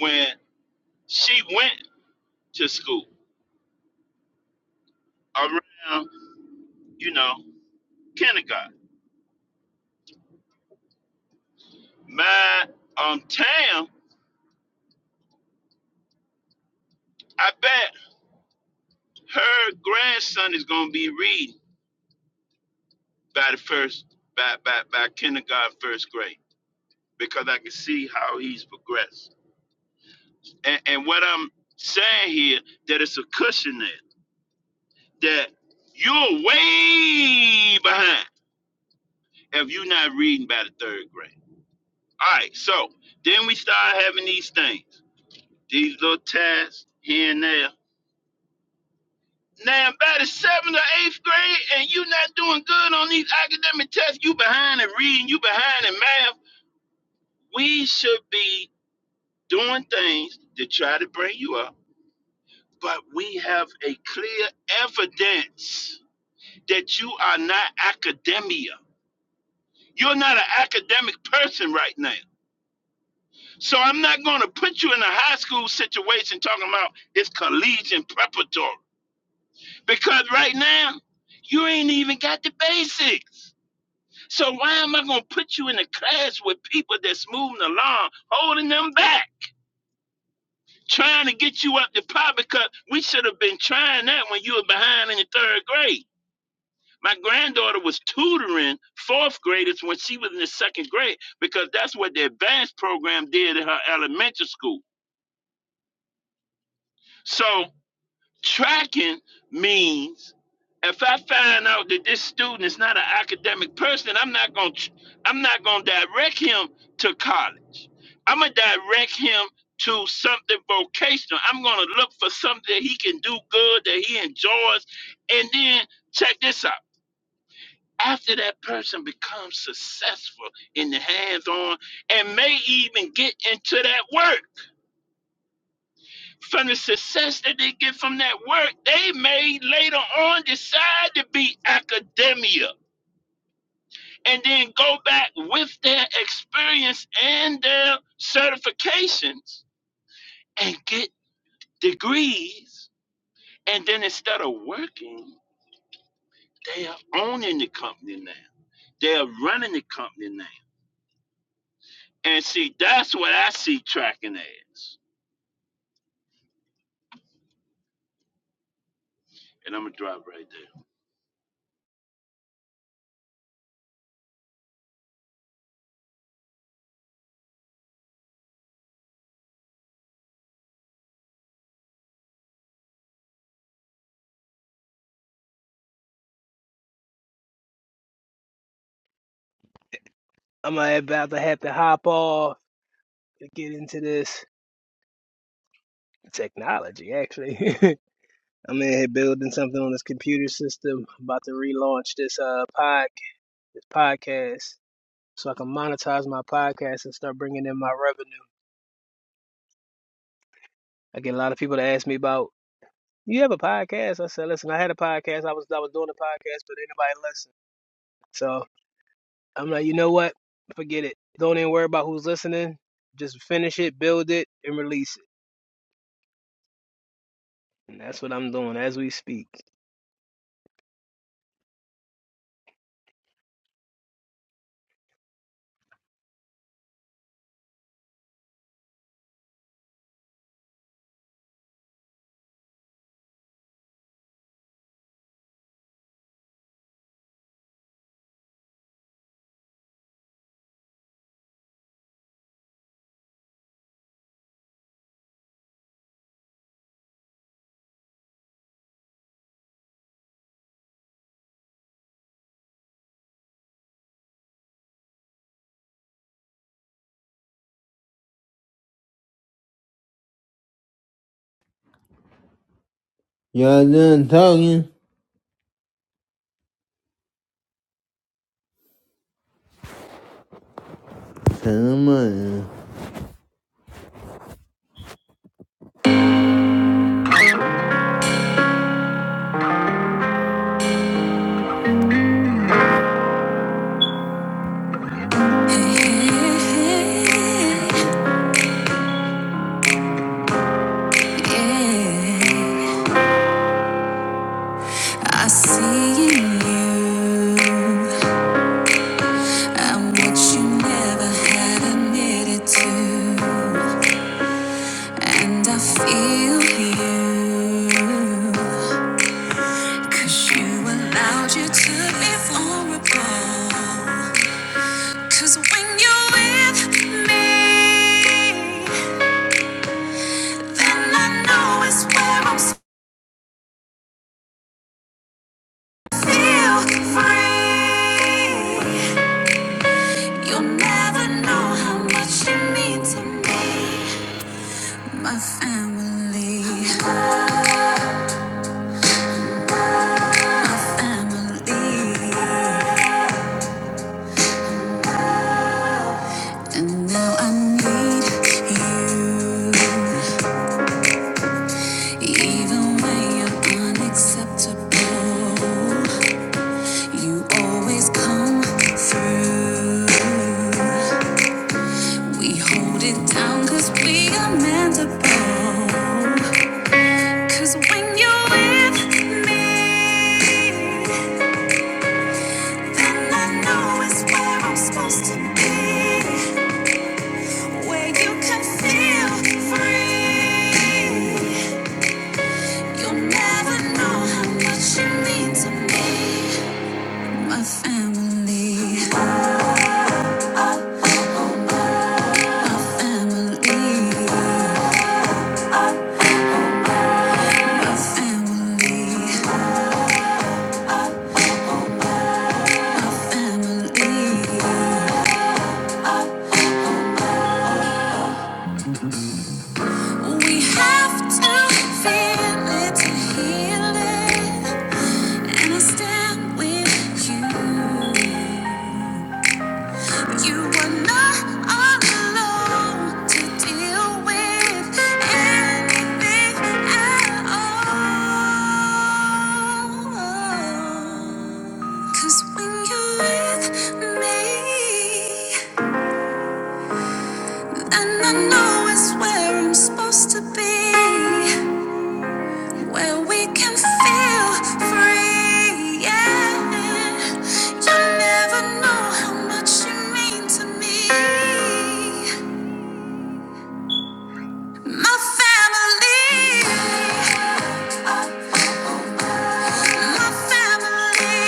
[SPEAKER 4] when she went to school around, you know, kindergarten. My um Tam, I bet her grandson is gonna be reading by the first by by, by kindergarten first grade because I can see how he's progressed. And and what I'm saying here that it's a cushion there that you're way behind if you're not reading by the third grade. All right, so then we start having these things, these little tasks here and there. Now by the seventh or eighth grade, and you are not doing good on these academic tests, you behind in reading, you behind in math. We should be doing things to try to bring you up, but we have a clear evidence that you are not academia. You're not an academic person right now. So I'm not going to put you in a high school situation talking about it's collegiate preparatory because right now you ain't even got the basics. So why am I going to put you in a class with people that's moving along, holding them back? trying to get you up to par because we should have been trying that when you were behind in the third grade. My granddaughter was tutoring fourth graders when she was in the second grade because that's what the advanced program did in her elementary school. So Tracking means if I find out that this student is not an academic person, I'm not going to I'm not going to direct him to college. I'm going to direct him to something vocational. I'm going to look for something that he can do good that he enjoys and then check this out. After that person becomes successful in the hands on and may even get into that work. From the success that they get from that work, they may later on decide to be academia and then go back with their experience and their certifications and get degrees. And then instead of working, they are owning the company now. They are running the company now. And see, that's what I see tracking as. And I'm going to drop right there.
[SPEAKER 5] I'm uh, about to have to hop off to get into this technology. Actually, I'm in here building something on this computer system. I'm about to relaunch this uh pod this podcast so I can monetize my podcast and start bringing in my revenue. I get a lot of people to ask me about You have a podcast? I said, listen, I had a podcast. I was I was doing a podcast, but anybody listen. So I'm like, you know what? Forget it. Don't even worry about who's listening. Just finish it, build it, and release it. And that's what I'm doing as we speak.
[SPEAKER 3] Y'all done talking? Turn them on. I see in you. I'm what you never had admitted to. And I feel you. Cause you allowed you to be vulnerable. Cause when you're with me, then I know it's where I'm supposed to feel free. I Know how much you mean to me. My family, family. And now I need you. Even when you're unacceptable, you always come is where I'm supposed to be, where we can feel free. Yeah, you never know how much you mean to me. My family, my family.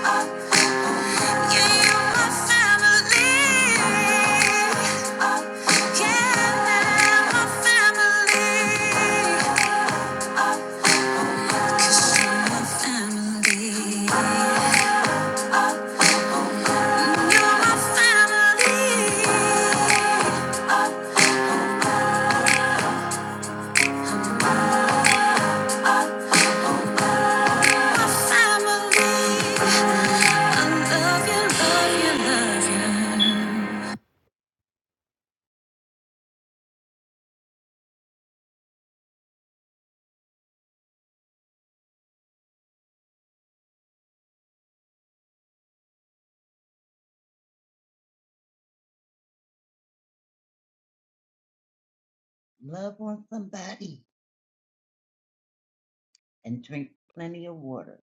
[SPEAKER 3] Oh, yeah, you're my family. Oh, yeah, my family. You're my family. family. I love you, love you, love you.
[SPEAKER 8] Love on somebody and drink plenty of water.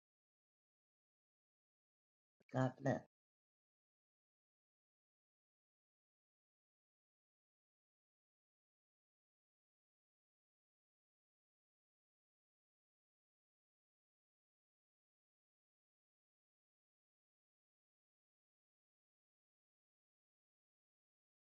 [SPEAKER 8] God bless.